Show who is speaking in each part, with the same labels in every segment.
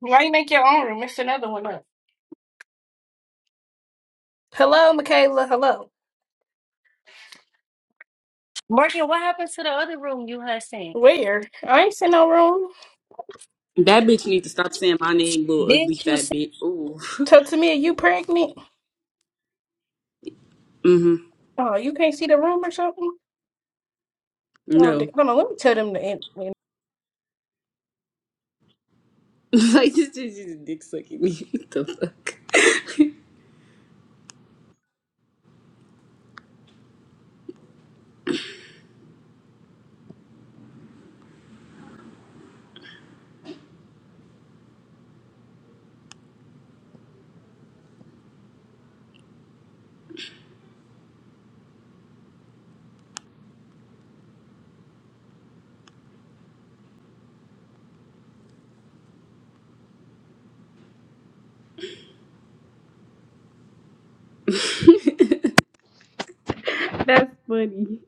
Speaker 1: Why you make your own room? It's another one up. Hello, Michaela. Hello.
Speaker 2: Marcia, what happens to the other room you had seen?
Speaker 1: Where? I ain't seen no room.
Speaker 3: That bitch need to stop saying my name, little ugly
Speaker 2: Didn't you
Speaker 3: fat
Speaker 2: say?
Speaker 3: bitch. Ooh.
Speaker 1: Tell to me, are you pregnant?
Speaker 3: Mm-hmm.
Speaker 1: Oh, you can't see the room or something? Oh,
Speaker 3: No.
Speaker 1: da- hold on. Let me tell them to end. end-
Speaker 3: like this bitch is dick sucking me. What the fuck? That's funny.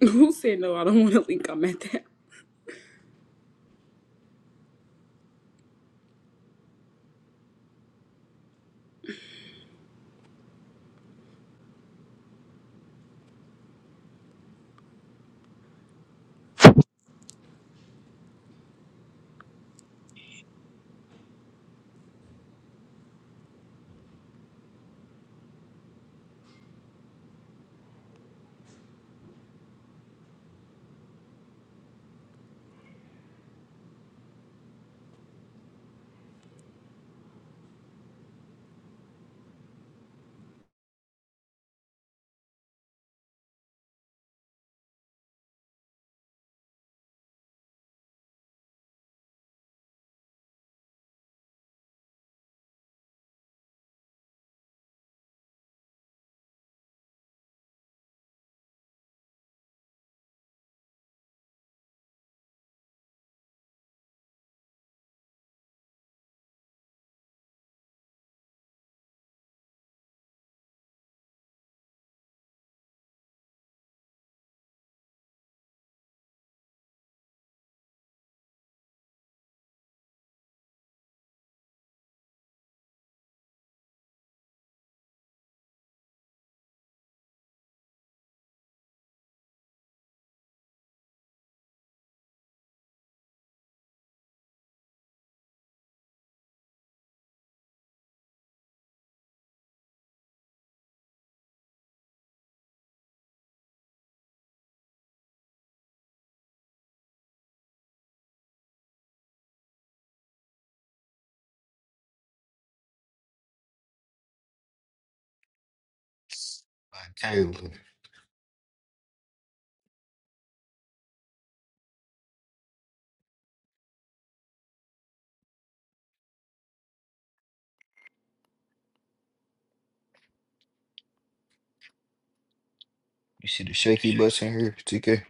Speaker 3: Who said no? I don't want to link. I'm at that.
Speaker 4: Like, Caleb, you see the shaky bus in here, TK?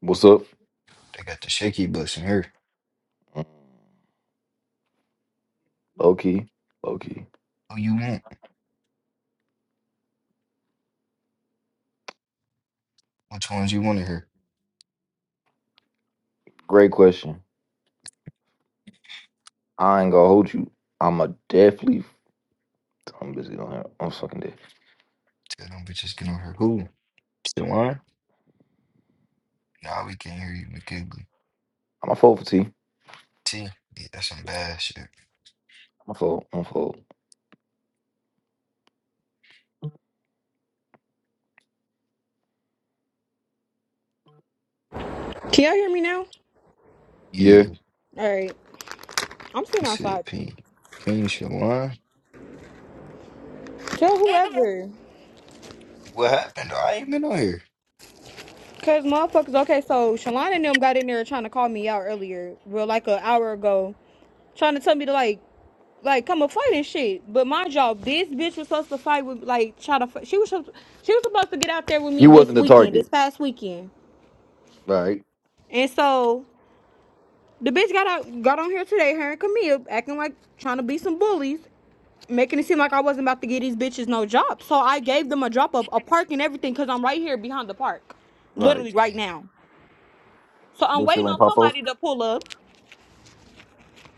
Speaker 5: What's up?
Speaker 4: They got the shaky bus in here.
Speaker 5: Low key, low key.
Speaker 4: Who you want? Which ones you want in here?
Speaker 5: Great question. I ain't gonna hold you. I'm a definitely. I'm busy on here. I'm fucking dead.
Speaker 4: Tell them bitches get on her. Who? Still on? Nah, we can't hear you, McKigley.
Speaker 5: I'm a fold for T. I'm
Speaker 4: T, yeah, that's some bad shit.
Speaker 5: a fold. I'm a fold.
Speaker 6: Can y'all hear me now?
Speaker 5: Yeah.
Speaker 4: Yeah,
Speaker 6: All right. I'm
Speaker 4: you
Speaker 6: sitting
Speaker 4: said
Speaker 6: outside.
Speaker 4: P. P, Shalon.
Speaker 6: Tell whoever.
Speaker 4: What happened? though? I ain't been on here.
Speaker 6: Because motherfuckers, okay, so Shalon and them got in there trying to call me out earlier, well, like an hour ago, trying to tell me to, like, like come and fight and shit. But mind y'all, this bitch was supposed to fight with, like, try to, fi- she was, she was supposed to get out there with me
Speaker 5: You
Speaker 6: this
Speaker 5: wasn't the
Speaker 6: weekend, this
Speaker 5: target.
Speaker 6: past weekend.
Speaker 5: Right.
Speaker 6: And so The bitch got out, got on here today, her and Camille, acting like trying to be some bullies, making it seem like I wasn't about to give these bitches no job. So I gave them a drop of a park and everything because I'm right here behind the park,
Speaker 5: Right.
Speaker 6: literally right
Speaker 4: Yeah,
Speaker 6: now. So I'm
Speaker 5: This
Speaker 6: waiting
Speaker 5: still ain't
Speaker 6: on
Speaker 5: pop up.
Speaker 6: somebody to pull up,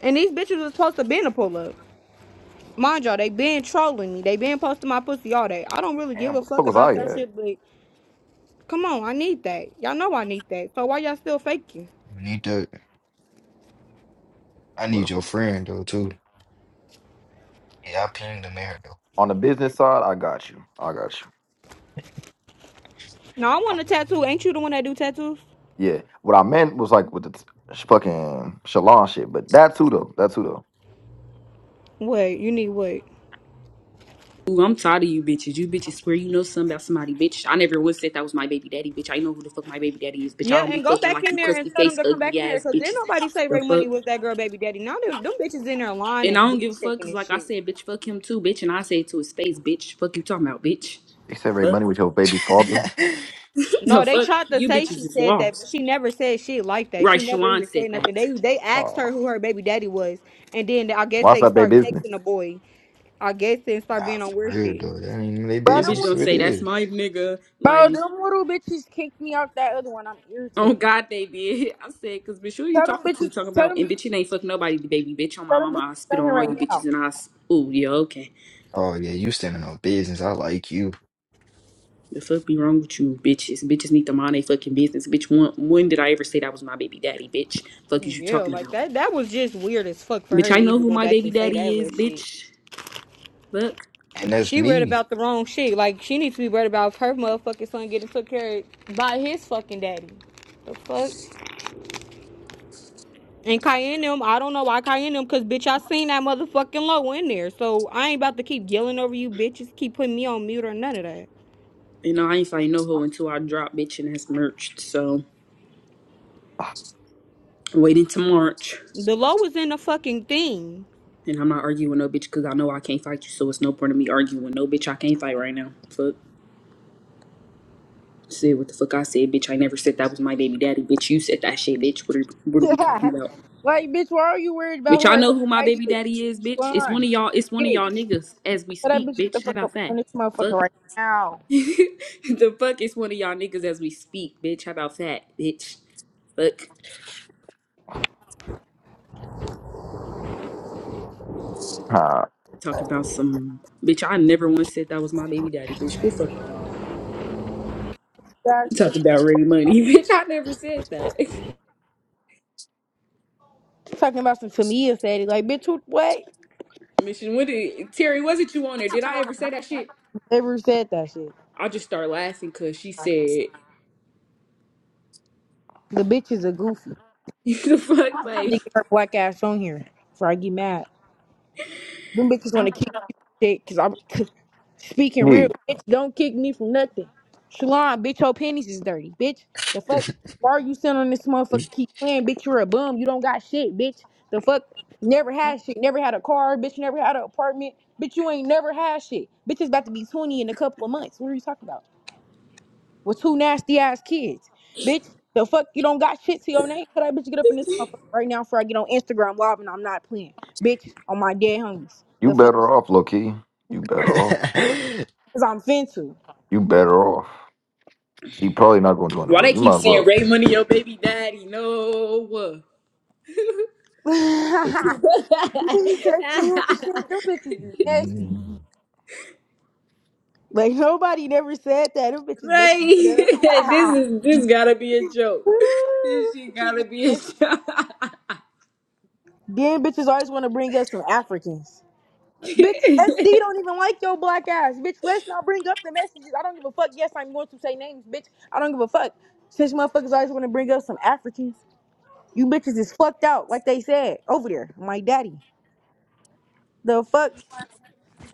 Speaker 6: and these bitches was supposed to been to pull up. Mind y'all, they been trolling me. They been posting my pussy all day. I don't really give
Speaker 5: Damn,
Speaker 6: a
Speaker 5: what the fuck
Speaker 6: fuck
Speaker 5: was
Speaker 6: about
Speaker 5: I
Speaker 6: that
Speaker 5: at?
Speaker 6: shit, but come on, I need that. Y'all know I need that. So why y'all still faking?
Speaker 4: you need that. I
Speaker 5: What the
Speaker 4: need your
Speaker 5: fuck?
Speaker 4: friend, though, too. Yeah, I pinged him in
Speaker 5: On the business side, I got you. I got you.
Speaker 6: Now I want a tattoo. Ain't you the one that do tattoos?
Speaker 5: Yeah. What I meant was like with the t- sh- fucking Shalon shit, but that too though. That too though.
Speaker 6: Wait, you need what?
Speaker 3: Ooh, I'm tired of you bitches. You bitches swear you know something about somebody, bitch. I never once said that was my baby daddy, bitch. I know who the fuck my baby daddy is, bitch. I
Speaker 6: Yeah,
Speaker 3: don't
Speaker 6: and
Speaker 3: be
Speaker 6: go
Speaker 3: fucking
Speaker 6: back
Speaker 3: like
Speaker 6: in
Speaker 3: you
Speaker 6: there and
Speaker 3: crusty
Speaker 6: tell them
Speaker 3: face,
Speaker 6: to come back
Speaker 3: ugly
Speaker 6: in here
Speaker 3: ass
Speaker 6: because didn't
Speaker 3: bitches.
Speaker 6: nobody say Ray
Speaker 3: The
Speaker 6: Money
Speaker 3: fuck?
Speaker 6: was that girl baby daddy. Now them, them bitches in there lying
Speaker 3: And
Speaker 6: and
Speaker 3: I don't
Speaker 6: booty
Speaker 3: give a fuck,
Speaker 6: shaking
Speaker 3: cause
Speaker 6: and
Speaker 3: like I
Speaker 6: shit.
Speaker 3: said, bitch, fuck him too, bitch. And I say it to his face, bitch. Fuck you talking about, bitch.
Speaker 5: They separate
Speaker 3: Fuck.
Speaker 5: money with your baby father.
Speaker 4: though.
Speaker 3: The
Speaker 6: No, they
Speaker 3: fuck,
Speaker 6: tried to
Speaker 3: you
Speaker 6: say
Speaker 3: bitches
Speaker 6: she
Speaker 3: is
Speaker 6: said that, but
Speaker 3: lost.
Speaker 6: she never said shit like that.
Speaker 3: Right,
Speaker 6: She never
Speaker 3: Shalon
Speaker 6: even
Speaker 3: said
Speaker 6: said
Speaker 3: that.
Speaker 6: nothing. They they asked
Speaker 5: Uh,
Speaker 6: her who her baby daddy was, and then I guess
Speaker 5: why
Speaker 6: they
Speaker 5: that their
Speaker 6: start
Speaker 5: business?
Speaker 6: texting the boy. I guess and
Speaker 4: Nah,
Speaker 6: start being on
Speaker 4: for
Speaker 6: weird
Speaker 4: real,
Speaker 6: shit.
Speaker 4: though. That ain't they
Speaker 7: Bro,
Speaker 3: And
Speaker 7: them,
Speaker 3: bitch
Speaker 4: business.
Speaker 3: gonna
Speaker 4: Who it
Speaker 3: say, that's
Speaker 4: is?
Speaker 3: my nigga. Like,
Speaker 7: bro, them little bitches kicked me out that other one. I'm
Speaker 3: oh
Speaker 7: irritated.
Speaker 3: God, they did. I said, cause bitch, who you
Speaker 7: Tell them
Speaker 3: talking to?
Speaker 7: bitches,
Speaker 3: Talking
Speaker 7: tell
Speaker 3: about,
Speaker 7: them,
Speaker 3: and bitch, it ain't fuck nobody, baby. Bitch, on my
Speaker 7: tell them
Speaker 3: mama, I
Speaker 7: bitches
Speaker 3: spit
Speaker 7: down
Speaker 3: on
Speaker 7: here
Speaker 3: all you
Speaker 7: right now.
Speaker 3: bitches and I, s- ooh, yeah, okay.
Speaker 4: Oh, yeah, you standing on business. I like you.
Speaker 3: The fuck be wrong with you, bitches? Bitches need to mind they fucking business. Bitch, when, when did I ever say that was my baby daddy, bitch? Fuck is you
Speaker 6: Yeah,
Speaker 3: talking
Speaker 6: like
Speaker 3: about?
Speaker 6: that. That was just weird as fuck for her
Speaker 3: Bitch,
Speaker 6: to
Speaker 3: I know
Speaker 6: even
Speaker 3: who
Speaker 6: go
Speaker 3: my
Speaker 6: back
Speaker 3: baby
Speaker 6: and say that
Speaker 3: daddy is,
Speaker 6: little shit.
Speaker 3: bitch. Fuck.
Speaker 4: And that's
Speaker 6: She read
Speaker 4: me.
Speaker 6: about the wrong shit. Like she needs to be read about her motherfucking son getting took care of by his fucking daddy. The fuck? And Cayenne them, I don't know why Cayenne them, cause bitch, I seen that motherfucking low in there. So I ain't about to keep yelling over you bitches, keep putting me on mute or none of that.
Speaker 3: You know, I ain't find no hoe until I drop, bitch, and that's merged. So,
Speaker 5: Ah,
Speaker 3: waiting to March.
Speaker 6: The low was in the fucking thing.
Speaker 3: And I'm not arguing with no bitch because I know I can't fight you, so it's no point in me arguing. with No bitch, I can't fight right now. Fuck. Said what the fuck I said, bitch. I never said that was my baby daddy, bitch. You said that shit, bitch. What are what are we talking
Speaker 7: Yeah.
Speaker 3: about?
Speaker 7: like, bitch, why are you worried about
Speaker 3: Bitch,
Speaker 7: who
Speaker 3: I
Speaker 7: her
Speaker 3: know
Speaker 7: baby
Speaker 3: who my
Speaker 7: daddy
Speaker 3: baby
Speaker 7: is?
Speaker 3: daddy is, bitch. It's one of
Speaker 7: Come
Speaker 3: y'all, it's one of
Speaker 7: Bitch,
Speaker 3: y'all
Speaker 7: tell
Speaker 3: niggas as we
Speaker 7: that
Speaker 3: speak,
Speaker 7: bitch get the
Speaker 3: bitch. How
Speaker 7: fuck
Speaker 3: about
Speaker 7: up
Speaker 3: that?
Speaker 7: on this
Speaker 3: Fuck.
Speaker 7: motherfucker right now.
Speaker 3: the fuck is one of y'all niggas as we speak, bitch. How about that, bitch? Fuck.
Speaker 5: ah,
Speaker 3: Talking about some bitch, I never once said that was my baby daddy, bitch. Quit fucking lying.
Speaker 7: Guys,
Speaker 3: Talking
Speaker 7: bitch,
Speaker 3: about ready money, bitch. I never said that.
Speaker 7: talking about some Tamia said it. Like, bitch, who, what?
Speaker 3: Mission, what did Terry? Was it you on there? Did I ever say that shit?
Speaker 7: Never said that shit.
Speaker 3: I just start laughing because she said,
Speaker 7: The bitch is a goofy.
Speaker 3: "The fuck, like
Speaker 7: They get her black ass on here before I get mad. Them bitches want to kick me from shit because I'm cause speaking real.
Speaker 5: me.
Speaker 7: Bitch, don't kick me from nothing. Shalon, bitch, your panties is dirty, bitch. The fuck? Why are you sitting on this motherfucker keep playing, bitch? You're a bum. You don't got shit, bitch. The fuck? Never had shit. Never had a car, bitch. Never had an apartment. Bitch, you ain't never had shit. Bitch It's about to be 20 in a couple of months. What are you talking about? With two nasty ass kids. Bitch, the fuck? You don't got shit to your name. Could that bitch to get up in this motherfucker right now before I get on Instagram live and I'm not playing? Bitch, on my dead homies.
Speaker 5: You
Speaker 7: The fuck?
Speaker 5: better off, low key. You better off.
Speaker 7: Cause I'm fintu.
Speaker 5: You better off. She probably not gonna join the
Speaker 3: why they
Speaker 5: room. You
Speaker 3: keep
Speaker 5: might as
Speaker 3: saying
Speaker 5: well.
Speaker 3: Ray Money your baby daddy?" No, what?
Speaker 7: Niggas
Speaker 5: If you,
Speaker 7: texting me and shit. Them bitches is nasty.
Speaker 4: Mm.
Speaker 7: Like nobody never said that. Them bitches make it
Speaker 3: Ray, this
Speaker 7: up.
Speaker 3: is this gotta be a joke. This
Speaker 7: Ooh,
Speaker 3: shit
Speaker 7: them bitches
Speaker 3: gotta
Speaker 7: is
Speaker 3: be a
Speaker 7: nasty.
Speaker 3: joke.
Speaker 7: then bitches always want to bring up some Africans. Bitch, SD don't even like your black ass. Bitch, let's not bring up the messages. I don't give a fuck. Yes, I'm going to say names, bitch. I don't give a fuck. Since motherfuckers always want to bring up some Africans, you bitches is fucked out, like they said over there. My daddy. The fuck?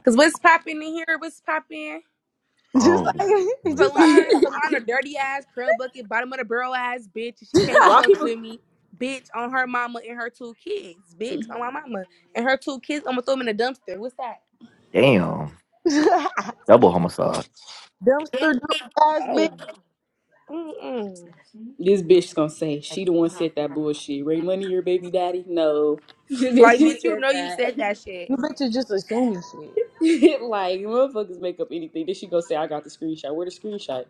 Speaker 8: Cause what's popping in here? What's popping?
Speaker 7: Just
Speaker 5: oh,
Speaker 7: like,
Speaker 5: shit.
Speaker 7: just like.
Speaker 8: Salon, salon, a dirty ass curl bucket, bottom of the barrel ass bitch. and She can't
Speaker 3: why
Speaker 8: fuck
Speaker 3: people?
Speaker 8: with me, bitch. On her mama and her two kids, bitch. On my mama and her two kids. I'ma throw them in the dumpster. What's that?
Speaker 5: damn.
Speaker 7: Dumpster
Speaker 5: Double homicide.
Speaker 7: dupe ass
Speaker 8: Oh,
Speaker 7: bitch.
Speaker 8: mm-mm.
Speaker 3: This bitch gonna say she the one said that bullshit. Ray Money your baby daddy? No, this bitch
Speaker 8: like
Speaker 3: just
Speaker 8: bitch, you
Speaker 3: said
Speaker 8: know you
Speaker 3: that.
Speaker 8: said that shit.
Speaker 7: You bitches just assuming shit.
Speaker 3: like motherfuckers make up anything. Then she go say, "I got the screenshot." Where the screenshot?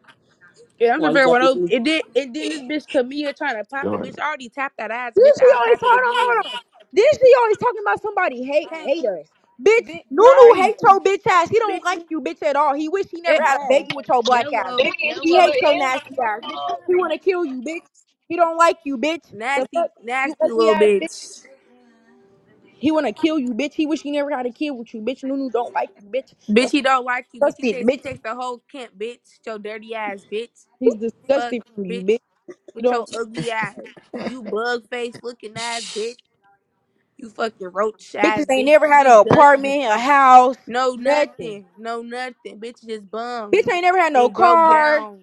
Speaker 8: Yeah, I'm
Speaker 3: Why
Speaker 8: just
Speaker 3: you
Speaker 8: very
Speaker 3: got this?
Speaker 8: well. It did. It then this bitch come here trying to pop it,
Speaker 5: Jordan.
Speaker 8: bitch. I already tapped that ass,
Speaker 7: Then
Speaker 8: bitch.
Speaker 7: she
Speaker 8: I'll
Speaker 7: always
Speaker 8: tap
Speaker 7: hold
Speaker 8: it
Speaker 7: on,
Speaker 8: again.
Speaker 7: hold on. Then she always talking about somebody hate
Speaker 8: Can't,
Speaker 7: haters. Bitch,
Speaker 8: bitch.
Speaker 7: Nunu
Speaker 8: Right,
Speaker 7: hates your bitch ass. He don't
Speaker 8: bitch.
Speaker 7: like you, bitch, at all. He wish he
Speaker 8: At
Speaker 7: never had a
Speaker 8: all.
Speaker 7: baby with your black ass,
Speaker 8: Hello,
Speaker 9: Dang,
Speaker 7: bitch.
Speaker 9: is he
Speaker 7: He
Speaker 8: hello.
Speaker 7: hates your nasty ass, bitch. He wanna kill you, bitch. He don't like you, bitch. The
Speaker 8: Nasty,
Speaker 7: fuck, you
Speaker 8: nasty
Speaker 7: ugly
Speaker 8: little
Speaker 7: ass bitch.
Speaker 8: bitch.
Speaker 7: He wanna kill you, bitch. He wish he never had a kid with you, bitch. Nunu don't like you, bitch.
Speaker 8: Bitch,
Speaker 7: The fuck,
Speaker 8: he don't like you. Bitch, he
Speaker 7: disgusted,
Speaker 8: takes he
Speaker 7: bitch.
Speaker 8: takes the whole camp, bitch. Your dirty ass, bitch.
Speaker 7: He's
Speaker 8: Fuck,
Speaker 7: disgusted from you,
Speaker 8: bitch.
Speaker 7: bitch. You
Speaker 8: With your
Speaker 7: don't.
Speaker 8: ugly ass. You bug face looking ass, bitch. You fucking roach
Speaker 7: Bitches
Speaker 8: ass,
Speaker 7: ain't
Speaker 8: bitch.
Speaker 7: never
Speaker 8: You
Speaker 7: had an
Speaker 8: just dusty.
Speaker 7: apartment, a house,
Speaker 8: No
Speaker 7: nothing.
Speaker 8: nothing. No nothing. Bitch just
Speaker 7: Bitch
Speaker 8: bums
Speaker 7: ain't never had no
Speaker 8: and broke
Speaker 7: car.
Speaker 8: down.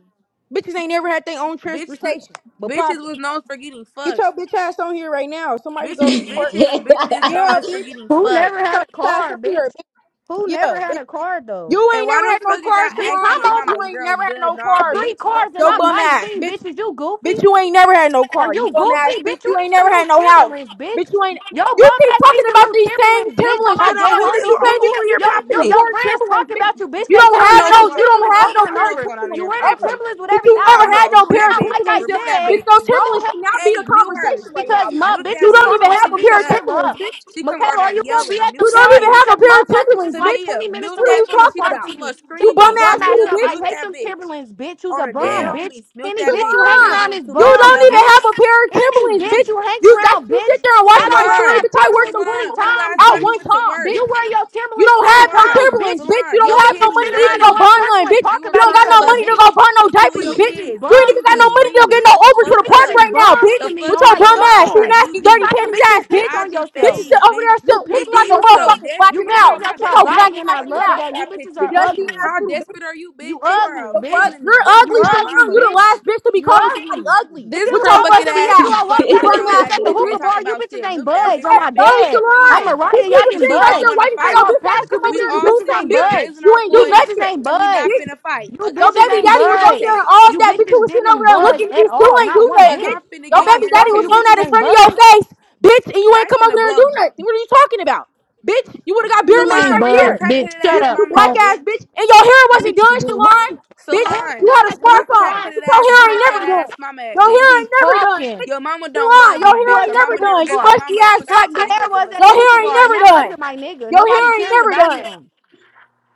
Speaker 7: Bitches ain't never had their own
Speaker 8: Bitch,
Speaker 7: transportation. But
Speaker 8: bitches
Speaker 7: pop
Speaker 8: was
Speaker 7: it.
Speaker 8: known for getting
Speaker 7: Get
Speaker 8: fucked.
Speaker 7: your bitch ass on here right now. Somebody go
Speaker 8: Bitches,
Speaker 7: report.
Speaker 8: bitches, bitches is known
Speaker 7: Yeah,
Speaker 8: as for
Speaker 7: bitch. Get
Speaker 8: getting
Speaker 10: Who
Speaker 8: fucked.
Speaker 10: never had
Speaker 7: your
Speaker 10: a
Speaker 7: bitch ass
Speaker 10: car,
Speaker 7: on
Speaker 10: bitch?
Speaker 7: here, bitch.
Speaker 10: Who
Speaker 7: Yeah,
Speaker 10: never had
Speaker 7: bitch.
Speaker 10: a car though?
Speaker 7: You
Speaker 8: And
Speaker 7: ain't
Speaker 8: why
Speaker 7: never had
Speaker 8: the
Speaker 7: no
Speaker 8: fuck is
Speaker 7: car,
Speaker 8: y'all
Speaker 10: Bitch,
Speaker 8: ask
Speaker 7: Shalon,
Speaker 8: me
Speaker 10: I'm
Speaker 8: and
Speaker 7: bitch.
Speaker 10: on my
Speaker 7: You
Speaker 8: mama
Speaker 7: ain't
Speaker 8: girl,
Speaker 7: never had
Speaker 8: duh,
Speaker 7: no
Speaker 8: nah,
Speaker 7: car,
Speaker 10: three
Speaker 7: bitch.
Speaker 8: bitch, what the
Speaker 10: cars and
Speaker 7: Yo
Speaker 8: fuck?
Speaker 10: I'm
Speaker 7: bum ass,
Speaker 10: 19,
Speaker 7: bitch.
Speaker 10: bitch. Is you goofy?
Speaker 7: Bitch, you ain't never had no
Speaker 10: Are
Speaker 7: car. You
Speaker 10: you
Speaker 7: bum ass
Speaker 10: goofy, bitch?
Speaker 7: bitch.
Speaker 10: You
Speaker 7: You
Speaker 10: need
Speaker 7: ain't
Speaker 10: some
Speaker 7: never
Speaker 10: new
Speaker 7: had no house.
Speaker 10: Timberlands,
Speaker 7: Bitch,
Speaker 10: bitch.
Speaker 7: you ain't.
Speaker 10: Yo,
Speaker 7: You
Speaker 10: bum
Speaker 7: keep
Speaker 10: ass needs
Speaker 7: talking
Speaker 10: some
Speaker 7: about
Speaker 10: new
Speaker 7: these same
Speaker 10: Timberlands, bitch. On
Speaker 7: Timberlands
Speaker 10: my
Speaker 7: for
Speaker 8: Hold on,
Speaker 10: dead
Speaker 8: who
Speaker 7: mine.
Speaker 8: did,
Speaker 7: Bitch,
Speaker 10: homies,
Speaker 8: who,
Speaker 7: you
Speaker 8: who
Speaker 10: bitch.
Speaker 7: can't even.
Speaker 8: who
Speaker 7: You
Speaker 8: here
Speaker 10: Yo,
Speaker 7: can't even
Speaker 10: yo,
Speaker 8: popping it?
Speaker 10: yo,
Speaker 7: afford
Speaker 10: friends
Speaker 7: Timberlands,
Speaker 10: talk
Speaker 7: bitch.
Speaker 10: about you, bitch.
Speaker 7: You
Speaker 10: They
Speaker 7: don't
Speaker 10: say
Speaker 8: I
Speaker 10: you
Speaker 7: have
Speaker 10: wear
Speaker 8: know
Speaker 7: no.
Speaker 10: them
Speaker 8: so
Speaker 7: You don't
Speaker 10: Timberlands
Speaker 7: have no
Speaker 10: over and
Speaker 8: I
Speaker 7: pair
Speaker 8: know
Speaker 7: of
Speaker 8: what's
Speaker 10: over.
Speaker 8: going on in
Speaker 10: You
Speaker 8: here
Speaker 7: Timberlands
Speaker 10: wear them
Speaker 8: popping
Speaker 7: ever.
Speaker 8: it.
Speaker 10: Timberlands with
Speaker 7: Bitch,
Speaker 10: every
Speaker 7: you
Speaker 8: Oh
Speaker 7: never
Speaker 10: outfit.
Speaker 7: had
Speaker 8: no,
Speaker 7: no
Speaker 8: remove
Speaker 7: pair
Speaker 8: that
Speaker 7: of
Speaker 10: Now,
Speaker 8: bitch.
Speaker 10: like I
Speaker 7: Timberlands. There-
Speaker 8: Remove that
Speaker 10: said,
Speaker 7: Bitch,
Speaker 8: bitch.
Speaker 7: those
Speaker 10: go
Speaker 7: Timberlands should not be the
Speaker 8: Hey, mute her.
Speaker 7: conversation right now.
Speaker 10: because my
Speaker 8: Mute that
Speaker 7: You
Speaker 10: bitches is
Speaker 7: don't
Speaker 10: on
Speaker 8: bitch.
Speaker 10: the
Speaker 7: even
Speaker 8: Don't
Speaker 10: way to
Speaker 7: have
Speaker 8: she
Speaker 7: a
Speaker 8: need
Speaker 10: beat
Speaker 7: pair
Speaker 8: shut
Speaker 7: of
Speaker 8: up.
Speaker 10: Michaela
Speaker 7: Timberlands,
Speaker 10: up.
Speaker 7: bitch.
Speaker 8: She come
Speaker 10: Michaela,
Speaker 8: around
Speaker 10: are you
Speaker 8: that
Speaker 10: gonna be
Speaker 8: yelling.
Speaker 10: at the
Speaker 8: Mute
Speaker 7: You don't
Speaker 8: that
Speaker 10: park?
Speaker 7: even have
Speaker 8: bitch.
Speaker 7: a
Speaker 10: Because
Speaker 7: pair of
Speaker 10: motherfuckers just
Speaker 7: Timberlands,
Speaker 10: like
Speaker 7: bitch.
Speaker 10: 20
Speaker 8: Tamia,
Speaker 10: minutes
Speaker 8: mute
Speaker 7: What are
Speaker 10: away
Speaker 8: that
Speaker 7: you
Speaker 10: from the
Speaker 8: bitch. She
Speaker 7: talking
Speaker 10: park
Speaker 8: doing
Speaker 7: about?
Speaker 10: from
Speaker 8: too
Speaker 10: you.
Speaker 8: much
Speaker 7: You
Speaker 10: Shut
Speaker 7: bum
Speaker 10: your
Speaker 8: screaming.
Speaker 10: bum
Speaker 7: ass
Speaker 10: ass
Speaker 7: little
Speaker 8: Tamia,
Speaker 10: up.
Speaker 7: bitch.
Speaker 10: I
Speaker 8: mute
Speaker 10: hate
Speaker 8: that
Speaker 10: them
Speaker 8: bitch.
Speaker 10: Timberlands, bitch. Who's a
Speaker 8: On the dead
Speaker 10: bum,
Speaker 5: Damn.
Speaker 10: bitch?
Speaker 8: homies, mute
Speaker 10: Any
Speaker 8: that
Speaker 10: bitch
Speaker 8: bitch.
Speaker 10: you
Speaker 8: That
Speaker 10: hang
Speaker 8: bitch
Speaker 7: Salon.
Speaker 10: around
Speaker 8: doing
Speaker 10: is
Speaker 8: too
Speaker 7: You
Speaker 8: much
Speaker 10: bum,
Speaker 7: don't even
Speaker 8: yelling.
Speaker 10: bitch.
Speaker 7: have a pair of
Speaker 10: Any
Speaker 7: Timberlands,
Speaker 10: bitch
Speaker 7: bitch.
Speaker 10: you hang
Speaker 7: You that
Speaker 10: around,
Speaker 7: you sit
Speaker 10: bitch.
Speaker 7: there and watch
Speaker 10: I don't
Speaker 7: my
Speaker 10: wear
Speaker 7: story,
Speaker 10: my
Speaker 8: Salon,
Speaker 7: bitch. I worked
Speaker 10: Timberlands
Speaker 7: on
Speaker 10: 20
Speaker 8: Salon,
Speaker 7: Timberlands
Speaker 8: when the
Speaker 10: times,
Speaker 8: last
Speaker 7: out
Speaker 8: time you
Speaker 10: bitch.
Speaker 7: one
Speaker 8: went to
Speaker 7: time,
Speaker 8: work?
Speaker 7: bitch.
Speaker 10: You wear your
Speaker 7: You
Speaker 10: Timberlands
Speaker 7: don't
Speaker 10: 20
Speaker 7: have no
Speaker 10: times,
Speaker 8: Salon,
Speaker 7: Timberlands,
Speaker 10: bitch.
Speaker 7: bitch. You
Speaker 8: Salon,
Speaker 10: You
Speaker 7: don't
Speaker 8: your
Speaker 7: have no
Speaker 10: bitches
Speaker 8: pennies
Speaker 7: money
Speaker 10: sit
Speaker 7: to even
Speaker 10: around in
Speaker 7: go
Speaker 8: dirty.
Speaker 10: one
Speaker 7: buy
Speaker 10: circle
Speaker 7: none,
Speaker 10: and
Speaker 7: bitch.
Speaker 10: talk
Speaker 8: You a
Speaker 7: You
Speaker 10: about
Speaker 7: don't
Speaker 10: each
Speaker 7: got
Speaker 8: crime
Speaker 7: no
Speaker 10: other,
Speaker 7: money to
Speaker 10: bitch.
Speaker 8: bucket
Speaker 7: go buy no
Speaker 8: on two of
Speaker 10: You
Speaker 7: diapers,
Speaker 8: your
Speaker 7: bitch.
Speaker 10: bitches is
Speaker 8: kids.
Speaker 7: You
Speaker 8: Bitch,
Speaker 7: ain't
Speaker 10: bums
Speaker 7: even
Speaker 8: you
Speaker 10: to
Speaker 7: got no
Speaker 8: just
Speaker 10: me.
Speaker 7: money to go get
Speaker 8: screaming.
Speaker 7: no
Speaker 8: Shut the
Speaker 7: Uber
Speaker 10: You
Speaker 7: to
Speaker 8: fuck
Speaker 7: the
Speaker 10: bitches
Speaker 7: park
Speaker 8: up.
Speaker 10: is
Speaker 7: right now,
Speaker 10: bums
Speaker 7: bitch.
Speaker 10: to
Speaker 8: The
Speaker 10: me
Speaker 8: fuck
Speaker 7: With
Speaker 10: on
Speaker 7: your
Speaker 8: you
Speaker 10: my
Speaker 7: bum
Speaker 8: don't want to
Speaker 7: ass, you
Speaker 10: soul.
Speaker 8: fight. You
Speaker 7: nasty, dirty
Speaker 8: be
Speaker 10: Josiah,
Speaker 7: panties
Speaker 10: bitch, you
Speaker 7: ass, bitch.
Speaker 10: pissed on
Speaker 8: dodging
Speaker 7: Bitch is
Speaker 10: yourself.
Speaker 8: phase,
Speaker 7: still over
Speaker 8: bitch.
Speaker 7: there
Speaker 10: You
Speaker 7: still
Speaker 8: And
Speaker 10: pissed
Speaker 7: looking
Speaker 8: then
Speaker 10: on
Speaker 7: like a
Speaker 8: you so
Speaker 10: yourself.
Speaker 7: motherfucker
Speaker 10: You
Speaker 8: desperate.
Speaker 7: blacking
Speaker 8: You
Speaker 10: bitches
Speaker 7: out.
Speaker 8: got my
Speaker 7: Bitch
Speaker 10: got
Speaker 7: is
Speaker 10: your
Speaker 8: messages
Speaker 7: so
Speaker 8: on your
Speaker 7: black
Speaker 10: body, and I
Speaker 7: nasty
Speaker 8: motherfucking
Speaker 10: love
Speaker 7: ass.
Speaker 10: that. You
Speaker 8: profile
Speaker 10: bitches
Speaker 7: You
Speaker 10: are
Speaker 8: picture.
Speaker 7: dusty
Speaker 10: ugly.
Speaker 7: ass
Speaker 8: How
Speaker 7: little bitch.
Speaker 8: desperate are you, bitch?
Speaker 10: You
Speaker 8: You
Speaker 10: ugly,
Speaker 8: are a
Speaker 7: The
Speaker 10: bitch.
Speaker 8: fan
Speaker 7: fuck?
Speaker 8: of me,
Speaker 7: You're
Speaker 8: bitch.
Speaker 10: You
Speaker 8: I'm
Speaker 7: ugly,
Speaker 8: my
Speaker 7: Shalon.
Speaker 10: ugly,
Speaker 7: You
Speaker 8: mama.
Speaker 7: the
Speaker 10: bitch.
Speaker 7: last bitch to be
Speaker 10: you
Speaker 7: calling
Speaker 10: ugly.
Speaker 7: somebody ugly.
Speaker 10: If
Speaker 8: This
Speaker 10: it
Speaker 7: With
Speaker 10: was
Speaker 8: curl
Speaker 10: so
Speaker 7: your
Speaker 10: much
Speaker 8: bucket
Speaker 10: of
Speaker 7: musty
Speaker 10: an
Speaker 8: ass,
Speaker 10: issue,
Speaker 7: ass.
Speaker 10: I walked
Speaker 8: bottom of
Speaker 7: You
Speaker 8: the
Speaker 10: past you
Speaker 7: bum
Speaker 8: barrel
Speaker 7: ass
Speaker 10: bitches
Speaker 8: ass
Speaker 10: at the
Speaker 8: bitch
Speaker 7: little
Speaker 8: ain't
Speaker 10: hookah
Speaker 7: bitch.
Speaker 8: talking
Speaker 10: bar. You
Speaker 8: about
Speaker 10: bitches
Speaker 8: shit.
Speaker 10: ain't
Speaker 8: Milk
Speaker 7: The
Speaker 8: that
Speaker 10: budge
Speaker 8: bitch.
Speaker 10: on
Speaker 7: fuck?
Speaker 10: my
Speaker 8: That
Speaker 7: No,
Speaker 8: bitch just
Speaker 10: dad. On
Speaker 7: Shalon.
Speaker 8: screaming.
Speaker 7: Bitch,
Speaker 10: Mariah,
Speaker 7: we
Speaker 10: y'all
Speaker 7: was
Speaker 8: And
Speaker 10: didn't
Speaker 8: she
Speaker 7: sitting right
Speaker 8: don't
Speaker 10: budge.
Speaker 7: there
Speaker 8: want to
Speaker 7: waiting for
Speaker 10: I
Speaker 7: your
Speaker 8: fight.
Speaker 10: walked
Speaker 7: bitch ass to
Speaker 10: past you
Speaker 7: come over
Speaker 8: We
Speaker 7: there
Speaker 10: bitches. You
Speaker 7: and do
Speaker 8: all
Speaker 10: bitches
Speaker 8: sitting
Speaker 7: something,
Speaker 10: ain't
Speaker 8: here
Speaker 7: bitch.
Speaker 10: budge.
Speaker 8: raising
Speaker 7: You
Speaker 8: our
Speaker 7: ain't do
Speaker 10: You
Speaker 8: voice
Speaker 10: bitches
Speaker 7: nothing.
Speaker 10: ain't
Speaker 8: and we not
Speaker 10: budge.
Speaker 7: Bitch.
Speaker 8: finna fight.
Speaker 10: You
Speaker 8: Like
Speaker 7: Your
Speaker 8: I'm
Speaker 10: bitches
Speaker 8: finna
Speaker 7: baby
Speaker 10: ain't
Speaker 7: daddy
Speaker 8: get
Speaker 7: was over
Speaker 10: budge.
Speaker 7: there
Speaker 8: irritated.
Speaker 7: and all
Speaker 10: You
Speaker 7: that bitch who
Speaker 10: bitches
Speaker 7: was sitting over
Speaker 10: didn't
Speaker 7: there
Speaker 10: budge
Speaker 7: looking at
Speaker 10: at
Speaker 7: you still
Speaker 10: all.
Speaker 7: ain't do
Speaker 10: Not one
Speaker 8: Like
Speaker 7: nothing, bitch.
Speaker 10: bit.
Speaker 8: I'm finna
Speaker 7: Your
Speaker 10: On
Speaker 8: get
Speaker 10: my
Speaker 7: baby daddy
Speaker 10: soul,
Speaker 7: was
Speaker 10: you
Speaker 8: irritated.
Speaker 7: on
Speaker 10: bitches
Speaker 7: that in
Speaker 10: ain't
Speaker 7: front of your
Speaker 10: budge.
Speaker 7: face, bitch, and you
Speaker 8: Y'all
Speaker 7: ain't come over
Speaker 8: finna
Speaker 7: there and
Speaker 8: blow.
Speaker 7: do
Speaker 8: me.
Speaker 7: nothing. What are you talking about? Bitch, you would have got beer
Speaker 10: You
Speaker 7: made
Speaker 10: ain't
Speaker 8: Salon,
Speaker 7: right
Speaker 8: where your
Speaker 10: budge,
Speaker 7: here.
Speaker 10: bitch.
Speaker 8: crackheaded
Speaker 10: Shut
Speaker 7: You
Speaker 8: ass
Speaker 10: up,
Speaker 7: you
Speaker 8: mama
Speaker 7: black
Speaker 8: at,
Speaker 10: punk.
Speaker 7: ass
Speaker 8: bitch?
Speaker 7: bitch. And your hair wasn't
Speaker 10: Bitch,
Speaker 7: done,
Speaker 10: what?
Speaker 7: Shalon.
Speaker 10: What the
Speaker 7: Bitch,
Speaker 10: hell you
Speaker 7: you
Speaker 8: Salon,
Speaker 10: done
Speaker 7: had a
Speaker 10: at
Speaker 8: where
Speaker 10: the
Speaker 8: your
Speaker 10: hookah
Speaker 7: smartphone.
Speaker 10: bar?
Speaker 8: crackheaded
Speaker 7: Bitch, your
Speaker 8: ass
Speaker 7: hair ain't
Speaker 8: smoked
Speaker 7: never
Speaker 8: that
Speaker 10: Bro.
Speaker 7: done.
Speaker 8: ass mama at,
Speaker 7: Your
Speaker 10: just
Speaker 7: hair
Speaker 10: be
Speaker 8: bitch?
Speaker 7: ain't never done,
Speaker 10: talking.
Speaker 7: bitch.
Speaker 8: Your mama don't
Speaker 7: Shalon,
Speaker 8: love
Speaker 7: your
Speaker 10: It
Speaker 8: you,
Speaker 7: hair
Speaker 8: bitch.
Speaker 10: was
Speaker 7: ain't
Speaker 8: Your
Speaker 10: at
Speaker 7: never
Speaker 10: the
Speaker 8: mama never.
Speaker 7: done.
Speaker 10: hookah
Speaker 7: You
Speaker 8: Your
Speaker 10: bar.
Speaker 7: musty
Speaker 8: mama
Speaker 7: ass
Speaker 8: forgot to
Speaker 10: How
Speaker 7: black
Speaker 8: tell
Speaker 10: my
Speaker 7: bitch.
Speaker 8: you
Speaker 10: hair
Speaker 8: was a
Speaker 10: was at
Speaker 7: Your
Speaker 10: the
Speaker 8: mistake,
Speaker 7: hair
Speaker 10: hookah
Speaker 7: ain't
Speaker 10: bar, and
Speaker 7: never
Speaker 8: bitch.
Speaker 10: that
Speaker 7: done.
Speaker 10: wasn't my nigga.
Speaker 7: Your hair
Speaker 10: Nobody
Speaker 7: ain't
Speaker 10: cares
Speaker 7: never
Speaker 10: about
Speaker 7: done.
Speaker 10: him.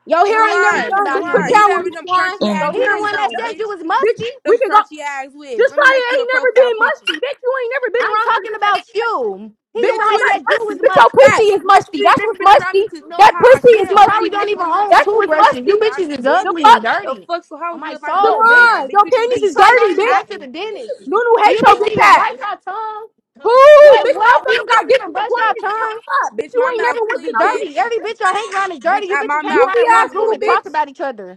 Speaker 7: Your hair
Speaker 10: Nobody
Speaker 7: ain't never
Speaker 10: cares
Speaker 8: Salon,
Speaker 7: done.
Speaker 10: about
Speaker 7: Bitch,
Speaker 10: him,
Speaker 7: quit
Speaker 8: Salon,
Speaker 9: coming
Speaker 8: you be
Speaker 7: down
Speaker 10: bitch.
Speaker 7: with me,
Speaker 8: having them
Speaker 7: Swan.
Speaker 8: crunchy
Speaker 9: in?
Speaker 8: ass
Speaker 7: Your
Speaker 10: He
Speaker 7: hair
Speaker 10: the
Speaker 7: is
Speaker 8: wigs
Speaker 10: one
Speaker 7: never
Speaker 10: that
Speaker 8: on,
Speaker 7: done.
Speaker 10: said you
Speaker 8: bitch.
Speaker 10: was
Speaker 7: Bitch,
Speaker 10: musty.
Speaker 7: we
Speaker 8: Them
Speaker 7: can go.
Speaker 8: crunchy ass wigs.
Speaker 7: Just
Speaker 8: Let me
Speaker 7: like
Speaker 8: make
Speaker 7: it
Speaker 8: you a
Speaker 7: ain't never
Speaker 8: profile
Speaker 7: been
Speaker 8: picture.
Speaker 7: musty. Bitch, you ain't never been
Speaker 10: I'm
Speaker 7: around here to
Speaker 10: talking
Speaker 7: say that
Speaker 10: about
Speaker 7: shit musty.
Speaker 10: you. He the
Speaker 7: Bitch,
Speaker 10: one
Speaker 8: Bitch,
Speaker 7: I'm
Speaker 10: that
Speaker 7: not
Speaker 8: with it.
Speaker 10: said you
Speaker 7: musty.
Speaker 10: was
Speaker 7: Bitch, your
Speaker 10: musty.
Speaker 7: pussy
Speaker 8: Facts.
Speaker 7: is
Speaker 8: Bitch,
Speaker 7: musty.
Speaker 8: you ain't
Speaker 7: That's
Speaker 8: never
Speaker 7: what's
Speaker 8: been around
Speaker 7: musty.
Speaker 8: me to know
Speaker 7: That
Speaker 8: how I
Speaker 7: pussy is
Speaker 10: Bitches
Speaker 8: smell, bitch.
Speaker 10: probably
Speaker 7: musty,
Speaker 8: And
Speaker 10: don't
Speaker 8: that's
Speaker 7: bitch.
Speaker 10: even
Speaker 8: on your
Speaker 10: own
Speaker 8: two
Speaker 7: That's what's
Speaker 8: kids. I never
Speaker 10: toothbrushes.
Speaker 8: been
Speaker 10: You
Speaker 7: musty.
Speaker 8: around
Speaker 10: bitches
Speaker 8: you,
Speaker 10: is
Speaker 8: bitch.
Speaker 7: The
Speaker 10: ugly and
Speaker 7: fuck?
Speaker 8: The
Speaker 10: dirty.
Speaker 8: fuck, so how
Speaker 10: On
Speaker 8: would you know
Speaker 10: my
Speaker 8: if I
Speaker 10: soul,
Speaker 8: musky or
Speaker 10: bitch.
Speaker 8: not,
Speaker 7: Salon.
Speaker 8: bitch?
Speaker 7: Your
Speaker 8: You just
Speaker 7: panties
Speaker 8: be
Speaker 10: Bitches
Speaker 7: is
Speaker 10: probably don't
Speaker 7: dirty,
Speaker 8: t-
Speaker 10: even go
Speaker 7: bitch.
Speaker 10: to the
Speaker 8: chatting.
Speaker 10: dentist.
Speaker 7: Nunu
Speaker 10: Do
Speaker 7: hates
Speaker 10: you
Speaker 7: your
Speaker 10: bitches
Speaker 7: bitch
Speaker 10: even
Speaker 7: ass.
Speaker 10: wipe your tongue?
Speaker 7: Who?
Speaker 10: Like
Speaker 7: Bitch,
Speaker 10: what? Do you
Speaker 7: motherfuckers got
Speaker 10: bitches even
Speaker 7: ditches
Speaker 10: brush your
Speaker 7: appointments.
Speaker 10: tongue?
Speaker 7: Come up. Bitch,
Speaker 8: Bitch,
Speaker 7: you
Speaker 8: my
Speaker 7: ain't
Speaker 10: You
Speaker 8: mouth
Speaker 7: never went
Speaker 10: bitches
Speaker 7: to
Speaker 10: is
Speaker 8: clean,
Speaker 7: no
Speaker 10: dirty.
Speaker 8: bitch.
Speaker 7: ditches.
Speaker 10: Every
Speaker 7: Bitch.
Speaker 10: bitch y'all hang around is
Speaker 8: Bitch,
Speaker 10: dirty. You
Speaker 8: I, my
Speaker 10: bitches hang
Speaker 8: mouth
Speaker 7: Goofy
Speaker 10: around in one
Speaker 8: clean,
Speaker 7: ass
Speaker 10: group
Speaker 8: little
Speaker 7: little
Speaker 10: and talk
Speaker 8: bitch.
Speaker 7: bitch.
Speaker 10: about each other.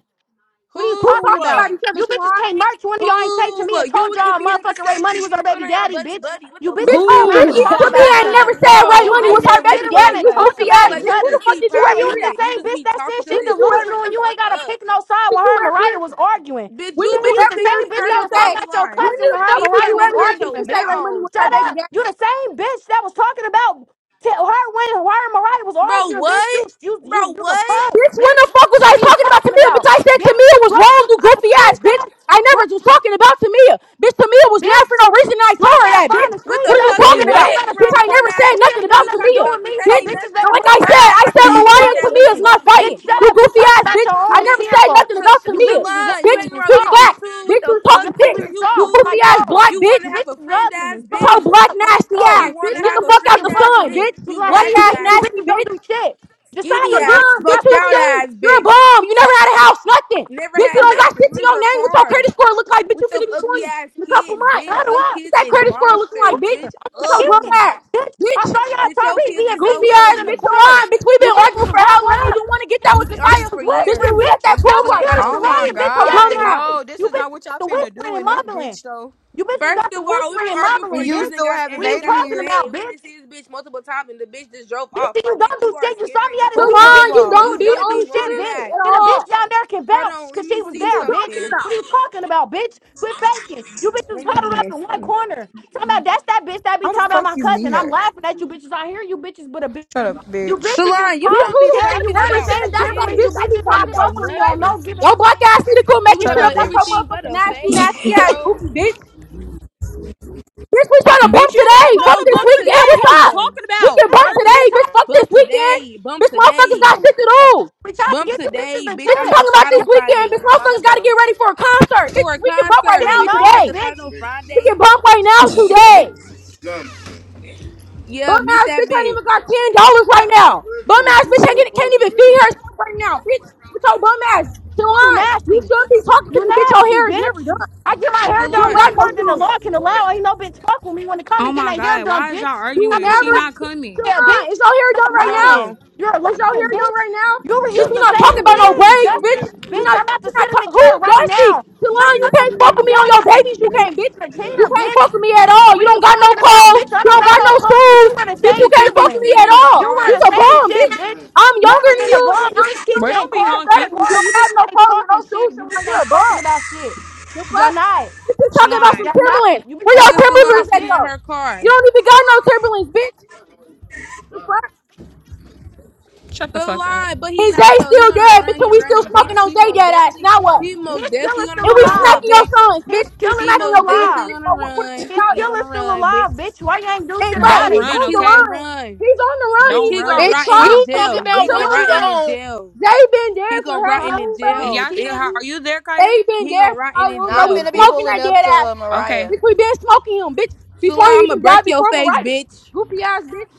Speaker 10: What are you
Speaker 7: Who
Speaker 8: Who
Speaker 10: talking
Speaker 7: talks
Speaker 10: about?
Speaker 8: was?
Speaker 7: about each other,
Speaker 10: You bitches
Speaker 7: Shalon?
Speaker 10: can't merch. One of y'all ain't say to
Speaker 8: Who
Speaker 10: me. I
Speaker 8: was? You
Speaker 10: told
Speaker 8: and
Speaker 10: y'all
Speaker 8: Camille do the
Speaker 10: motherfucking Ray
Speaker 8: same
Speaker 10: Money was
Speaker 8: thing,
Speaker 10: our
Speaker 8: and so
Speaker 10: baby
Speaker 8: now y'all
Speaker 10: daddy,
Speaker 8: buddy
Speaker 10: bitch.
Speaker 8: buddy. What
Speaker 10: You
Speaker 8: the
Speaker 7: Bitch,
Speaker 10: bitches
Speaker 8: fuck,
Speaker 10: sit
Speaker 8: gang?
Speaker 7: on
Speaker 8: Stop
Speaker 10: around
Speaker 3: Who,
Speaker 10: and
Speaker 7: Ricky
Speaker 10: talk
Speaker 7: to
Speaker 8: talking,
Speaker 7: me
Speaker 10: about each
Speaker 8: bitch.
Speaker 7: ain't never
Speaker 10: other.
Speaker 7: said
Speaker 3: bro?
Speaker 7: Ray
Speaker 10: You
Speaker 7: Money
Speaker 3: I
Speaker 7: was
Speaker 10: bitches
Speaker 7: her
Speaker 3: never
Speaker 10: sit
Speaker 7: baby
Speaker 10: around
Speaker 3: said
Speaker 7: daddy. You
Speaker 10: and
Speaker 3: that
Speaker 10: talk
Speaker 7: goofy
Speaker 3: shit,
Speaker 10: about
Speaker 7: ass
Speaker 8: Like,
Speaker 10: each
Speaker 3: bro.
Speaker 7: bitch.
Speaker 8: you
Speaker 7: When
Speaker 10: other.
Speaker 7: the
Speaker 8: just
Speaker 7: fuck
Speaker 8: be
Speaker 7: did you
Speaker 10: Tell
Speaker 7: ever
Speaker 10: you
Speaker 8: popping
Speaker 7: hear
Speaker 10: it's the
Speaker 7: that?
Speaker 8: it. You
Speaker 10: same
Speaker 8: just
Speaker 10: bitch
Speaker 8: be
Speaker 10: that said
Speaker 8: talking because
Speaker 10: she
Speaker 7: When did
Speaker 8: it's
Speaker 7: you
Speaker 8: free. Like,
Speaker 7: ever
Speaker 8: shut
Speaker 10: delusional
Speaker 8: the
Speaker 10: and
Speaker 7: hear
Speaker 10: you
Speaker 7: that?
Speaker 8: fuck
Speaker 10: ain't gotta
Speaker 8: up.
Speaker 10: pick no side
Speaker 7: Did
Speaker 10: when
Speaker 7: you
Speaker 10: her and
Speaker 7: ever hear
Speaker 10: Mariah was
Speaker 7: that?
Speaker 10: arguing.
Speaker 8: Bitch,
Speaker 7: When
Speaker 8: you
Speaker 7: did
Speaker 10: Tell
Speaker 7: you
Speaker 10: you
Speaker 8: bitches
Speaker 7: ever
Speaker 10: the
Speaker 8: pick
Speaker 7: hear
Speaker 10: same
Speaker 7: to
Speaker 10: bitch
Speaker 7: me
Speaker 8: first
Speaker 10: that
Speaker 8: of
Speaker 10: was
Speaker 7: say?
Speaker 8: all,
Speaker 10: talking about your
Speaker 8: Salon.
Speaker 7: When
Speaker 10: cousin
Speaker 7: the
Speaker 10: when her and
Speaker 7: fuck
Speaker 8: Keep
Speaker 7: did
Speaker 8: her
Speaker 7: you
Speaker 10: Mariah was
Speaker 7: ever
Speaker 8: name
Speaker 7: hear
Speaker 8: out
Speaker 7: to me
Speaker 8: your
Speaker 10: arguing,
Speaker 7: say
Speaker 10: bitch.
Speaker 7: Ray Money
Speaker 8: mouth.
Speaker 7: was her
Speaker 10: Shut
Speaker 7: baby
Speaker 10: up.
Speaker 7: daddy?
Speaker 10: You the same bitch that was talking about tell her when her and Mariah was
Speaker 8: Bro,
Speaker 10: arguing, bitch. You
Speaker 8: what?
Speaker 10: you you
Speaker 8: Bro,
Speaker 10: you the
Speaker 8: what?
Speaker 10: punk,
Speaker 7: Bitch, when
Speaker 10: bitch.
Speaker 7: the fuck was I
Speaker 10: What are you
Speaker 7: talking about
Speaker 10: talking
Speaker 7: Tamia?
Speaker 10: about?
Speaker 7: Bitch, I said
Speaker 10: Bitch,
Speaker 7: Tamia was
Speaker 10: bro, I
Speaker 7: wrong,
Speaker 10: gotta
Speaker 7: you
Speaker 10: find a
Speaker 7: goofy ass bitch.
Speaker 10: screenshot.
Speaker 7: I
Speaker 10: Bro,
Speaker 7: never was talking about Tamia. Bitch, Tamia was mad for
Speaker 10: bitch,
Speaker 7: no reason and I
Speaker 10: bro,
Speaker 7: told
Speaker 10: I
Speaker 7: her
Speaker 10: gotta
Speaker 7: that,
Speaker 10: find
Speaker 7: bitch.
Speaker 10: a
Speaker 8: What
Speaker 7: What
Speaker 8: the
Speaker 7: are you
Speaker 10: screenshot.
Speaker 8: fuck
Speaker 10: You
Speaker 3: Wait,
Speaker 8: Two
Speaker 10: said
Speaker 7: talking
Speaker 8: me
Speaker 10: I
Speaker 3: what?
Speaker 10: don't
Speaker 7: about?
Speaker 8: hanging
Speaker 10: gotta
Speaker 7: Bitch,
Speaker 10: pick
Speaker 8: around
Speaker 10: no
Speaker 7: I
Speaker 8: corn
Speaker 7: never
Speaker 10: side.
Speaker 8: ass
Speaker 7: said
Speaker 10: That shit
Speaker 7: nothing
Speaker 8: bitches?
Speaker 10: ain't
Speaker 8: What are
Speaker 10: got
Speaker 8: you
Speaker 7: about
Speaker 10: nothing to
Speaker 8: talking
Speaker 7: Tamia.
Speaker 10: do
Speaker 8: about,
Speaker 10: with
Speaker 8: bitch?
Speaker 10: me.
Speaker 8: That
Speaker 10: So
Speaker 7: Bitch,
Speaker 8: ain't
Speaker 10: bitches
Speaker 7: so
Speaker 8: nothing.
Speaker 10: better
Speaker 8: What
Speaker 7: like
Speaker 10: move
Speaker 8: the
Speaker 7: I
Speaker 8: fuck?
Speaker 7: said,
Speaker 10: around
Speaker 7: I
Speaker 8: Everybody tell
Speaker 10: because
Speaker 7: said
Speaker 10: I
Speaker 8: their
Speaker 10: don't
Speaker 7: Mariah
Speaker 8: friends
Speaker 7: and
Speaker 10: fuck with
Speaker 8: that. What the
Speaker 7: Tamia's
Speaker 10: bitches.
Speaker 8: fuck,
Speaker 7: not
Speaker 8: bitches? You
Speaker 7: fighting.
Speaker 10: Bitch, shut
Speaker 7: You
Speaker 8: cool
Speaker 10: up. You
Speaker 7: goofy
Speaker 10: talk
Speaker 7: ass
Speaker 10: about
Speaker 7: bitch.
Speaker 10: your
Speaker 8: to
Speaker 7: I
Speaker 10: own
Speaker 7: never
Speaker 8: me?
Speaker 7: said
Speaker 10: kinfolk.
Speaker 7: nothing
Speaker 8: Sh-
Speaker 7: about
Speaker 8: Sh-
Speaker 10: You
Speaker 7: Tamia.
Speaker 10: bitches is
Speaker 8: Shalon, you
Speaker 7: Bitch,
Speaker 10: ugly
Speaker 8: hanging
Speaker 10: and
Speaker 8: around
Speaker 7: speak
Speaker 10: soft.
Speaker 8: bitches
Speaker 7: back.
Speaker 8: too? What
Speaker 7: Bitch, you
Speaker 8: the
Speaker 10: You bitches is
Speaker 8: fuck,
Speaker 7: talking
Speaker 8: bitch?
Speaker 10: ugly
Speaker 7: piss.
Speaker 8: Are
Speaker 10: and
Speaker 8: you
Speaker 7: You
Speaker 10: soft on
Speaker 8: cool?
Speaker 10: my
Speaker 7: goofy ass
Speaker 10: soul.
Speaker 7: black
Speaker 8: You want
Speaker 7: bitch.
Speaker 8: to
Speaker 10: You
Speaker 8: have a
Speaker 10: bitches is
Speaker 8: friend
Speaker 10: ugly
Speaker 8: ass
Speaker 10: and
Speaker 7: You
Speaker 10: soft
Speaker 7: talk
Speaker 10: as
Speaker 8: bitch?
Speaker 7: black
Speaker 10: fuck on my
Speaker 7: nasty
Speaker 8: You
Speaker 10: soul.
Speaker 7: ass.
Speaker 8: want
Speaker 10: And
Speaker 7: Bitch,
Speaker 8: to
Speaker 7: get
Speaker 10: none of
Speaker 8: have
Speaker 7: the
Speaker 10: you
Speaker 8: a
Speaker 7: fuck
Speaker 10: bitches
Speaker 7: out
Speaker 10: can
Speaker 8: friend
Speaker 7: the
Speaker 8: ass
Speaker 10: fuck with
Speaker 7: sun,
Speaker 10: me.
Speaker 8: bitch?
Speaker 7: bitch.
Speaker 10: Because
Speaker 8: You
Speaker 10: when I
Speaker 7: Black
Speaker 10: see you
Speaker 8: nasty
Speaker 7: ass
Speaker 10: bitches,
Speaker 8: ass,
Speaker 10: you
Speaker 7: nasty
Speaker 10: bitches don't
Speaker 7: bitch.
Speaker 10: do shit.
Speaker 8: skinny
Speaker 10: Josiah, bitch,
Speaker 8: ass,
Speaker 7: Salon,
Speaker 10: I
Speaker 7: bitch,
Speaker 8: smoked
Speaker 7: you
Speaker 8: out
Speaker 10: saw y'all
Speaker 7: stink.
Speaker 8: ass
Speaker 7: You're a
Speaker 8: bitch.
Speaker 7: bum. You never had a house, nothing.
Speaker 8: Never
Speaker 7: Bitch, you
Speaker 8: had
Speaker 10: y'all
Speaker 7: don't got
Speaker 10: rich.
Speaker 8: nothing.
Speaker 7: shit to
Speaker 8: Where's
Speaker 7: your
Speaker 8: your
Speaker 7: name. What's your
Speaker 8: card?
Speaker 7: credit score look like? Bitch, you
Speaker 8: with them
Speaker 7: finna be
Speaker 8: ugly
Speaker 7: 20
Speaker 8: ass
Speaker 7: in a couple
Speaker 8: kids,
Speaker 7: months.
Speaker 8: bitch.
Speaker 10: Huddle
Speaker 8: Some
Speaker 10: up.
Speaker 7: What's
Speaker 8: kids
Speaker 7: that
Speaker 8: is
Speaker 7: credit score looking like,
Speaker 8: monsters,
Speaker 7: bitch?
Speaker 8: bitch.
Speaker 10: I
Speaker 7: What's your
Speaker 10: can't,
Speaker 7: bum
Speaker 8: Ugly,
Speaker 7: ass?
Speaker 10: Bitch, I
Speaker 7: Bitch,
Speaker 10: saw
Speaker 8: bitch.
Speaker 10: y'all
Speaker 8: Your
Speaker 10: Tariq
Speaker 8: kids
Speaker 10: being
Speaker 8: is
Speaker 10: big. You
Speaker 7: goofy
Speaker 8: so
Speaker 10: bitches
Speaker 7: ass,
Speaker 10: in the
Speaker 7: bitch,
Speaker 8: ugly.
Speaker 7: Salon.
Speaker 10: corner.
Speaker 7: Bitch, we've
Speaker 10: You
Speaker 7: been
Speaker 10: bitches
Speaker 7: arguing
Speaker 10: was
Speaker 7: for how
Speaker 10: huddled
Speaker 7: long? You
Speaker 10: up.
Speaker 7: didn't want to get that
Speaker 8: We've
Speaker 7: with
Speaker 8: been
Speaker 10: Y'all
Speaker 8: arguing
Speaker 7: Josiah.
Speaker 10: was
Speaker 8: for
Speaker 7: Bitch, we
Speaker 8: years
Speaker 10: whispering,
Speaker 7: was at
Speaker 10: bitch.
Speaker 7: that
Speaker 8: and
Speaker 7: pool
Speaker 10: Y'all was
Speaker 8: still ain't
Speaker 7: party.
Speaker 8: got
Speaker 10: furious
Speaker 8: no
Speaker 10: to
Speaker 6: Oh my
Speaker 8: fade.
Speaker 10: riot, bitch. when
Speaker 7: What's your
Speaker 10: Y'all
Speaker 7: bum
Speaker 6: god,
Speaker 10: seen
Speaker 7: ass.
Speaker 10: me.
Speaker 6: no, this
Speaker 10: You
Speaker 6: is
Speaker 10: bitches
Speaker 6: not what
Speaker 10: got
Speaker 6: y'all
Speaker 10: the
Speaker 6: finna do
Speaker 10: whispering and
Speaker 6: in this
Speaker 10: mumbling.
Speaker 6: bitch though.
Speaker 10: You bitches got
Speaker 8: First
Speaker 10: the
Speaker 8: of all, we've
Speaker 10: whispering
Speaker 8: been
Speaker 10: and
Speaker 8: arguing
Speaker 6: And
Speaker 8: for
Speaker 10: mumbling,
Speaker 6: you
Speaker 8: years and
Speaker 10: bitch.
Speaker 6: still
Speaker 8: got
Speaker 6: haven't
Speaker 10: What
Speaker 8: and
Speaker 10: are you
Speaker 8: ain't
Speaker 6: made
Speaker 8: got
Speaker 6: it
Speaker 8: no
Speaker 10: talking
Speaker 6: here.
Speaker 8: fade.
Speaker 10: about,
Speaker 8: We
Speaker 10: bitch?
Speaker 8: didn't see this bitch multiple times and the bitch just drove
Speaker 10: Bitch,
Speaker 8: off.
Speaker 10: then you
Speaker 8: Like,
Speaker 10: don't
Speaker 8: bitch,
Speaker 10: do
Speaker 8: you are
Speaker 10: shit. You saw me
Speaker 8: scary.
Speaker 10: at this
Speaker 6: Who
Speaker 10: being
Speaker 7: Salon,
Speaker 6: drove
Speaker 10: bitch. and
Speaker 7: you
Speaker 10: You,
Speaker 7: don't
Speaker 8: You
Speaker 10: you,
Speaker 6: off?
Speaker 7: be
Speaker 10: you didn't
Speaker 8: don't
Speaker 7: on
Speaker 10: do
Speaker 8: be
Speaker 10: shit,
Speaker 8: wanting
Speaker 7: shit
Speaker 10: bitch.
Speaker 8: that.
Speaker 7: at
Speaker 10: And the
Speaker 7: all.
Speaker 10: bitch down there can
Speaker 8: Hold
Speaker 10: vouch
Speaker 8: on, let
Speaker 10: because she
Speaker 8: me
Speaker 10: was
Speaker 7: What
Speaker 8: see
Speaker 7: you
Speaker 10: there, bitch.
Speaker 7: talking
Speaker 8: something.
Speaker 10: What
Speaker 7: about?
Speaker 10: are you talking about, bitch? Quit faking. You bitches
Speaker 8: Let me be
Speaker 10: huddled up in one
Speaker 8: missing.
Speaker 10: corner. Talking about that's that bitch that be
Speaker 6: How the
Speaker 10: talking about
Speaker 6: fuck
Speaker 10: my
Speaker 6: you meet
Speaker 10: cousin. I'm
Speaker 6: her?
Speaker 10: laughing at you bitches. I hear you bitches, but a bitch.
Speaker 6: Shut up,
Speaker 10: You
Speaker 6: bitch.
Speaker 10: bitches is
Speaker 8: Salon, you
Speaker 7: Bitch,
Speaker 10: punk.
Speaker 7: who
Speaker 8: don't be
Speaker 7: the
Speaker 10: Carrie,
Speaker 7: fuck
Speaker 10: you
Speaker 8: talking
Speaker 10: wear
Speaker 7: ever
Speaker 10: the
Speaker 8: about
Speaker 7: said
Speaker 10: same
Speaker 7: that's that
Speaker 10: Timberlands. You
Speaker 8: shit.
Speaker 7: bitch that
Speaker 8: You
Speaker 7: be
Speaker 8: be
Speaker 10: bitches not
Speaker 8: talking
Speaker 7: talking
Speaker 8: about
Speaker 7: about
Speaker 10: fuck with
Speaker 7: my
Speaker 10: me on
Speaker 7: cousin?
Speaker 10: no
Speaker 8: nothing.
Speaker 10: given
Speaker 7: Yo, black ass need to quit
Speaker 8: You was
Speaker 7: making
Speaker 6: Shut
Speaker 8: talking
Speaker 7: shit
Speaker 6: up,
Speaker 7: up
Speaker 8: about
Speaker 7: out your
Speaker 6: bitch.
Speaker 8: everything but
Speaker 7: motherfucking
Speaker 8: a
Speaker 7: ass, you
Speaker 8: fade,
Speaker 7: nasty ass
Speaker 8: bro.
Speaker 7: goofy bitch. Bitch, we trying to bump
Speaker 6: Bitch, you was
Speaker 7: today.
Speaker 6: supposed
Speaker 7: Fuck
Speaker 8: No,
Speaker 6: to
Speaker 7: this
Speaker 8: bump
Speaker 6: bump
Speaker 7: weekend.
Speaker 6: today. What
Speaker 7: What's
Speaker 6: are you
Speaker 8: today.
Speaker 7: up?
Speaker 6: talking
Speaker 7: We can
Speaker 6: about?
Speaker 7: bump
Speaker 10: chance.
Speaker 7: today,
Speaker 10: We
Speaker 6: Dirty?
Speaker 10: trying
Speaker 7: bitch. Fuck this
Speaker 8: Bump
Speaker 7: weekend.
Speaker 8: today. Bump
Speaker 7: Bitch, motherfuckers got
Speaker 8: today.
Speaker 7: shit to
Speaker 10: to
Speaker 7: do.
Speaker 10: We trying to
Speaker 8: Bump
Speaker 10: give you bitches
Speaker 8: today,
Speaker 10: a
Speaker 8: bitch.
Speaker 7: Bitch is
Speaker 8: I'm
Speaker 10: chance.
Speaker 7: talking about
Speaker 8: outside on
Speaker 7: this
Speaker 10: Y'all
Speaker 8: Friday
Speaker 7: weekend.
Speaker 8: on
Speaker 7: Bitch,
Speaker 8: my mama
Speaker 7: motherfuckers got to
Speaker 8: though.
Speaker 7: get ready for a concert. Bitch,
Speaker 8: For a
Speaker 7: we can bump right
Speaker 8: concert,
Speaker 10: said
Speaker 7: now
Speaker 8: bitch. I'm not
Speaker 10: no,
Speaker 8: about
Speaker 7: today.
Speaker 8: to
Speaker 7: We
Speaker 8: fight
Speaker 10: bitch.
Speaker 8: on Friday.
Speaker 7: can bump right now today.
Speaker 8: Bitch. Yeah,
Speaker 7: Bum
Speaker 8: mute
Speaker 7: ass
Speaker 8: that
Speaker 7: bitch ain't
Speaker 8: bitch.
Speaker 7: even got ten dollars right now. Bum ass bitch ain't get, can't even feed herself right now. Bitch, with your bum ass,
Speaker 10: You too
Speaker 7: Shalon, you
Speaker 10: nasty.
Speaker 7: should be talking to
Speaker 10: You
Speaker 7: this bitch. Your
Speaker 10: nasty
Speaker 7: hair is never
Speaker 10: bitch.
Speaker 7: done.
Speaker 10: I
Speaker 7: Bitch.
Speaker 10: get my hair
Speaker 7: You
Speaker 10: done
Speaker 7: don't
Speaker 10: way
Speaker 8: Salon.
Speaker 7: got no
Speaker 10: more than the
Speaker 7: shoes.
Speaker 10: law can allow. Ain't no bitch fuck with me when it comes
Speaker 6: Oh
Speaker 10: to
Speaker 6: my
Speaker 10: getting their hair
Speaker 6: god,
Speaker 10: done,
Speaker 6: why is y'all
Speaker 10: bitch. I
Speaker 7: You
Speaker 6: arguing?
Speaker 10: haven't
Speaker 6: She
Speaker 10: even
Speaker 7: never.
Speaker 10: wet
Speaker 6: not coming.
Speaker 10: my hair,
Speaker 7: Sharon, is
Speaker 10: bitch.
Speaker 7: y'all hair
Speaker 10: Stop
Speaker 7: done right
Speaker 8: Hold
Speaker 7: now?
Speaker 10: lying.
Speaker 8: on.
Speaker 10: You're a liar,
Speaker 7: Is y'all hair done
Speaker 10: bitch.
Speaker 7: right now?
Speaker 10: You
Speaker 7: Bitch,
Speaker 10: reuse
Speaker 7: we
Speaker 10: the
Speaker 7: not talking
Speaker 10: same
Speaker 7: about no
Speaker 10: wig,
Speaker 7: braids,
Speaker 10: dusty ass
Speaker 7: bitch. We
Speaker 10: bitch.
Speaker 7: not.
Speaker 10: I'm about to
Speaker 7: You not
Speaker 10: sit in
Speaker 7: talk,
Speaker 10: the
Speaker 7: who's
Speaker 10: chair right
Speaker 7: Dusty?
Speaker 10: now. Just
Speaker 7: Shalon, you
Speaker 10: put the
Speaker 7: can't fuck
Speaker 10: towel
Speaker 7: with me on
Speaker 10: down and
Speaker 7: your
Speaker 10: I
Speaker 7: babies. You
Speaker 10: get back
Speaker 7: can't, bitch.
Speaker 10: in the
Speaker 7: You
Speaker 10: chair,
Speaker 7: can't
Speaker 10: bitch.
Speaker 7: fuck with me at all.
Speaker 10: What
Speaker 7: You
Speaker 10: are you
Speaker 7: don't got no
Speaker 10: talking about,
Speaker 7: clothes.
Speaker 10: bitch? I
Speaker 7: You
Speaker 10: don't
Speaker 7: don't
Speaker 10: got
Speaker 7: got
Speaker 10: no
Speaker 7: no
Speaker 10: clothes, but
Speaker 7: shoes,
Speaker 10: you wear the
Speaker 7: bitch. You
Speaker 10: same
Speaker 8: Bitch, you
Speaker 7: can't
Speaker 8: be
Speaker 7: fuck with
Speaker 10: Timberlands.
Speaker 7: me
Speaker 8: sitting
Speaker 7: at
Speaker 8: in the
Speaker 7: all.
Speaker 10: You wear
Speaker 8: car.
Speaker 7: You's
Speaker 10: the
Speaker 7: a
Speaker 10: same
Speaker 7: bum, bitch.
Speaker 10: shit, bitch.
Speaker 7: I'm younger
Speaker 10: Never
Speaker 7: than
Speaker 10: been
Speaker 7: you,
Speaker 10: above.
Speaker 7: and
Speaker 10: You
Speaker 7: I'm
Speaker 10: bitch
Speaker 7: still
Speaker 10: keep
Speaker 6: Wait,
Speaker 10: saying
Speaker 6: don't be
Speaker 10: car,
Speaker 7: better.
Speaker 10: car,
Speaker 6: honky.
Speaker 7: than You You
Speaker 10: car. You
Speaker 7: don't have
Speaker 10: bitches
Speaker 7: no
Speaker 10: ain't
Speaker 7: clothes and no
Speaker 10: talking shit.
Speaker 7: shoes,
Speaker 10: You
Speaker 7: Shalon.
Speaker 10: bitch
Speaker 7: You're
Speaker 10: ain't
Speaker 7: a
Speaker 10: talking
Speaker 7: bum.
Speaker 10: about shit.
Speaker 7: The
Speaker 10: Y'all
Speaker 7: fuck?
Speaker 10: not.
Speaker 7: You just talking about
Speaker 6: Shalon,
Speaker 7: some
Speaker 10: Y'all not.
Speaker 7: Timberlands.
Speaker 10: You bitch
Speaker 7: Where
Speaker 8: Look
Speaker 10: ain't
Speaker 7: y'all
Speaker 8: at
Speaker 10: talking
Speaker 8: Salon
Speaker 7: Timberlands
Speaker 10: about
Speaker 7: at
Speaker 8: sitting
Speaker 10: shit.
Speaker 8: in
Speaker 7: though?
Speaker 8: her car.
Speaker 7: You don't even got no Timberlands, bitch. The fuck?
Speaker 6: shut the fuck up.
Speaker 8: Salon, but he
Speaker 7: And
Speaker 8: not
Speaker 7: Zay
Speaker 8: though. He
Speaker 7: still
Speaker 8: gonna
Speaker 7: dead,
Speaker 8: run,
Speaker 7: bitch, and
Speaker 8: he
Speaker 7: we still
Speaker 8: running,
Speaker 7: smoking
Speaker 8: bitch.
Speaker 7: on
Speaker 8: He
Speaker 7: Zay
Speaker 8: most
Speaker 7: dead ass.
Speaker 8: definitely
Speaker 7: Now what?
Speaker 8: he most
Speaker 10: His
Speaker 8: definitely
Speaker 10: killer's
Speaker 8: on the
Speaker 7: And
Speaker 10: still
Speaker 7: we
Speaker 8: run,
Speaker 10: alive.
Speaker 8: little
Speaker 7: smacking your
Speaker 8: bitch.
Speaker 7: sons,
Speaker 10: His
Speaker 7: bitch. We
Speaker 10: killer's
Speaker 8: He
Speaker 7: smacking
Speaker 10: still
Speaker 7: your
Speaker 8: most
Speaker 7: kids,
Speaker 8: definitely
Speaker 10: alive.
Speaker 7: bitch.
Speaker 8: on the
Speaker 7: What, what, what
Speaker 8: run.
Speaker 10: His
Speaker 7: about
Speaker 8: He's
Speaker 7: it?
Speaker 8: on the
Speaker 10: killer's still
Speaker 8: run, bitch.
Speaker 10: alive, bitch. Why you ain't do
Speaker 7: Ain't
Speaker 10: shit
Speaker 7: right.
Speaker 6: Don't
Speaker 10: about
Speaker 7: He's
Speaker 10: it?
Speaker 8: Bitch,
Speaker 6: run,
Speaker 7: on
Speaker 8: he's
Speaker 7: the
Speaker 8: on the
Speaker 6: okay?
Speaker 7: run.
Speaker 8: run.
Speaker 7: He's on the run
Speaker 8: Bitch,
Speaker 7: and
Speaker 6: Don't
Speaker 7: he's
Speaker 8: he
Speaker 7: gonna
Speaker 8: gonna
Speaker 7: get
Speaker 6: run.
Speaker 8: rot
Speaker 11: Bitch,
Speaker 10: I
Speaker 8: in
Speaker 7: caught.
Speaker 8: in
Speaker 11: you talk
Speaker 10: y'all
Speaker 8: jail.
Speaker 7: What's
Speaker 8: He
Speaker 11: about
Speaker 7: the
Speaker 10: ain't
Speaker 8: gonna
Speaker 11: what
Speaker 10: do
Speaker 11: you
Speaker 8: rot
Speaker 10: shit
Speaker 7: run?
Speaker 8: in in
Speaker 11: own.
Speaker 8: jail.
Speaker 7: Zay been
Speaker 8: He
Speaker 7: there for
Speaker 8: gonna rot
Speaker 7: how
Speaker 8: in
Speaker 10: about
Speaker 8: in
Speaker 7: long,
Speaker 10: it,
Speaker 6: And
Speaker 7: bro?
Speaker 10: bitch.
Speaker 8: jail,
Speaker 6: y'all
Speaker 10: He
Speaker 6: still, how,
Speaker 8: bitch.
Speaker 6: are
Speaker 10: ain't
Speaker 6: you there, Kaya?
Speaker 7: They been
Speaker 8: He
Speaker 7: there
Speaker 8: gonna
Speaker 7: for
Speaker 8: rot in
Speaker 7: how
Speaker 8: in
Speaker 7: long,
Speaker 11: Now
Speaker 7: bro?
Speaker 11: I'm
Speaker 7: We
Speaker 8: jail,
Speaker 11: finna be
Speaker 7: smoking
Speaker 8: bitch.
Speaker 11: pulling
Speaker 7: that
Speaker 11: up
Speaker 7: dead
Speaker 11: to
Speaker 7: ass.
Speaker 11: uh,
Speaker 6: Okay.
Speaker 11: Mariah.
Speaker 7: Bitch, we been smoking him, bitch.
Speaker 8: Salon,
Speaker 7: Before he
Speaker 8: I'ma
Speaker 7: even
Speaker 8: break
Speaker 7: died,
Speaker 8: your
Speaker 7: before
Speaker 8: face,
Speaker 7: Mariah.
Speaker 8: bitch.
Speaker 7: Goofy ass bitch.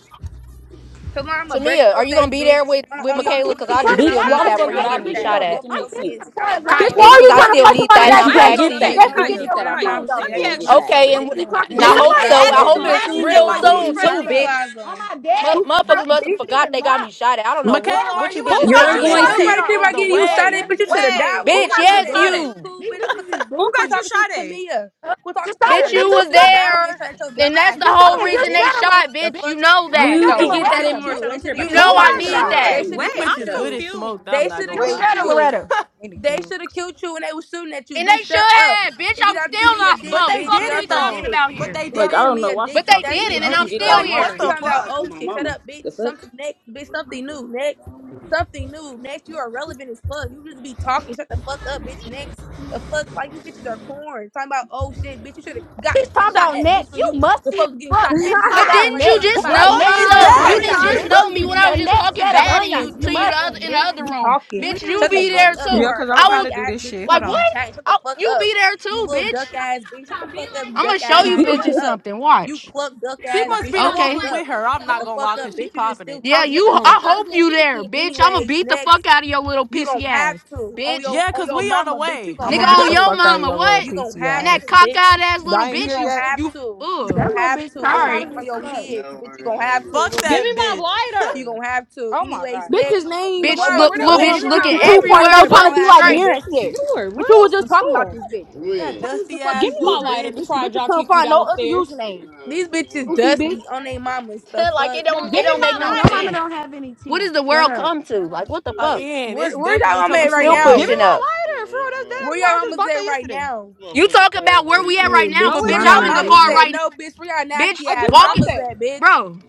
Speaker 8: Salon, I'ma break
Speaker 11: Tamia, are
Speaker 8: your
Speaker 11: you
Speaker 8: face,
Speaker 11: gonna be there
Speaker 8: bitch.
Speaker 11: with with
Speaker 8: On, on your
Speaker 10: y'all
Speaker 11: Michaela?
Speaker 8: two
Speaker 11: Cause
Speaker 10: be
Speaker 11: I do
Speaker 8: kids,
Speaker 10: quoting
Speaker 8: and
Speaker 10: me
Speaker 8: I'm
Speaker 11: still
Speaker 3: Bitch,
Speaker 10: after
Speaker 11: need
Speaker 8: not
Speaker 3: why the
Speaker 10: I
Speaker 11: that
Speaker 10: just
Speaker 11: for
Speaker 8: playing.
Speaker 3: fuck
Speaker 8: I
Speaker 3: would
Speaker 11: you
Speaker 10: made
Speaker 3: I
Speaker 10: the
Speaker 11: getting
Speaker 8: murked
Speaker 11: me
Speaker 3: be
Speaker 10: bitches
Speaker 8: that
Speaker 3: there?
Speaker 11: shot
Speaker 10: though.
Speaker 8: on
Speaker 11: at,
Speaker 3: Make
Speaker 8: both
Speaker 3: it
Speaker 8: of
Speaker 10: I'm
Speaker 8: your
Speaker 3: make
Speaker 10: sitting
Speaker 8: kids,
Speaker 10: there
Speaker 3: sense.
Speaker 8: bitch.
Speaker 10: for
Speaker 8: I'ma
Speaker 10: it
Speaker 8: break
Speaker 10: live
Speaker 7: Bitch,
Speaker 8: your
Speaker 7: why
Speaker 10: and
Speaker 6: Kaya.
Speaker 11: bitch.
Speaker 7: are
Speaker 8: face,
Speaker 11: Cause
Speaker 7: you
Speaker 10: looking
Speaker 11: I
Speaker 7: trying
Speaker 10: at
Speaker 7: to
Speaker 8: bitch.
Speaker 11: still
Speaker 10: them.
Speaker 7: fight
Speaker 11: need
Speaker 7: somebody
Speaker 11: that, and
Speaker 6: Kaya,
Speaker 3: Bitch,
Speaker 7: that's
Speaker 8: I'ma
Speaker 3: you
Speaker 11: I'm
Speaker 6: I ain't
Speaker 3: gonna
Speaker 8: break
Speaker 7: pregnant?
Speaker 6: gonna
Speaker 3: get
Speaker 11: asking
Speaker 7: You
Speaker 8: something
Speaker 3: that.
Speaker 11: you.
Speaker 6: fake.
Speaker 3: You
Speaker 7: definitely
Speaker 8: on you,
Speaker 3: gonna
Speaker 7: get
Speaker 6: Kaya,
Speaker 8: bitch,
Speaker 3: get
Speaker 7: there
Speaker 3: that.
Speaker 8: and
Speaker 3: I
Speaker 7: with a
Speaker 8: I'm
Speaker 6: Kaya,
Speaker 7: twin,
Speaker 8: not
Speaker 3: promise you,
Speaker 7: though.
Speaker 6: let
Speaker 8: playing.
Speaker 10: You
Speaker 3: you
Speaker 6: me
Speaker 8: That
Speaker 3: gonna
Speaker 8: is
Speaker 6: ask
Speaker 3: get
Speaker 6: you
Speaker 8: merch,
Speaker 3: that.
Speaker 6: something.
Speaker 11: Okay,
Speaker 7: What
Speaker 11: and,
Speaker 8: bitch.
Speaker 7: are
Speaker 11: w-
Speaker 7: you
Speaker 10: know,
Speaker 7: talking
Speaker 3: You
Speaker 11: and
Speaker 6: Did
Speaker 11: I
Speaker 7: about?
Speaker 3: gonna get
Speaker 11: hope
Speaker 6: somebody
Speaker 8: God
Speaker 3: that.
Speaker 11: so.
Speaker 8: should
Speaker 6: ask
Speaker 11: I
Speaker 3: No
Speaker 6: you,
Speaker 8: have
Speaker 11: hope
Speaker 10: I'm
Speaker 8: it,
Speaker 6: did
Speaker 3: time
Speaker 8: bitch.
Speaker 6: they
Speaker 11: it's
Speaker 8: I'm
Speaker 6: need
Speaker 10: laughing
Speaker 3: soon,
Speaker 8: breaking
Speaker 10: with
Speaker 6: that
Speaker 11: real
Speaker 3: though,
Speaker 6: while
Speaker 10: my
Speaker 8: you,
Speaker 6: you was
Speaker 8: bitch.
Speaker 10: feet
Speaker 11: soon
Speaker 3: Bookie.
Speaker 11: too,
Speaker 8: Turn
Speaker 10: kicked
Speaker 6: pregnant?
Speaker 10: up.
Speaker 11: bitch.
Speaker 8: replies
Speaker 10: On
Speaker 8: on.
Speaker 10: my
Speaker 11: Mu
Speaker 10: bed.
Speaker 7: Goofy
Speaker 10: Door
Speaker 11: motherfuckers
Speaker 7: ass
Speaker 11: must have
Speaker 7: bitch.
Speaker 10: wasn't
Speaker 11: forgot
Speaker 10: even
Speaker 11: they got me
Speaker 10: locked.
Speaker 11: shot at. I don't know
Speaker 10: The door
Speaker 11: what
Speaker 12: Michaela, are
Speaker 11: what you
Speaker 12: you
Speaker 10: wasn't
Speaker 6: Who
Speaker 12: at
Speaker 11: bitches
Speaker 12: the
Speaker 10: even
Speaker 11: take
Speaker 6: got
Speaker 3: You're
Speaker 12: park?
Speaker 6: you
Speaker 11: me
Speaker 10: locked.
Speaker 8: Bitch,
Speaker 3: going
Speaker 12: Because
Speaker 11: as,
Speaker 6: shot
Speaker 3: to.
Speaker 12: we
Speaker 10: Loretta
Speaker 8: nobody
Speaker 6: at?
Speaker 12: are
Speaker 8: care
Speaker 10: came
Speaker 12: on
Speaker 8: about
Speaker 10: up
Speaker 12: the
Speaker 10: to
Speaker 8: getting
Speaker 10: the
Speaker 8: you
Speaker 10: door and
Speaker 8: shot
Speaker 12: way.
Speaker 8: at. Bitch, you
Speaker 10: everything. I
Speaker 8: should
Speaker 10: was
Speaker 8: have
Speaker 10: talking
Speaker 8: died
Speaker 6: Wait,
Speaker 10: to a
Speaker 8: when
Speaker 6: who
Speaker 8: you
Speaker 11: bitch.
Speaker 10: bitch
Speaker 8: got
Speaker 6: got
Speaker 10: through the
Speaker 8: shot
Speaker 6: you
Speaker 11: Yes,
Speaker 8: at.
Speaker 6: shot
Speaker 8: Bitch, is
Speaker 10: door.
Speaker 6: at?
Speaker 11: you,
Speaker 8: you cool,
Speaker 10: These
Speaker 8: bitch.
Speaker 10: bitches is
Speaker 8: Quit
Speaker 6: Who
Speaker 8: quit
Speaker 6: got
Speaker 10: boozy.
Speaker 6: you
Speaker 8: talking to
Speaker 6: shot at?
Speaker 8: Tamia.
Speaker 10: Uh,
Speaker 8: Quit talking to
Speaker 10: Josiah,
Speaker 11: bitch.
Speaker 8: her.
Speaker 10: bitch,
Speaker 11: You
Speaker 8: Bitch,
Speaker 10: you
Speaker 8: you
Speaker 11: was
Speaker 8: should
Speaker 10: scared
Speaker 8: have died when they
Speaker 11: there,
Speaker 8: shot at your
Speaker 11: and
Speaker 8: dumb
Speaker 11: that's
Speaker 8: ass.
Speaker 10: of
Speaker 11: the
Speaker 8: Shut the
Speaker 11: whole
Speaker 8: fuck
Speaker 10: Josiah,
Speaker 8: up,
Speaker 10: you're
Speaker 11: reason they
Speaker 8: bitch.
Speaker 10: scared of Loretta,
Speaker 11: shot,
Speaker 8: The
Speaker 11: bitch. You
Speaker 8: fuck?
Speaker 10: bitch.
Speaker 11: know
Speaker 10: You
Speaker 11: that
Speaker 8: Bitch,
Speaker 3: You
Speaker 10: scared
Speaker 8: they
Speaker 10: of
Speaker 3: can
Speaker 8: should
Speaker 11: though.
Speaker 3: get
Speaker 8: have
Speaker 3: that in
Speaker 8: killed
Speaker 10: Loretta,
Speaker 3: March.
Speaker 8: you.
Speaker 10: bitch.
Speaker 3: I
Speaker 8: They
Speaker 3: don't care
Speaker 8: should have
Speaker 11: You
Speaker 3: about
Speaker 10: What are
Speaker 6: Who
Speaker 10: you
Speaker 3: shit
Speaker 8: killed
Speaker 3: you
Speaker 11: know I
Speaker 3: talking
Speaker 6: got
Speaker 8: you.
Speaker 10: talking
Speaker 3: about. I'm
Speaker 11: need
Speaker 3: not
Speaker 10: about?
Speaker 6: shot
Speaker 11: that.
Speaker 8: They
Speaker 6: at?
Speaker 3: arguing
Speaker 8: should
Speaker 3: with
Speaker 6: Wait,
Speaker 8: have
Speaker 3: you,
Speaker 12: You
Speaker 3: bitch.
Speaker 8: killed
Speaker 3: Shut
Speaker 12: bitches
Speaker 6: I'm
Speaker 3: up.
Speaker 12: good as
Speaker 8: you.
Speaker 6: confused.
Speaker 12: smoked,
Speaker 6: This
Speaker 12: I'm
Speaker 8: They
Speaker 6: is
Speaker 12: not
Speaker 8: should
Speaker 12: gonna
Speaker 8: have
Speaker 10: You
Speaker 6: way
Speaker 8: killed
Speaker 12: lie.
Speaker 10: scared of
Speaker 6: deeper
Speaker 8: you.
Speaker 6: than
Speaker 10: Loretta.
Speaker 6: anything.
Speaker 8: They should have killed you when they was shooting at you,
Speaker 11: And they
Speaker 8: bitch.
Speaker 11: should
Speaker 8: Shut up.
Speaker 11: have, bitch.
Speaker 8: And get
Speaker 11: I'm
Speaker 8: out to
Speaker 11: still
Speaker 8: me a
Speaker 11: not
Speaker 8: dick,
Speaker 12: But
Speaker 11: smoked.
Speaker 12: they
Speaker 8: bitch.
Speaker 11: Fuck
Speaker 8: Get
Speaker 11: are
Speaker 12: did
Speaker 8: off
Speaker 11: we
Speaker 12: it
Speaker 8: her
Speaker 11: talking
Speaker 12: though.
Speaker 8: dick.
Speaker 11: about
Speaker 12: But
Speaker 11: here?
Speaker 12: they
Speaker 8: Get
Speaker 12: did
Speaker 3: Like
Speaker 8: off
Speaker 3: I
Speaker 12: it.
Speaker 8: to
Speaker 3: don't
Speaker 8: me
Speaker 3: know
Speaker 8: a
Speaker 3: why she
Speaker 8: dick,
Speaker 11: But
Speaker 8: bitch.
Speaker 11: they
Speaker 3: talking
Speaker 8: That
Speaker 3: to me.
Speaker 8: shit
Speaker 11: didn't,
Speaker 3: You
Speaker 11: and
Speaker 8: old
Speaker 11: I'm
Speaker 3: can
Speaker 8: as
Speaker 3: get that
Speaker 11: still
Speaker 8: fuck.
Speaker 3: in
Speaker 12: Like what
Speaker 3: March,
Speaker 11: here.
Speaker 8: You
Speaker 12: the
Speaker 8: talking
Speaker 3: Bookie.
Speaker 8: about
Speaker 12: fuck?
Speaker 3: Oh
Speaker 8: old
Speaker 3: my
Speaker 8: shit. Shut
Speaker 3: mama.
Speaker 8: up, bitch.
Speaker 3: The fuck?
Speaker 8: Something next, bitch. Something new. Next. Something new. Next, you are relevant as fuck. You just be talking. Shut the fuck up, bitch. Next. The fuck, like you bitches are corn. Talking about old shit, bitch. You should have got
Speaker 10: Bitch talking
Speaker 8: shot
Speaker 10: about
Speaker 8: at, bitch.
Speaker 10: next.
Speaker 8: When
Speaker 10: You
Speaker 8: you the
Speaker 10: musty as
Speaker 8: folks getting
Speaker 10: fuck,
Speaker 8: shot at, bitch,
Speaker 10: bitch
Speaker 8: you
Speaker 10: talking
Speaker 8: should
Speaker 11: But
Speaker 8: have
Speaker 10: about
Speaker 8: died
Speaker 11: didn't
Speaker 8: right there
Speaker 11: you
Speaker 10: next.
Speaker 8: on the
Speaker 12: Who
Speaker 11: just
Speaker 8: spot,
Speaker 12: the
Speaker 10: What?
Speaker 7: like,
Speaker 8: bitch.
Speaker 11: know
Speaker 12: fuck
Speaker 7: bro,
Speaker 10: Next
Speaker 11: me
Speaker 12: is
Speaker 7: I
Speaker 10: set of
Speaker 11: though?
Speaker 8: Jimmy
Speaker 7: really
Speaker 11: You
Speaker 8: got
Speaker 7: get
Speaker 11: didn't
Speaker 12: that?
Speaker 8: shot,
Speaker 10: onions,
Speaker 7: tired
Speaker 8: bitch.
Speaker 11: just
Speaker 7: of
Speaker 8: You
Speaker 11: know
Speaker 10: bitch?
Speaker 7: bum
Speaker 8: should
Speaker 11: me
Speaker 8: have
Speaker 11: when
Speaker 8: been
Speaker 11: I
Speaker 7: bitches.
Speaker 10: A
Speaker 11: was
Speaker 8: that
Speaker 11: just
Speaker 8: bitch.
Speaker 10: next
Speaker 11: talking
Speaker 10: set
Speaker 8: That
Speaker 10: of
Speaker 8: got
Speaker 11: bad and
Speaker 8: shot.
Speaker 11: you
Speaker 10: onions.
Speaker 8: Shut
Speaker 10: You
Speaker 8: the
Speaker 11: to you
Speaker 8: fuck
Speaker 11: the
Speaker 8: up,
Speaker 10: musty,
Speaker 11: other in
Speaker 8: bitch.
Speaker 11: the
Speaker 10: bitch.
Speaker 8: You just
Speaker 11: other
Speaker 8: be
Speaker 11: room,
Speaker 8: talking.
Speaker 10: You
Speaker 11: bitch. You
Speaker 8: Shut the
Speaker 11: be
Speaker 8: fuck
Speaker 11: there
Speaker 10: irritating.
Speaker 8: up. You
Speaker 6: Yeah,
Speaker 11: too.
Speaker 8: are
Speaker 6: cause
Speaker 8: a
Speaker 6: I
Speaker 11: I
Speaker 6: don't know how
Speaker 8: nobody
Speaker 6: to
Speaker 11: will.
Speaker 6: do
Speaker 8: ass
Speaker 6: this
Speaker 8: bitch.
Speaker 6: shit.
Speaker 8: You
Speaker 11: Like
Speaker 6: Hold
Speaker 8: just be
Speaker 6: on.
Speaker 11: what?
Speaker 8: chatting. Shut the
Speaker 11: I,
Speaker 8: fuck
Speaker 11: you
Speaker 8: up.
Speaker 11: be there
Speaker 8: You
Speaker 11: too,
Speaker 8: little
Speaker 11: bitch.
Speaker 8: duck ass bitch. Shut the fuck up, you
Speaker 11: I'm
Speaker 8: duck
Speaker 11: gonna show
Speaker 8: ass
Speaker 11: you
Speaker 8: bitch. Shut
Speaker 11: bitches
Speaker 8: up.
Speaker 11: something.
Speaker 8: You
Speaker 11: Watch.
Speaker 8: cluck duck
Speaker 12: she
Speaker 8: ass
Speaker 12: must
Speaker 8: bitch.
Speaker 12: be
Speaker 8: Shut
Speaker 12: the
Speaker 8: the
Speaker 12: one
Speaker 8: fuck
Speaker 11: Okay.
Speaker 12: who with
Speaker 8: up.
Speaker 12: her. I'm
Speaker 8: Shut
Speaker 12: not
Speaker 8: the
Speaker 12: gonna
Speaker 8: fuck
Speaker 12: lie, cause
Speaker 8: up,
Speaker 12: she
Speaker 8: bitch. You just
Speaker 12: popping
Speaker 8: still
Speaker 12: it.
Speaker 11: Yeah,
Speaker 8: talking. Shut the
Speaker 6: If
Speaker 11: you.
Speaker 6: Oh.
Speaker 8: fuck
Speaker 11: I
Speaker 6: you got
Speaker 8: up.
Speaker 11: hope
Speaker 6: the
Speaker 11: you
Speaker 6: heat,
Speaker 11: there,
Speaker 6: get.
Speaker 11: bitch. I'm gonna
Speaker 8: Anyways,
Speaker 11: beat the
Speaker 8: next,
Speaker 11: fuck out of your little
Speaker 8: you gonna
Speaker 11: pissy
Speaker 8: have
Speaker 11: ass,
Speaker 8: to. On
Speaker 11: bitch.
Speaker 8: your
Speaker 12: Yeah,
Speaker 8: on
Speaker 12: cause
Speaker 8: your
Speaker 12: we on the
Speaker 8: mama, bitch, you
Speaker 12: way.
Speaker 6: I'm
Speaker 8: gonna
Speaker 11: Nigga
Speaker 6: gonna
Speaker 8: have
Speaker 6: beat
Speaker 11: on
Speaker 6: the
Speaker 11: your
Speaker 8: to.
Speaker 6: fuck out of
Speaker 11: mama,
Speaker 6: your little
Speaker 11: what?
Speaker 8: You gonna
Speaker 6: PC
Speaker 8: have
Speaker 11: And that
Speaker 8: to,
Speaker 6: ass.
Speaker 8: bitch.
Speaker 11: cockeyed ass little
Speaker 6: I ain't
Speaker 8: You
Speaker 11: bitch,
Speaker 6: here
Speaker 8: gonna
Speaker 11: you
Speaker 6: yet.
Speaker 8: have
Speaker 11: you
Speaker 8: to. You
Speaker 10: That
Speaker 11: ugh.
Speaker 8: gonna
Speaker 10: little
Speaker 8: have
Speaker 10: bitch
Speaker 8: to,
Speaker 10: cock
Speaker 8: little
Speaker 10: out
Speaker 8: bitch,
Speaker 11: Alright.
Speaker 10: of
Speaker 8: on
Speaker 10: his
Speaker 8: your
Speaker 10: fuck.
Speaker 8: kids, bitch. You gonna have to,
Speaker 12: Fuck
Speaker 8: little
Speaker 6: Give me
Speaker 12: that
Speaker 8: bitch.
Speaker 6: my
Speaker 12: bitch.
Speaker 8: You
Speaker 6: lighter.
Speaker 8: gonna have to.
Speaker 6: Oh my
Speaker 8: Anyways,
Speaker 6: god.
Speaker 8: next.
Speaker 7: Bitches named
Speaker 6: No,
Speaker 11: Bitch
Speaker 8: Salon,
Speaker 6: it's
Speaker 8: where
Speaker 11: look
Speaker 7: fucking
Speaker 8: the
Speaker 11: little
Speaker 6: not. Give
Speaker 11: bitch
Speaker 7: Wham
Speaker 6: me
Speaker 8: salon,
Speaker 6: my
Speaker 11: looking
Speaker 8: where
Speaker 7: 52.0
Speaker 8: your
Speaker 6: lighter.
Speaker 7: trying
Speaker 8: bottom
Speaker 11: everywhere
Speaker 8: of the
Speaker 7: to
Speaker 8: barrel
Speaker 11: but
Speaker 7: be
Speaker 8: ass
Speaker 7: like
Speaker 6: The
Speaker 8: at,
Speaker 11: straight.
Speaker 7: Mirror and
Speaker 6: f-
Speaker 8: bitch?
Speaker 7: shit.
Speaker 6: store.
Speaker 7: But
Speaker 6: Where
Speaker 7: you were
Speaker 6: else the
Speaker 7: just talking about
Speaker 6: store?
Speaker 7: this bitch.
Speaker 12: That
Speaker 7: Change the
Speaker 12: dusty
Speaker 6: Give
Speaker 7: fucking
Speaker 12: ass
Speaker 6: me my
Speaker 12: little
Speaker 7: username,
Speaker 6: lighter
Speaker 12: bitch.
Speaker 6: before
Speaker 7: bitch.
Speaker 6: I
Speaker 7: Bitches
Speaker 6: drop
Speaker 7: couldn't
Speaker 6: kick you
Speaker 7: find
Speaker 6: down
Speaker 7: no
Speaker 6: the
Speaker 7: other
Speaker 6: stairs.
Speaker 7: username.
Speaker 8: These bitches
Speaker 7: Goofy bitch.
Speaker 8: dusty on they mamas. The
Speaker 11: like
Speaker 8: fuck?
Speaker 11: it
Speaker 6: Your
Speaker 11: don't it
Speaker 6: Give me lighter.
Speaker 11: don't make
Speaker 10: Girl,
Speaker 11: no
Speaker 6: my
Speaker 10: your mama
Speaker 6: lighter.
Speaker 11: sense.
Speaker 10: don't have any
Speaker 11: What
Speaker 10: teeth.
Speaker 11: does the
Speaker 10: Shut
Speaker 11: world
Speaker 10: up.
Speaker 11: come to? Like what the
Speaker 12: A
Speaker 11: fuck?
Speaker 12: end. It's
Speaker 8: Where where y'all
Speaker 12: definitely
Speaker 8: mama
Speaker 12: coming
Speaker 11: I'm
Speaker 8: at right
Speaker 12: to
Speaker 11: still
Speaker 12: an
Speaker 6: Give
Speaker 8: now?
Speaker 6: me
Speaker 12: end.
Speaker 11: pushing up.
Speaker 6: my lighter. For real, that's that
Speaker 8: Where
Speaker 6: is mine. I
Speaker 8: y'all
Speaker 6: just
Speaker 8: mamas
Speaker 6: bought that
Speaker 8: at right
Speaker 6: yesterday.
Speaker 8: now?
Speaker 11: You talk about where we at right
Speaker 10: Shit,
Speaker 11: now,
Speaker 10: bitch,
Speaker 6: No,
Speaker 11: but
Speaker 8: Where
Speaker 6: it's
Speaker 11: bitch,
Speaker 10: minding
Speaker 8: y'all
Speaker 11: I'm
Speaker 10: her
Speaker 11: in the
Speaker 8: mamas
Speaker 11: car
Speaker 10: business.
Speaker 8: at?
Speaker 6: not.
Speaker 11: right
Speaker 8: No, bitch. Where y'all
Speaker 11: now. Bitch,
Speaker 8: nasty
Speaker 6: I
Speaker 8: ass
Speaker 6: just
Speaker 11: walk
Speaker 6: bought
Speaker 11: it
Speaker 8: mamas
Speaker 6: that.
Speaker 8: at, bitch?
Speaker 11: bro,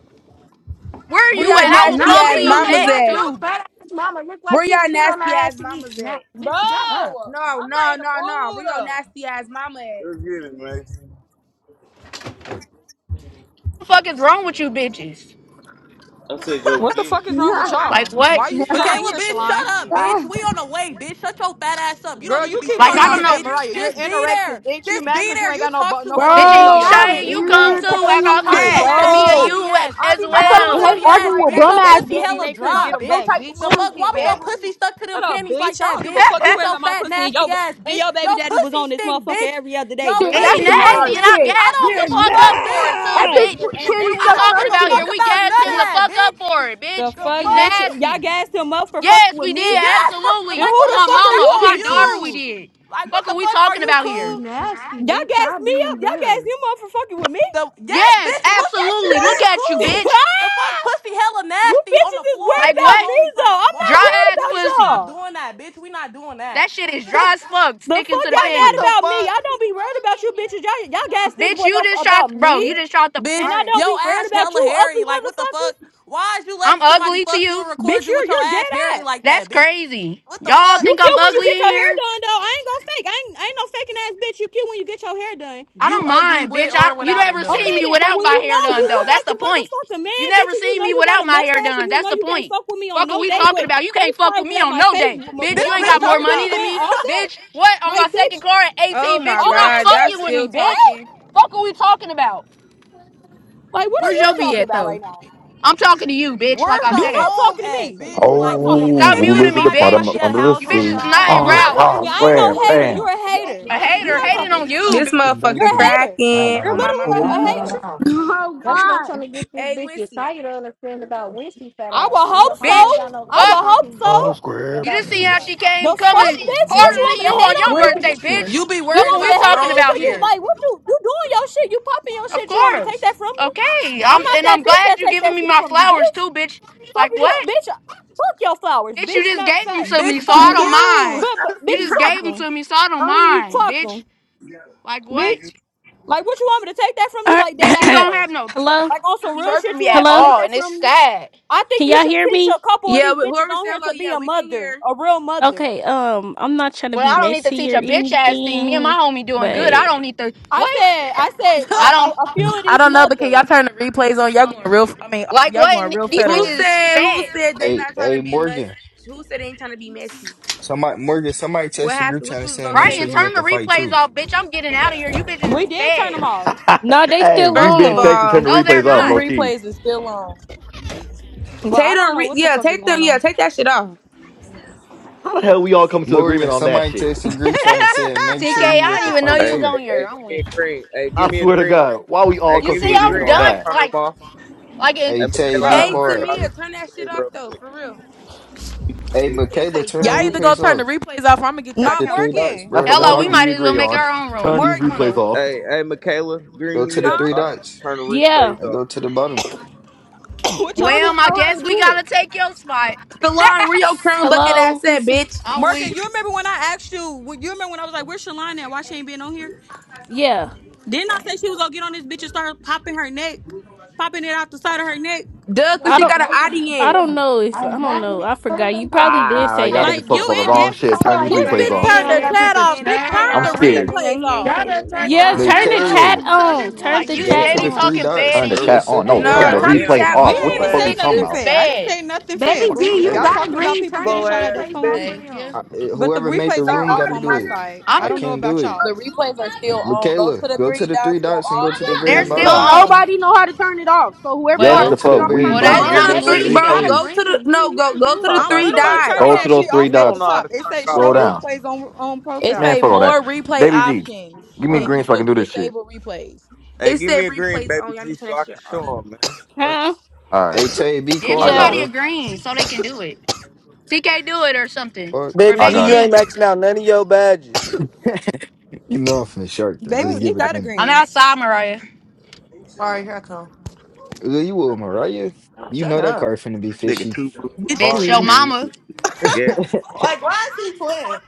Speaker 11: where are
Speaker 8: Where
Speaker 11: you
Speaker 10: Bitch,
Speaker 8: y'all
Speaker 11: at?
Speaker 10: do
Speaker 11: I
Speaker 6: Why'd
Speaker 11: will
Speaker 6: you
Speaker 8: nasty
Speaker 10: not
Speaker 11: come
Speaker 6: play
Speaker 11: to
Speaker 8: ass
Speaker 10: sitting
Speaker 6: it?
Speaker 10: on
Speaker 11: you
Speaker 8: mamas
Speaker 10: their ass.
Speaker 11: next
Speaker 8: at?
Speaker 10: Your
Speaker 11: too.
Speaker 10: fat ass mama look like
Speaker 8: Where
Speaker 10: she
Speaker 8: y'all
Speaker 10: shit on her
Speaker 8: nasty
Speaker 10: ass
Speaker 8: ass
Speaker 10: and eat
Speaker 8: mamas at?
Speaker 10: snacks.
Speaker 6: Bro,
Speaker 10: Bitch, shut up.
Speaker 8: No,
Speaker 6: I'm not
Speaker 8: no,
Speaker 6: in the
Speaker 8: no, no. Where your
Speaker 6: mood.
Speaker 8: nasty ass mama at?
Speaker 11: What the fuck is wrong with you bitches?
Speaker 6: What the fuck is wrong with Oh.
Speaker 11: Like
Speaker 6: y'all?
Speaker 11: what?
Speaker 6: Why you
Speaker 7: bro,
Speaker 6: still ain't
Speaker 12: Michaela,
Speaker 6: here,
Speaker 12: bitch, shut
Speaker 6: Shaline?
Speaker 12: up, bitch. We on the way, bitch. Shut your fat ass up. You
Speaker 6: Girl,
Speaker 12: don't need to
Speaker 6: you
Speaker 12: be
Speaker 6: keep
Speaker 11: Like
Speaker 6: talking
Speaker 12: saying
Speaker 11: I
Speaker 6: about
Speaker 11: don't
Speaker 6: fat
Speaker 12: shit,
Speaker 11: know.
Speaker 12: bitch.
Speaker 6: Mariah. You're
Speaker 12: Just be there.
Speaker 6: anorexic, bitch. You
Speaker 12: Just
Speaker 6: mad
Speaker 12: be
Speaker 6: because you
Speaker 12: there.
Speaker 6: ain't
Speaker 12: You
Speaker 6: got no
Speaker 12: talk
Speaker 6: bu-
Speaker 12: too
Speaker 6: no
Speaker 12: much,
Speaker 6: fucking
Speaker 11: Bitch,
Speaker 12: bitch.
Speaker 6: meat
Speaker 11: and
Speaker 12: You
Speaker 6: on your body,
Speaker 7: I'm
Speaker 11: Shia,
Speaker 6: bitch.
Speaker 11: you
Speaker 12: irritated.
Speaker 6: You
Speaker 11: come too.
Speaker 6: mad.
Speaker 12: The
Speaker 11: How
Speaker 12: fuck? I'm
Speaker 11: about
Speaker 12: tired
Speaker 6: I'd
Speaker 12: of
Speaker 7: irritated,
Speaker 6: be
Speaker 11: that?
Speaker 12: your
Speaker 6: mad
Speaker 12: fat,
Speaker 11: Tamia,
Speaker 6: too.
Speaker 7: bro.
Speaker 12: sloppy
Speaker 11: you a-
Speaker 12: ass,
Speaker 6: I'd
Speaker 11: as
Speaker 6: be
Speaker 7: I
Speaker 6: mad
Speaker 12: dry
Speaker 6: too if
Speaker 7: fucking
Speaker 6: I
Speaker 11: well.
Speaker 7: hate
Speaker 12: pussy
Speaker 6: took
Speaker 12: ass,
Speaker 7: arguing
Speaker 6: somebody
Speaker 7: with
Speaker 12: bitch.
Speaker 6: baby,
Speaker 7: bum
Speaker 12: Your
Speaker 7: ass
Speaker 6: baby
Speaker 12: pussy
Speaker 7: bitches.
Speaker 6: daddy
Speaker 7: You
Speaker 6: and
Speaker 12: hella
Speaker 6: they
Speaker 7: bitches
Speaker 6: couldn't
Speaker 7: don't
Speaker 6: get
Speaker 12: dry,
Speaker 7: got
Speaker 6: them
Speaker 7: no
Speaker 12: bitch.
Speaker 6: back,
Speaker 7: type
Speaker 6: bitch.
Speaker 7: of
Speaker 12: The
Speaker 7: money.
Speaker 6: Stop
Speaker 12: fuck?
Speaker 6: being
Speaker 12: Why was your
Speaker 7: That
Speaker 6: mad.
Speaker 12: pussy
Speaker 7: homie.
Speaker 12: stuck to them
Speaker 6: Shut up,
Speaker 12: panties like
Speaker 6: bitch. I
Speaker 12: that,
Speaker 6: don't give a
Speaker 12: bitch?
Speaker 6: fuck. You
Speaker 12: With
Speaker 6: worried
Speaker 12: your
Speaker 6: about my
Speaker 12: fat,
Speaker 6: pussy and
Speaker 12: nasty
Speaker 6: your
Speaker 12: ass,
Speaker 6: and
Speaker 12: bitch.
Speaker 6: your baby
Speaker 12: Your
Speaker 6: daddy was
Speaker 12: pussy
Speaker 6: on this
Speaker 12: stink,
Speaker 6: motherfucker
Speaker 12: bitch.
Speaker 6: every other day,
Speaker 12: Your
Speaker 7: Shit,
Speaker 11: And
Speaker 6: bitch.
Speaker 11: he
Speaker 7: that's
Speaker 6: You
Speaker 12: pussy
Speaker 7: salon
Speaker 12: stink,
Speaker 6: mad?
Speaker 11: nasty, and I
Speaker 12: bitch.
Speaker 7: shit.
Speaker 12: I
Speaker 11: gassed him
Speaker 12: don't
Speaker 11: the
Speaker 6: You're
Speaker 12: give
Speaker 11: fuck
Speaker 12: a fuck,
Speaker 11: up for it
Speaker 12: bitch.
Speaker 11: too,
Speaker 7: That
Speaker 6: mad.
Speaker 7: bitch
Speaker 11: bitch.
Speaker 6: You're
Speaker 7: put
Speaker 6: angry.
Speaker 11: What
Speaker 7: penny
Speaker 11: are
Speaker 12: I
Speaker 11: we
Speaker 6: Bitch,
Speaker 7: stuck
Speaker 12: don't
Speaker 6: stop
Speaker 11: talking
Speaker 12: give
Speaker 7: her
Speaker 12: a
Speaker 6: talking
Speaker 11: about
Speaker 6: to
Speaker 11: here?
Speaker 7: shit.
Speaker 12: fuck
Speaker 11: We
Speaker 6: me.
Speaker 12: about
Speaker 11: gassed
Speaker 12: none of
Speaker 11: him the
Speaker 12: that,
Speaker 11: fuck up
Speaker 12: bitch.
Speaker 11: for it,
Speaker 6: The
Speaker 11: bitch.
Speaker 12: The
Speaker 6: fuck,
Speaker 11: You
Speaker 12: fuck?
Speaker 6: bitch? Y'all
Speaker 11: nasty.
Speaker 6: gassed him up for fucking
Speaker 11: Yes,
Speaker 6: with
Speaker 11: we
Speaker 6: me?
Speaker 11: did,
Speaker 12: Yes, for,
Speaker 6: And
Speaker 11: absolutely.
Speaker 12: like
Speaker 6: who
Speaker 12: what
Speaker 11: On
Speaker 12: the
Speaker 6: the
Speaker 11: my
Speaker 6: fuck
Speaker 12: fuck?
Speaker 6: are
Speaker 11: mama,
Speaker 6: you
Speaker 12: That's
Speaker 11: on
Speaker 12: on
Speaker 11: my
Speaker 6: bitches?
Speaker 11: daughter, we
Speaker 12: you.
Speaker 11: did.
Speaker 12: Like what
Speaker 11: Fuck are
Speaker 12: the
Speaker 11: we
Speaker 12: fuck? Are
Speaker 11: talking
Speaker 12: you
Speaker 11: about
Speaker 10: You
Speaker 11: here?
Speaker 12: cool?
Speaker 10: nasty,
Speaker 6: Y'all
Speaker 10: bitch.
Speaker 6: gassed
Speaker 10: I'll
Speaker 6: me
Speaker 10: be
Speaker 6: up. Y'all gassed
Speaker 10: embarrassed.
Speaker 6: him up for fucking with me?
Speaker 12: The yes,
Speaker 11: Yes,
Speaker 12: bitch. Look at you.
Speaker 11: absolutely.
Speaker 12: Are
Speaker 11: Look
Speaker 12: you
Speaker 11: at you,
Speaker 6: you bitches
Speaker 12: cool?
Speaker 6: is
Speaker 11: bitch.
Speaker 12: The fuck, pussy, hella nasty on the floor,
Speaker 6: worried
Speaker 11: Like
Speaker 6: about
Speaker 12: dead
Speaker 11: what?
Speaker 6: me,
Speaker 12: homies. Like,
Speaker 6: though. I'm not
Speaker 11: Dry
Speaker 12: why?
Speaker 6: worried
Speaker 11: ass
Speaker 12: You
Speaker 6: about
Speaker 12: need to
Speaker 11: pussy.
Speaker 12: stop
Speaker 6: y'all.
Speaker 12: doing that, bitch. We not doing that.
Speaker 11: That shit is dry as fuck,
Speaker 6: The
Speaker 11: sticking
Speaker 6: fuck
Speaker 11: to the
Speaker 6: y'all
Speaker 12: like,
Speaker 6: mad
Speaker 12: what
Speaker 11: panties.
Speaker 12: the
Speaker 6: about me?
Speaker 12: fuck,
Speaker 6: Y'all don't be worried about you bitches. Y'all, y'all gassed this
Speaker 11: Bitch,
Speaker 6: boy
Speaker 11: you
Speaker 6: up
Speaker 11: just shot,
Speaker 6: about
Speaker 11: bro.
Speaker 6: me?
Speaker 11: You just shot the. All
Speaker 6: And
Speaker 12: bitch?
Speaker 6: I
Speaker 11: right.
Speaker 12: Yo
Speaker 6: don't be worried
Speaker 12: ass
Speaker 6: about
Speaker 12: hella
Speaker 6: you ugly
Speaker 12: hairy. Like, what the fuck?
Speaker 6: motherfuckers?
Speaker 12: Why is you
Speaker 11: I'm
Speaker 12: letting somebody
Speaker 11: ugly to
Speaker 12: fuck you
Speaker 11: you?
Speaker 12: and record
Speaker 6: Bitch,
Speaker 12: you
Speaker 6: you're,
Speaker 12: with your
Speaker 6: you're
Speaker 12: ass
Speaker 6: dead
Speaker 12: hairy
Speaker 6: ass.
Speaker 12: like
Speaker 11: That's
Speaker 12: that, bitch?
Speaker 11: crazy.
Speaker 12: What the
Speaker 11: Y'all
Speaker 12: fuck?
Speaker 6: You
Speaker 11: think I'm
Speaker 6: cute when you
Speaker 11: ugly
Speaker 6: get
Speaker 11: in
Speaker 6: your hair
Speaker 11: here?
Speaker 6: done, though. I ain't gonna fake. I ain't, I ain't no faking ass bitch. You cute when you get your hair done.
Speaker 11: I
Speaker 12: You
Speaker 11: don't
Speaker 12: ugly
Speaker 11: mind,
Speaker 12: with
Speaker 11: bitch. I,
Speaker 12: or
Speaker 11: you
Speaker 12: without it
Speaker 11: never see
Speaker 12: done.
Speaker 6: Okay
Speaker 11: me
Speaker 6: then, but
Speaker 11: without
Speaker 6: when you
Speaker 11: my hair
Speaker 6: know you
Speaker 11: done, though.
Speaker 6: look
Speaker 12: this
Speaker 6: like
Speaker 11: That's the
Speaker 6: your
Speaker 11: point.
Speaker 6: motherfucker man,
Speaker 11: You
Speaker 6: bitch,
Speaker 11: never
Speaker 6: and you
Speaker 11: see
Speaker 6: know
Speaker 11: me
Speaker 6: you got
Speaker 11: without
Speaker 6: a
Speaker 11: my hair
Speaker 6: mustache, and
Speaker 11: done.
Speaker 6: you
Speaker 11: That's
Speaker 6: know
Speaker 11: the
Speaker 6: you can't
Speaker 11: point.
Speaker 6: fuck with me on
Speaker 11: Fuck are
Speaker 6: no
Speaker 11: we
Speaker 6: day
Speaker 11: talking
Speaker 6: with
Speaker 11: about? You can't
Speaker 6: face
Speaker 11: fuck with
Speaker 6: card
Speaker 11: me
Speaker 6: without
Speaker 11: on
Speaker 6: my
Speaker 11: no
Speaker 6: face,
Speaker 11: day.
Speaker 6: m-
Speaker 11: Bitch, you
Speaker 6: without
Speaker 11: ain't
Speaker 6: my
Speaker 12: bitch
Speaker 11: got
Speaker 6: hair
Speaker 11: more
Speaker 12: talking
Speaker 11: money
Speaker 6: being
Speaker 12: about.
Speaker 11: than
Speaker 6: done,
Speaker 11: me.
Speaker 6: all that,
Speaker 11: Bitch, what? On
Speaker 6: like
Speaker 11: my second
Speaker 6: bitch,
Speaker 11: car at
Speaker 8: Oh
Speaker 11: 18, bitch,
Speaker 8: my
Speaker 11: you
Speaker 6: all
Speaker 11: not
Speaker 6: that,
Speaker 8: god, y'all
Speaker 11: fucking
Speaker 6: bitch,
Speaker 11: with me,
Speaker 8: still
Speaker 11: bitch.
Speaker 6: what?
Speaker 8: talking?
Speaker 11: Fuck are we talking about?
Speaker 6: Like, what are
Speaker 11: Where's
Speaker 6: you
Speaker 11: your V
Speaker 6: talking
Speaker 11: at,
Speaker 6: about
Speaker 11: though?
Speaker 6: right now?
Speaker 11: I'm talking to you, bitch, like
Speaker 12: Where's
Speaker 11: I
Speaker 12: the
Speaker 6: you
Speaker 11: said.
Speaker 6: not
Speaker 12: home
Speaker 6: talking to
Speaker 12: at,
Speaker 6: me.
Speaker 12: bitch?
Speaker 6: You're not
Speaker 12: Like,
Speaker 6: talking
Speaker 12: and
Speaker 6: to me.
Speaker 12: then
Speaker 5: Oh,
Speaker 11: Stop
Speaker 12: this
Speaker 5: who
Speaker 12: bitch
Speaker 11: muting
Speaker 5: lives at
Speaker 11: me,
Speaker 5: the
Speaker 12: lied, talk about
Speaker 5: bottom
Speaker 12: she
Speaker 5: of-
Speaker 11: bitch.
Speaker 12: had a
Speaker 5: under the
Speaker 12: house
Speaker 11: You
Speaker 12: whole
Speaker 11: bitches
Speaker 5: sea?
Speaker 11: is
Speaker 12: time.
Speaker 11: not in
Speaker 6: You're
Speaker 5: Pause,
Speaker 6: not
Speaker 11: route.
Speaker 6: talking to me.
Speaker 5: pause,
Speaker 6: I ain't no
Speaker 5: square
Speaker 6: hater. You're
Speaker 5: pants.
Speaker 6: a hater.
Speaker 11: A
Speaker 6: You're
Speaker 11: hater
Speaker 6: not
Speaker 11: hating
Speaker 6: talking to
Speaker 11: on
Speaker 6: me.
Speaker 11: you,
Speaker 8: This
Speaker 6: You're
Speaker 8: motherfucker
Speaker 6: a hater.
Speaker 8: cracking
Speaker 6: You're
Speaker 8: on my
Speaker 6: literally a,
Speaker 8: mama
Speaker 6: a hater.
Speaker 8: though.
Speaker 7: Oh
Speaker 10: That's what I'm trying
Speaker 7: god.
Speaker 10: to get this
Speaker 8: Hey,
Speaker 10: bitch
Speaker 8: Wincy.
Speaker 10: excited to understand about Wincy fat
Speaker 6: I
Speaker 10: ass.
Speaker 6: will
Speaker 10: When
Speaker 6: hope
Speaker 10: your
Speaker 6: so.
Speaker 10: mama
Speaker 11: bitch.
Speaker 10: ain't got no
Speaker 6: I
Speaker 10: teeth,
Speaker 6: will
Speaker 10: how
Speaker 11: Fuck.
Speaker 10: can
Speaker 6: hope
Speaker 10: you
Speaker 6: so.
Speaker 5: Pause,
Speaker 10: talk
Speaker 5: square
Speaker 11: You
Speaker 10: about
Speaker 11: just see how
Speaker 5: pants.
Speaker 10: anybody?
Speaker 11: she came
Speaker 6: The fuck,
Speaker 11: coming
Speaker 6: bitch? What you
Speaker 11: harder
Speaker 6: want
Speaker 11: than
Speaker 6: me
Speaker 11: you
Speaker 6: to
Speaker 11: on
Speaker 6: hate on
Speaker 11: your
Speaker 10: Where the
Speaker 6: you?
Speaker 11: birthday,
Speaker 10: conditioner?
Speaker 11: bitch.
Speaker 12: You be
Speaker 6: You
Speaker 11: Fuck
Speaker 12: worried
Speaker 11: are
Speaker 6: want me
Speaker 11: we
Speaker 12: about
Speaker 6: to
Speaker 12: the
Speaker 6: hate on
Speaker 11: talking
Speaker 6: you
Speaker 12: wrong
Speaker 11: about
Speaker 6: because you
Speaker 11: here?
Speaker 12: shit.
Speaker 6: like what you you doing your shit? You popping your
Speaker 11: Of
Speaker 6: shit? You want me to take that
Speaker 11: course.
Speaker 6: from you?
Speaker 11: Okay.
Speaker 6: I'm
Speaker 11: I'm
Speaker 6: not
Speaker 11: and
Speaker 6: that
Speaker 11: I'm
Speaker 6: bitch that
Speaker 11: glad you
Speaker 6: take that
Speaker 11: giving me
Speaker 6: shit
Speaker 11: my
Speaker 6: from you,
Speaker 11: flowers
Speaker 6: bitch.
Speaker 11: too, bitch.
Speaker 6: Fuck
Speaker 11: Like
Speaker 6: you,
Speaker 11: what?
Speaker 6: bitch. Fuck your flowers,
Speaker 11: Bitch, you
Speaker 6: bitch.
Speaker 11: just
Speaker 6: Matter of
Speaker 11: gave them
Speaker 6: fact,
Speaker 11: to
Speaker 12: Bitch,
Speaker 11: me, so
Speaker 12: fuck
Speaker 11: I
Speaker 6: but
Speaker 11: don't
Speaker 7: God,
Speaker 12: you.
Speaker 11: mind.
Speaker 6: but, but
Speaker 11: You
Speaker 6: bitch,
Speaker 11: just
Speaker 6: fuck
Speaker 11: gave them
Speaker 6: them,
Speaker 11: to me, so I don't
Speaker 7: I'm weak.
Speaker 11: mind,
Speaker 6: fuck
Speaker 11: bitch.
Speaker 6: them,
Speaker 11: Like what?
Speaker 6: bitch. Like what you want me to take that from you?
Speaker 1: All
Speaker 6: Like dead
Speaker 11: Bitch, you
Speaker 6: ass
Speaker 1: right.
Speaker 11: don't
Speaker 6: though.
Speaker 11: have no twerk
Speaker 1: Hello?
Speaker 6: Like on some real
Speaker 11: for
Speaker 6: shit, you
Speaker 11: me at
Speaker 6: want me to
Speaker 1: Hello?
Speaker 6: take
Speaker 11: all,
Speaker 6: that
Speaker 11: and
Speaker 6: from
Speaker 11: it's
Speaker 6: you?
Speaker 11: sad.
Speaker 6: I think
Speaker 1: Can
Speaker 6: you
Speaker 1: y'all
Speaker 6: should
Speaker 1: hear
Speaker 6: teach
Speaker 1: me?
Speaker 6: a couple of
Speaker 8: Yeah,
Speaker 6: these
Speaker 8: wh-
Speaker 6: bitches
Speaker 8: whoever's
Speaker 6: on
Speaker 8: saying
Speaker 6: here
Speaker 8: low.
Speaker 6: to be
Speaker 8: yeah,
Speaker 6: a
Speaker 8: we can
Speaker 6: mother,
Speaker 8: hear.
Speaker 6: a real mother.
Speaker 1: Okay, um, I'm not trying to
Speaker 11: Well,
Speaker 1: be
Speaker 11: I don't need to
Speaker 1: messy
Speaker 11: teach
Speaker 1: or
Speaker 11: a bitch ass thing. Me and my
Speaker 1: anything,
Speaker 11: homie doing good. I
Speaker 1: but
Speaker 11: don't need to
Speaker 6: I
Speaker 11: what?
Speaker 6: said, I said, uh,
Speaker 11: I don't
Speaker 6: a, a few of
Speaker 13: I
Speaker 6: these
Speaker 13: don't know, but can y'all
Speaker 6: mothers.
Speaker 13: turn the replays on? Y'all going real. I mean, off.
Speaker 11: like
Speaker 13: y'all
Speaker 11: what
Speaker 13: going real
Speaker 11: these
Speaker 8: Who
Speaker 13: federal.
Speaker 11: bitches is
Speaker 8: said? Who
Speaker 11: fed.
Speaker 8: said they
Speaker 4: Hey,
Speaker 8: not trying to
Speaker 4: hey,
Speaker 8: be messy?
Speaker 4: Morgan.
Speaker 8: Who said they ain't trying to be messy?
Speaker 4: Somebody, Morgan, somebody
Speaker 8: What
Speaker 4: text the group
Speaker 8: happened?
Speaker 4: chat
Speaker 8: What
Speaker 4: and
Speaker 8: you was
Speaker 4: said,
Speaker 8: gonna
Speaker 4: make
Speaker 11: Right,
Speaker 8: say,
Speaker 4: sure
Speaker 11: and
Speaker 4: you
Speaker 8: boo?
Speaker 4: at
Speaker 11: turn the
Speaker 4: the fight
Speaker 11: replays
Speaker 4: too.
Speaker 11: off, bitch. I'm getting out of here. You bitches
Speaker 6: We
Speaker 11: is
Speaker 6: did turn
Speaker 11: fed.
Speaker 6: them off.
Speaker 1: no, they
Speaker 5: hey,
Speaker 1: still
Speaker 5: we've
Speaker 8: First of
Speaker 5: been
Speaker 1: on.
Speaker 5: texting to turn
Speaker 8: all,
Speaker 5: the
Speaker 11: No, they're
Speaker 5: replays off,
Speaker 13: Them
Speaker 5: low
Speaker 11: not.
Speaker 5: key.
Speaker 13: replays is still on.
Speaker 6: Well, I
Speaker 8: take
Speaker 6: don't
Speaker 8: them.
Speaker 6: know
Speaker 8: Re-
Speaker 6: what the
Speaker 8: yeah,
Speaker 6: fuck is
Speaker 8: take them.
Speaker 6: going
Speaker 8: Yeah,
Speaker 6: on.
Speaker 8: take that shit off.
Speaker 5: How the hell we all come to
Speaker 4: Morgan,
Speaker 5: agreement on that
Speaker 4: somebody
Speaker 5: shit?
Speaker 4: text the group chat and said, make
Speaker 11: TK,
Speaker 4: sure you
Speaker 11: I
Speaker 4: at
Speaker 11: didn't
Speaker 4: the
Speaker 11: even know
Speaker 4: fight
Speaker 11: you
Speaker 14: Hey,
Speaker 11: was
Speaker 4: too.
Speaker 11: on
Speaker 14: hey,
Speaker 11: here.
Speaker 14: hey,
Speaker 11: I'm
Speaker 14: give me a
Speaker 11: weak.
Speaker 14: green. Hey, give
Speaker 5: I
Speaker 14: me a
Speaker 5: swear to
Speaker 14: green.
Speaker 5: God, why we
Speaker 14: Hey,
Speaker 5: all
Speaker 11: You
Speaker 5: come
Speaker 14: give
Speaker 5: to an
Speaker 11: see,
Speaker 14: me a
Speaker 5: agreement
Speaker 11: I'm
Speaker 14: green.
Speaker 5: on
Speaker 14: I'll
Speaker 11: done.
Speaker 5: that?
Speaker 14: turn them
Speaker 11: Like,
Speaker 14: off.
Speaker 11: like, in,
Speaker 4: Hey,
Speaker 14: Hey,
Speaker 4: Tay,
Speaker 14: Michaela,
Speaker 4: be
Speaker 14: I'll
Speaker 8: Hey,
Speaker 11: bro.
Speaker 14: turn it
Speaker 4: quiet,
Speaker 14: off.
Speaker 4: bro.
Speaker 8: Tamia,
Speaker 14: Give
Speaker 8: turn
Speaker 14: me
Speaker 8: that shit
Speaker 14: a green
Speaker 8: off
Speaker 14: real
Speaker 8: though, for real.
Speaker 4: Hey,
Speaker 14: quick.
Speaker 8: It's
Speaker 4: Michaela,
Speaker 8: a
Speaker 4: turn the
Speaker 13: y'all either
Speaker 8: public
Speaker 13: go
Speaker 4: replays
Speaker 13: turn the
Speaker 4: off
Speaker 13: replays off, or I'm gonna get y'all
Speaker 4: at
Speaker 6: Nah,
Speaker 4: the
Speaker 13: accounts
Speaker 4: three
Speaker 13: clicked.
Speaker 4: dots,
Speaker 6: Morgan.
Speaker 4: bro,
Speaker 5: That's
Speaker 4: at
Speaker 5: the
Speaker 4: the
Speaker 5: one
Speaker 11: Hello, we
Speaker 5: thing
Speaker 4: bottom.
Speaker 5: we
Speaker 11: might as well
Speaker 5: agree
Speaker 11: make
Speaker 5: on.
Speaker 11: our own
Speaker 5: Turn
Speaker 11: room.
Speaker 5: these
Speaker 11: I don't
Speaker 6: Morgan.
Speaker 5: replays
Speaker 11: know.
Speaker 5: off.
Speaker 14: hey, hey, Michaela, green
Speaker 4: Go to
Speaker 14: me
Speaker 4: the
Speaker 14: up
Speaker 6: Huh?
Speaker 4: three
Speaker 14: so I can
Speaker 4: dots
Speaker 14: turn the
Speaker 1: Yeah.
Speaker 14: replays
Speaker 4: and
Speaker 14: off
Speaker 4: go to the
Speaker 14: real quick.
Speaker 4: bottom.
Speaker 6: what
Speaker 7: You
Speaker 6: y'all
Speaker 7: don't
Speaker 11: Well,
Speaker 6: say?
Speaker 7: even
Speaker 11: I
Speaker 7: know how
Speaker 11: guess
Speaker 7: to
Speaker 11: we
Speaker 7: do it.
Speaker 11: gotta take your spot.
Speaker 8: salon. Where your crown bucket
Speaker 1: Hello?
Speaker 8: ass at,
Speaker 1: Who's
Speaker 8: bitch?
Speaker 11: I'm
Speaker 6: Morgan,
Speaker 11: weak.
Speaker 6: you remember when I asked you, you remember when I was like, where's Shalana at? Why she ain't been on here?
Speaker 1: yeah.
Speaker 6: Didn't I say she was gonna get on this bitch and start popping her neck? Popping it out the side of her neck?
Speaker 8: Duh, cause
Speaker 1: I
Speaker 8: she
Speaker 10: No,
Speaker 1: don't
Speaker 8: got
Speaker 10: those
Speaker 8: an
Speaker 10: are good
Speaker 1: I
Speaker 8: audience.
Speaker 1: don't
Speaker 10: children.
Speaker 1: know if I
Speaker 10: I'm
Speaker 1: don't
Speaker 10: not
Speaker 1: know.
Speaker 10: going to
Speaker 1: I
Speaker 10: turn
Speaker 1: forgot. You
Speaker 10: them for
Speaker 1: probably
Speaker 10: the
Speaker 1: did
Speaker 10: first
Speaker 5: Ah,
Speaker 1: say
Speaker 5: y'all
Speaker 1: that.
Speaker 10: time in
Speaker 5: niggas
Speaker 6: Like, you
Speaker 5: focus on the
Speaker 10: my
Speaker 6: and
Speaker 10: life.
Speaker 5: wrong
Speaker 6: Dev was
Speaker 5: shit.
Speaker 6: on there
Speaker 5: Turn
Speaker 10: Oh,
Speaker 5: these
Speaker 13: This
Speaker 10: yeah,
Speaker 6: talking
Speaker 8: Like
Speaker 5: replays
Speaker 10: they
Speaker 6: to
Speaker 8: they
Speaker 13: bitch
Speaker 15: You
Speaker 6: me.
Speaker 8: ain't
Speaker 5: off.
Speaker 13: turned
Speaker 15: don't
Speaker 13: the
Speaker 10: did.
Speaker 8: said
Speaker 15: got to
Speaker 13: chat
Speaker 15: the
Speaker 13: off.
Speaker 8: nothing. Don't
Speaker 13: Bitch,
Speaker 15: chat.
Speaker 10: Hold
Speaker 8: worry,
Speaker 5: I'm
Speaker 10: on,
Speaker 13: turn
Speaker 8: y'all.
Speaker 10: hold
Speaker 8: What's
Speaker 13: the
Speaker 8: her
Speaker 10: on.
Speaker 5: scared.
Speaker 8: nigga?
Speaker 13: replays
Speaker 8: He ain't
Speaker 13: off.
Speaker 15: Y'all done
Speaker 8: claiming
Speaker 15: turned the
Speaker 10: Why
Speaker 1: Yeah,
Speaker 10: are
Speaker 8: nothing.
Speaker 1: turn
Speaker 15: chat
Speaker 10: you
Speaker 1: the
Speaker 15: off.
Speaker 10: saying
Speaker 4: Michaela,
Speaker 1: chat
Speaker 15: What's to
Speaker 10: my
Speaker 1: on.
Speaker 15: this
Speaker 1: Turn
Speaker 11: Like
Speaker 1: the
Speaker 11: you
Speaker 4: go
Speaker 1: chat
Speaker 15: bullshit?
Speaker 4: to
Speaker 11: steady
Speaker 4: the
Speaker 10: name?
Speaker 1: on.
Speaker 4: three
Speaker 11: talking
Speaker 4: dots,
Speaker 11: bad,
Speaker 5: Turn
Speaker 11: and
Speaker 5: the
Speaker 4: bro.
Speaker 11: you,
Speaker 5: chat
Speaker 4: It's at
Speaker 5: on.
Speaker 4: the
Speaker 5: No,
Speaker 15: Hey,
Speaker 4: very
Speaker 5: turn
Speaker 8: No,
Speaker 5: the
Speaker 11: ugh,
Speaker 14: God
Speaker 8: turn
Speaker 15: somebody
Speaker 8: the
Speaker 4: bottom.
Speaker 14: damn,
Speaker 15: make
Speaker 5: replays
Speaker 14: you
Speaker 8: chat
Speaker 15: a
Speaker 6: We
Speaker 5: off.
Speaker 6: ain't
Speaker 8: on,
Speaker 5: What
Speaker 14: slow
Speaker 5: the
Speaker 6: even
Speaker 5: fuck
Speaker 11: you
Speaker 8: gang.
Speaker 15: room.
Speaker 6: say
Speaker 5: we
Speaker 14: ass
Speaker 5: talking
Speaker 11: bitches
Speaker 6: nothing
Speaker 14: bitch.
Speaker 11: is
Speaker 5: about?
Speaker 6: fair. I didn't
Speaker 11: bad.
Speaker 6: say nothing fair,
Speaker 10: Baby
Speaker 5: Fucking
Speaker 6: boo.
Speaker 10: G,
Speaker 6: If
Speaker 10: you
Speaker 6: y'all
Speaker 5: hey.
Speaker 10: got a
Speaker 6: talking about
Speaker 10: green.
Speaker 6: people
Speaker 10: Turn
Speaker 6: getting
Speaker 14: Slow
Speaker 10: that
Speaker 6: shot at,
Speaker 14: ass
Speaker 6: that's
Speaker 10: replays
Speaker 6: on
Speaker 14: bitch.
Speaker 10: off for
Speaker 6: you.
Speaker 15: Thank you.
Speaker 10: them.
Speaker 4: I, it-
Speaker 6: But the
Speaker 4: whoever made the
Speaker 6: replays are
Speaker 7: Nobody know
Speaker 4: room
Speaker 7: how
Speaker 4: got
Speaker 6: off
Speaker 7: to
Speaker 4: to
Speaker 6: on
Speaker 4: do
Speaker 6: my
Speaker 7: turn
Speaker 4: it.
Speaker 7: that
Speaker 6: side.
Speaker 11: I'm.
Speaker 6: I
Speaker 4: I
Speaker 7: bitch
Speaker 6: don't
Speaker 7: ass shit
Speaker 6: know
Speaker 4: can't
Speaker 7: off.
Speaker 4: do
Speaker 6: about
Speaker 7: the
Speaker 6: you
Speaker 4: it.
Speaker 13: The
Speaker 7: fuck?
Speaker 6: all
Speaker 13: replays are still on. Go to
Speaker 4: Michaela,
Speaker 13: the
Speaker 4: go to
Speaker 13: three
Speaker 4: the three
Speaker 13: dots. Go
Speaker 4: dots and
Speaker 13: all
Speaker 4: go
Speaker 13: the
Speaker 4: to the
Speaker 13: way
Speaker 4: very
Speaker 11: They're
Speaker 13: down to the
Speaker 11: still
Speaker 5: Shit.
Speaker 7: Bro,
Speaker 6: Huh?
Speaker 4: bottom.
Speaker 13: bottom.
Speaker 11: on.
Speaker 7: nobody know how to turn it off. So whoever know
Speaker 5: Yes,
Speaker 7: how to
Speaker 4: Go
Speaker 5: the
Speaker 11: Well,
Speaker 4: to
Speaker 7: turn it
Speaker 4: the
Speaker 5: fuck
Speaker 7: off,
Speaker 4: very
Speaker 5: we
Speaker 11: well
Speaker 7: turn
Speaker 11: that,
Speaker 8: Go
Speaker 4: bottom.
Speaker 8: to
Speaker 5: do.
Speaker 11: and
Speaker 10: Bro,
Speaker 4: It's
Speaker 8: the
Speaker 4: gonna
Speaker 11: I'm
Speaker 4: say
Speaker 10: Baby
Speaker 8: three,
Speaker 10: G
Speaker 8: bro.
Speaker 10: got a
Speaker 11: leaving.
Speaker 8: Go
Speaker 4: replays.
Speaker 8: to the
Speaker 10: green. He
Speaker 8: no.
Speaker 10: needs
Speaker 8: Go
Speaker 10: to
Speaker 8: go to
Speaker 10: do
Speaker 8: the
Speaker 14: Talking
Speaker 10: it.
Speaker 6: I'm
Speaker 14: about
Speaker 8: three
Speaker 6: literally
Speaker 14: nobody turn
Speaker 6: turning
Speaker 14: it
Speaker 8: dots.
Speaker 5: Go to
Speaker 14: off,
Speaker 6: that
Speaker 5: those
Speaker 6: shit
Speaker 14: bitch.
Speaker 6: off
Speaker 5: three
Speaker 14: You
Speaker 6: at the
Speaker 14: don't
Speaker 5: dots.
Speaker 14: know how
Speaker 6: top.
Speaker 14: to
Speaker 6: It
Speaker 14: turn it
Speaker 6: says
Speaker 14: off,
Speaker 5: Scroll
Speaker 6: show
Speaker 14: bitch.
Speaker 5: down.
Speaker 6: replays on on
Speaker 13: It
Speaker 5: Man,
Speaker 13: say
Speaker 6: profile.
Speaker 5: fuck all that.
Speaker 13: more replay
Speaker 5: Baby G,
Speaker 13: options.
Speaker 5: give me
Speaker 6: Hold
Speaker 13: Then
Speaker 6: on.
Speaker 5: green
Speaker 13: you
Speaker 5: so I
Speaker 13: pick
Speaker 5: can do this shit.
Speaker 13: disable replays.
Speaker 14: Hey,
Speaker 8: It
Speaker 14: give me
Speaker 8: said
Speaker 14: a green,
Speaker 8: replays
Speaker 14: baby
Speaker 8: on. Y'all need
Speaker 14: G,
Speaker 8: to turn
Speaker 14: so
Speaker 8: that
Speaker 14: I can
Speaker 8: shit off.
Speaker 14: show 'em, man.
Speaker 1: Huh?
Speaker 5: All
Speaker 4: Hey
Speaker 5: right,
Speaker 4: Tay, be
Speaker 11: Give
Speaker 5: I
Speaker 4: quiet,
Speaker 5: got
Speaker 1: Yeah.
Speaker 5: it.
Speaker 11: somebody a
Speaker 4: bro.
Speaker 11: green so they can do it. CK do it or something.
Speaker 4: Fuck.
Speaker 11: Or
Speaker 16: Baby
Speaker 5: I
Speaker 11: Baby
Speaker 16: G,
Speaker 5: got
Speaker 16: you
Speaker 5: it.
Speaker 16: ain't
Speaker 11: G.
Speaker 16: maxing out none of your badges.
Speaker 4: you know I'm finna shark though.
Speaker 6: Baby
Speaker 4: Just
Speaker 6: G
Speaker 4: give it a
Speaker 6: got a
Speaker 4: minute.
Speaker 11: I'm
Speaker 6: green.
Speaker 11: outside, Mariah.
Speaker 12: Sorry, here I come.
Speaker 4: Look, You will, Mariah. You
Speaker 12: Shut
Speaker 4: know that
Speaker 12: up.
Speaker 4: car finna be
Speaker 14: Nigga,
Speaker 4: fishy.
Speaker 14: two boots is
Speaker 12: Bitch,
Speaker 11: Bitch,
Speaker 14: harder
Speaker 11: yo
Speaker 12: please.
Speaker 14: than
Speaker 11: mama.
Speaker 14: niggas. Gay.
Speaker 12: Like, why is he playing?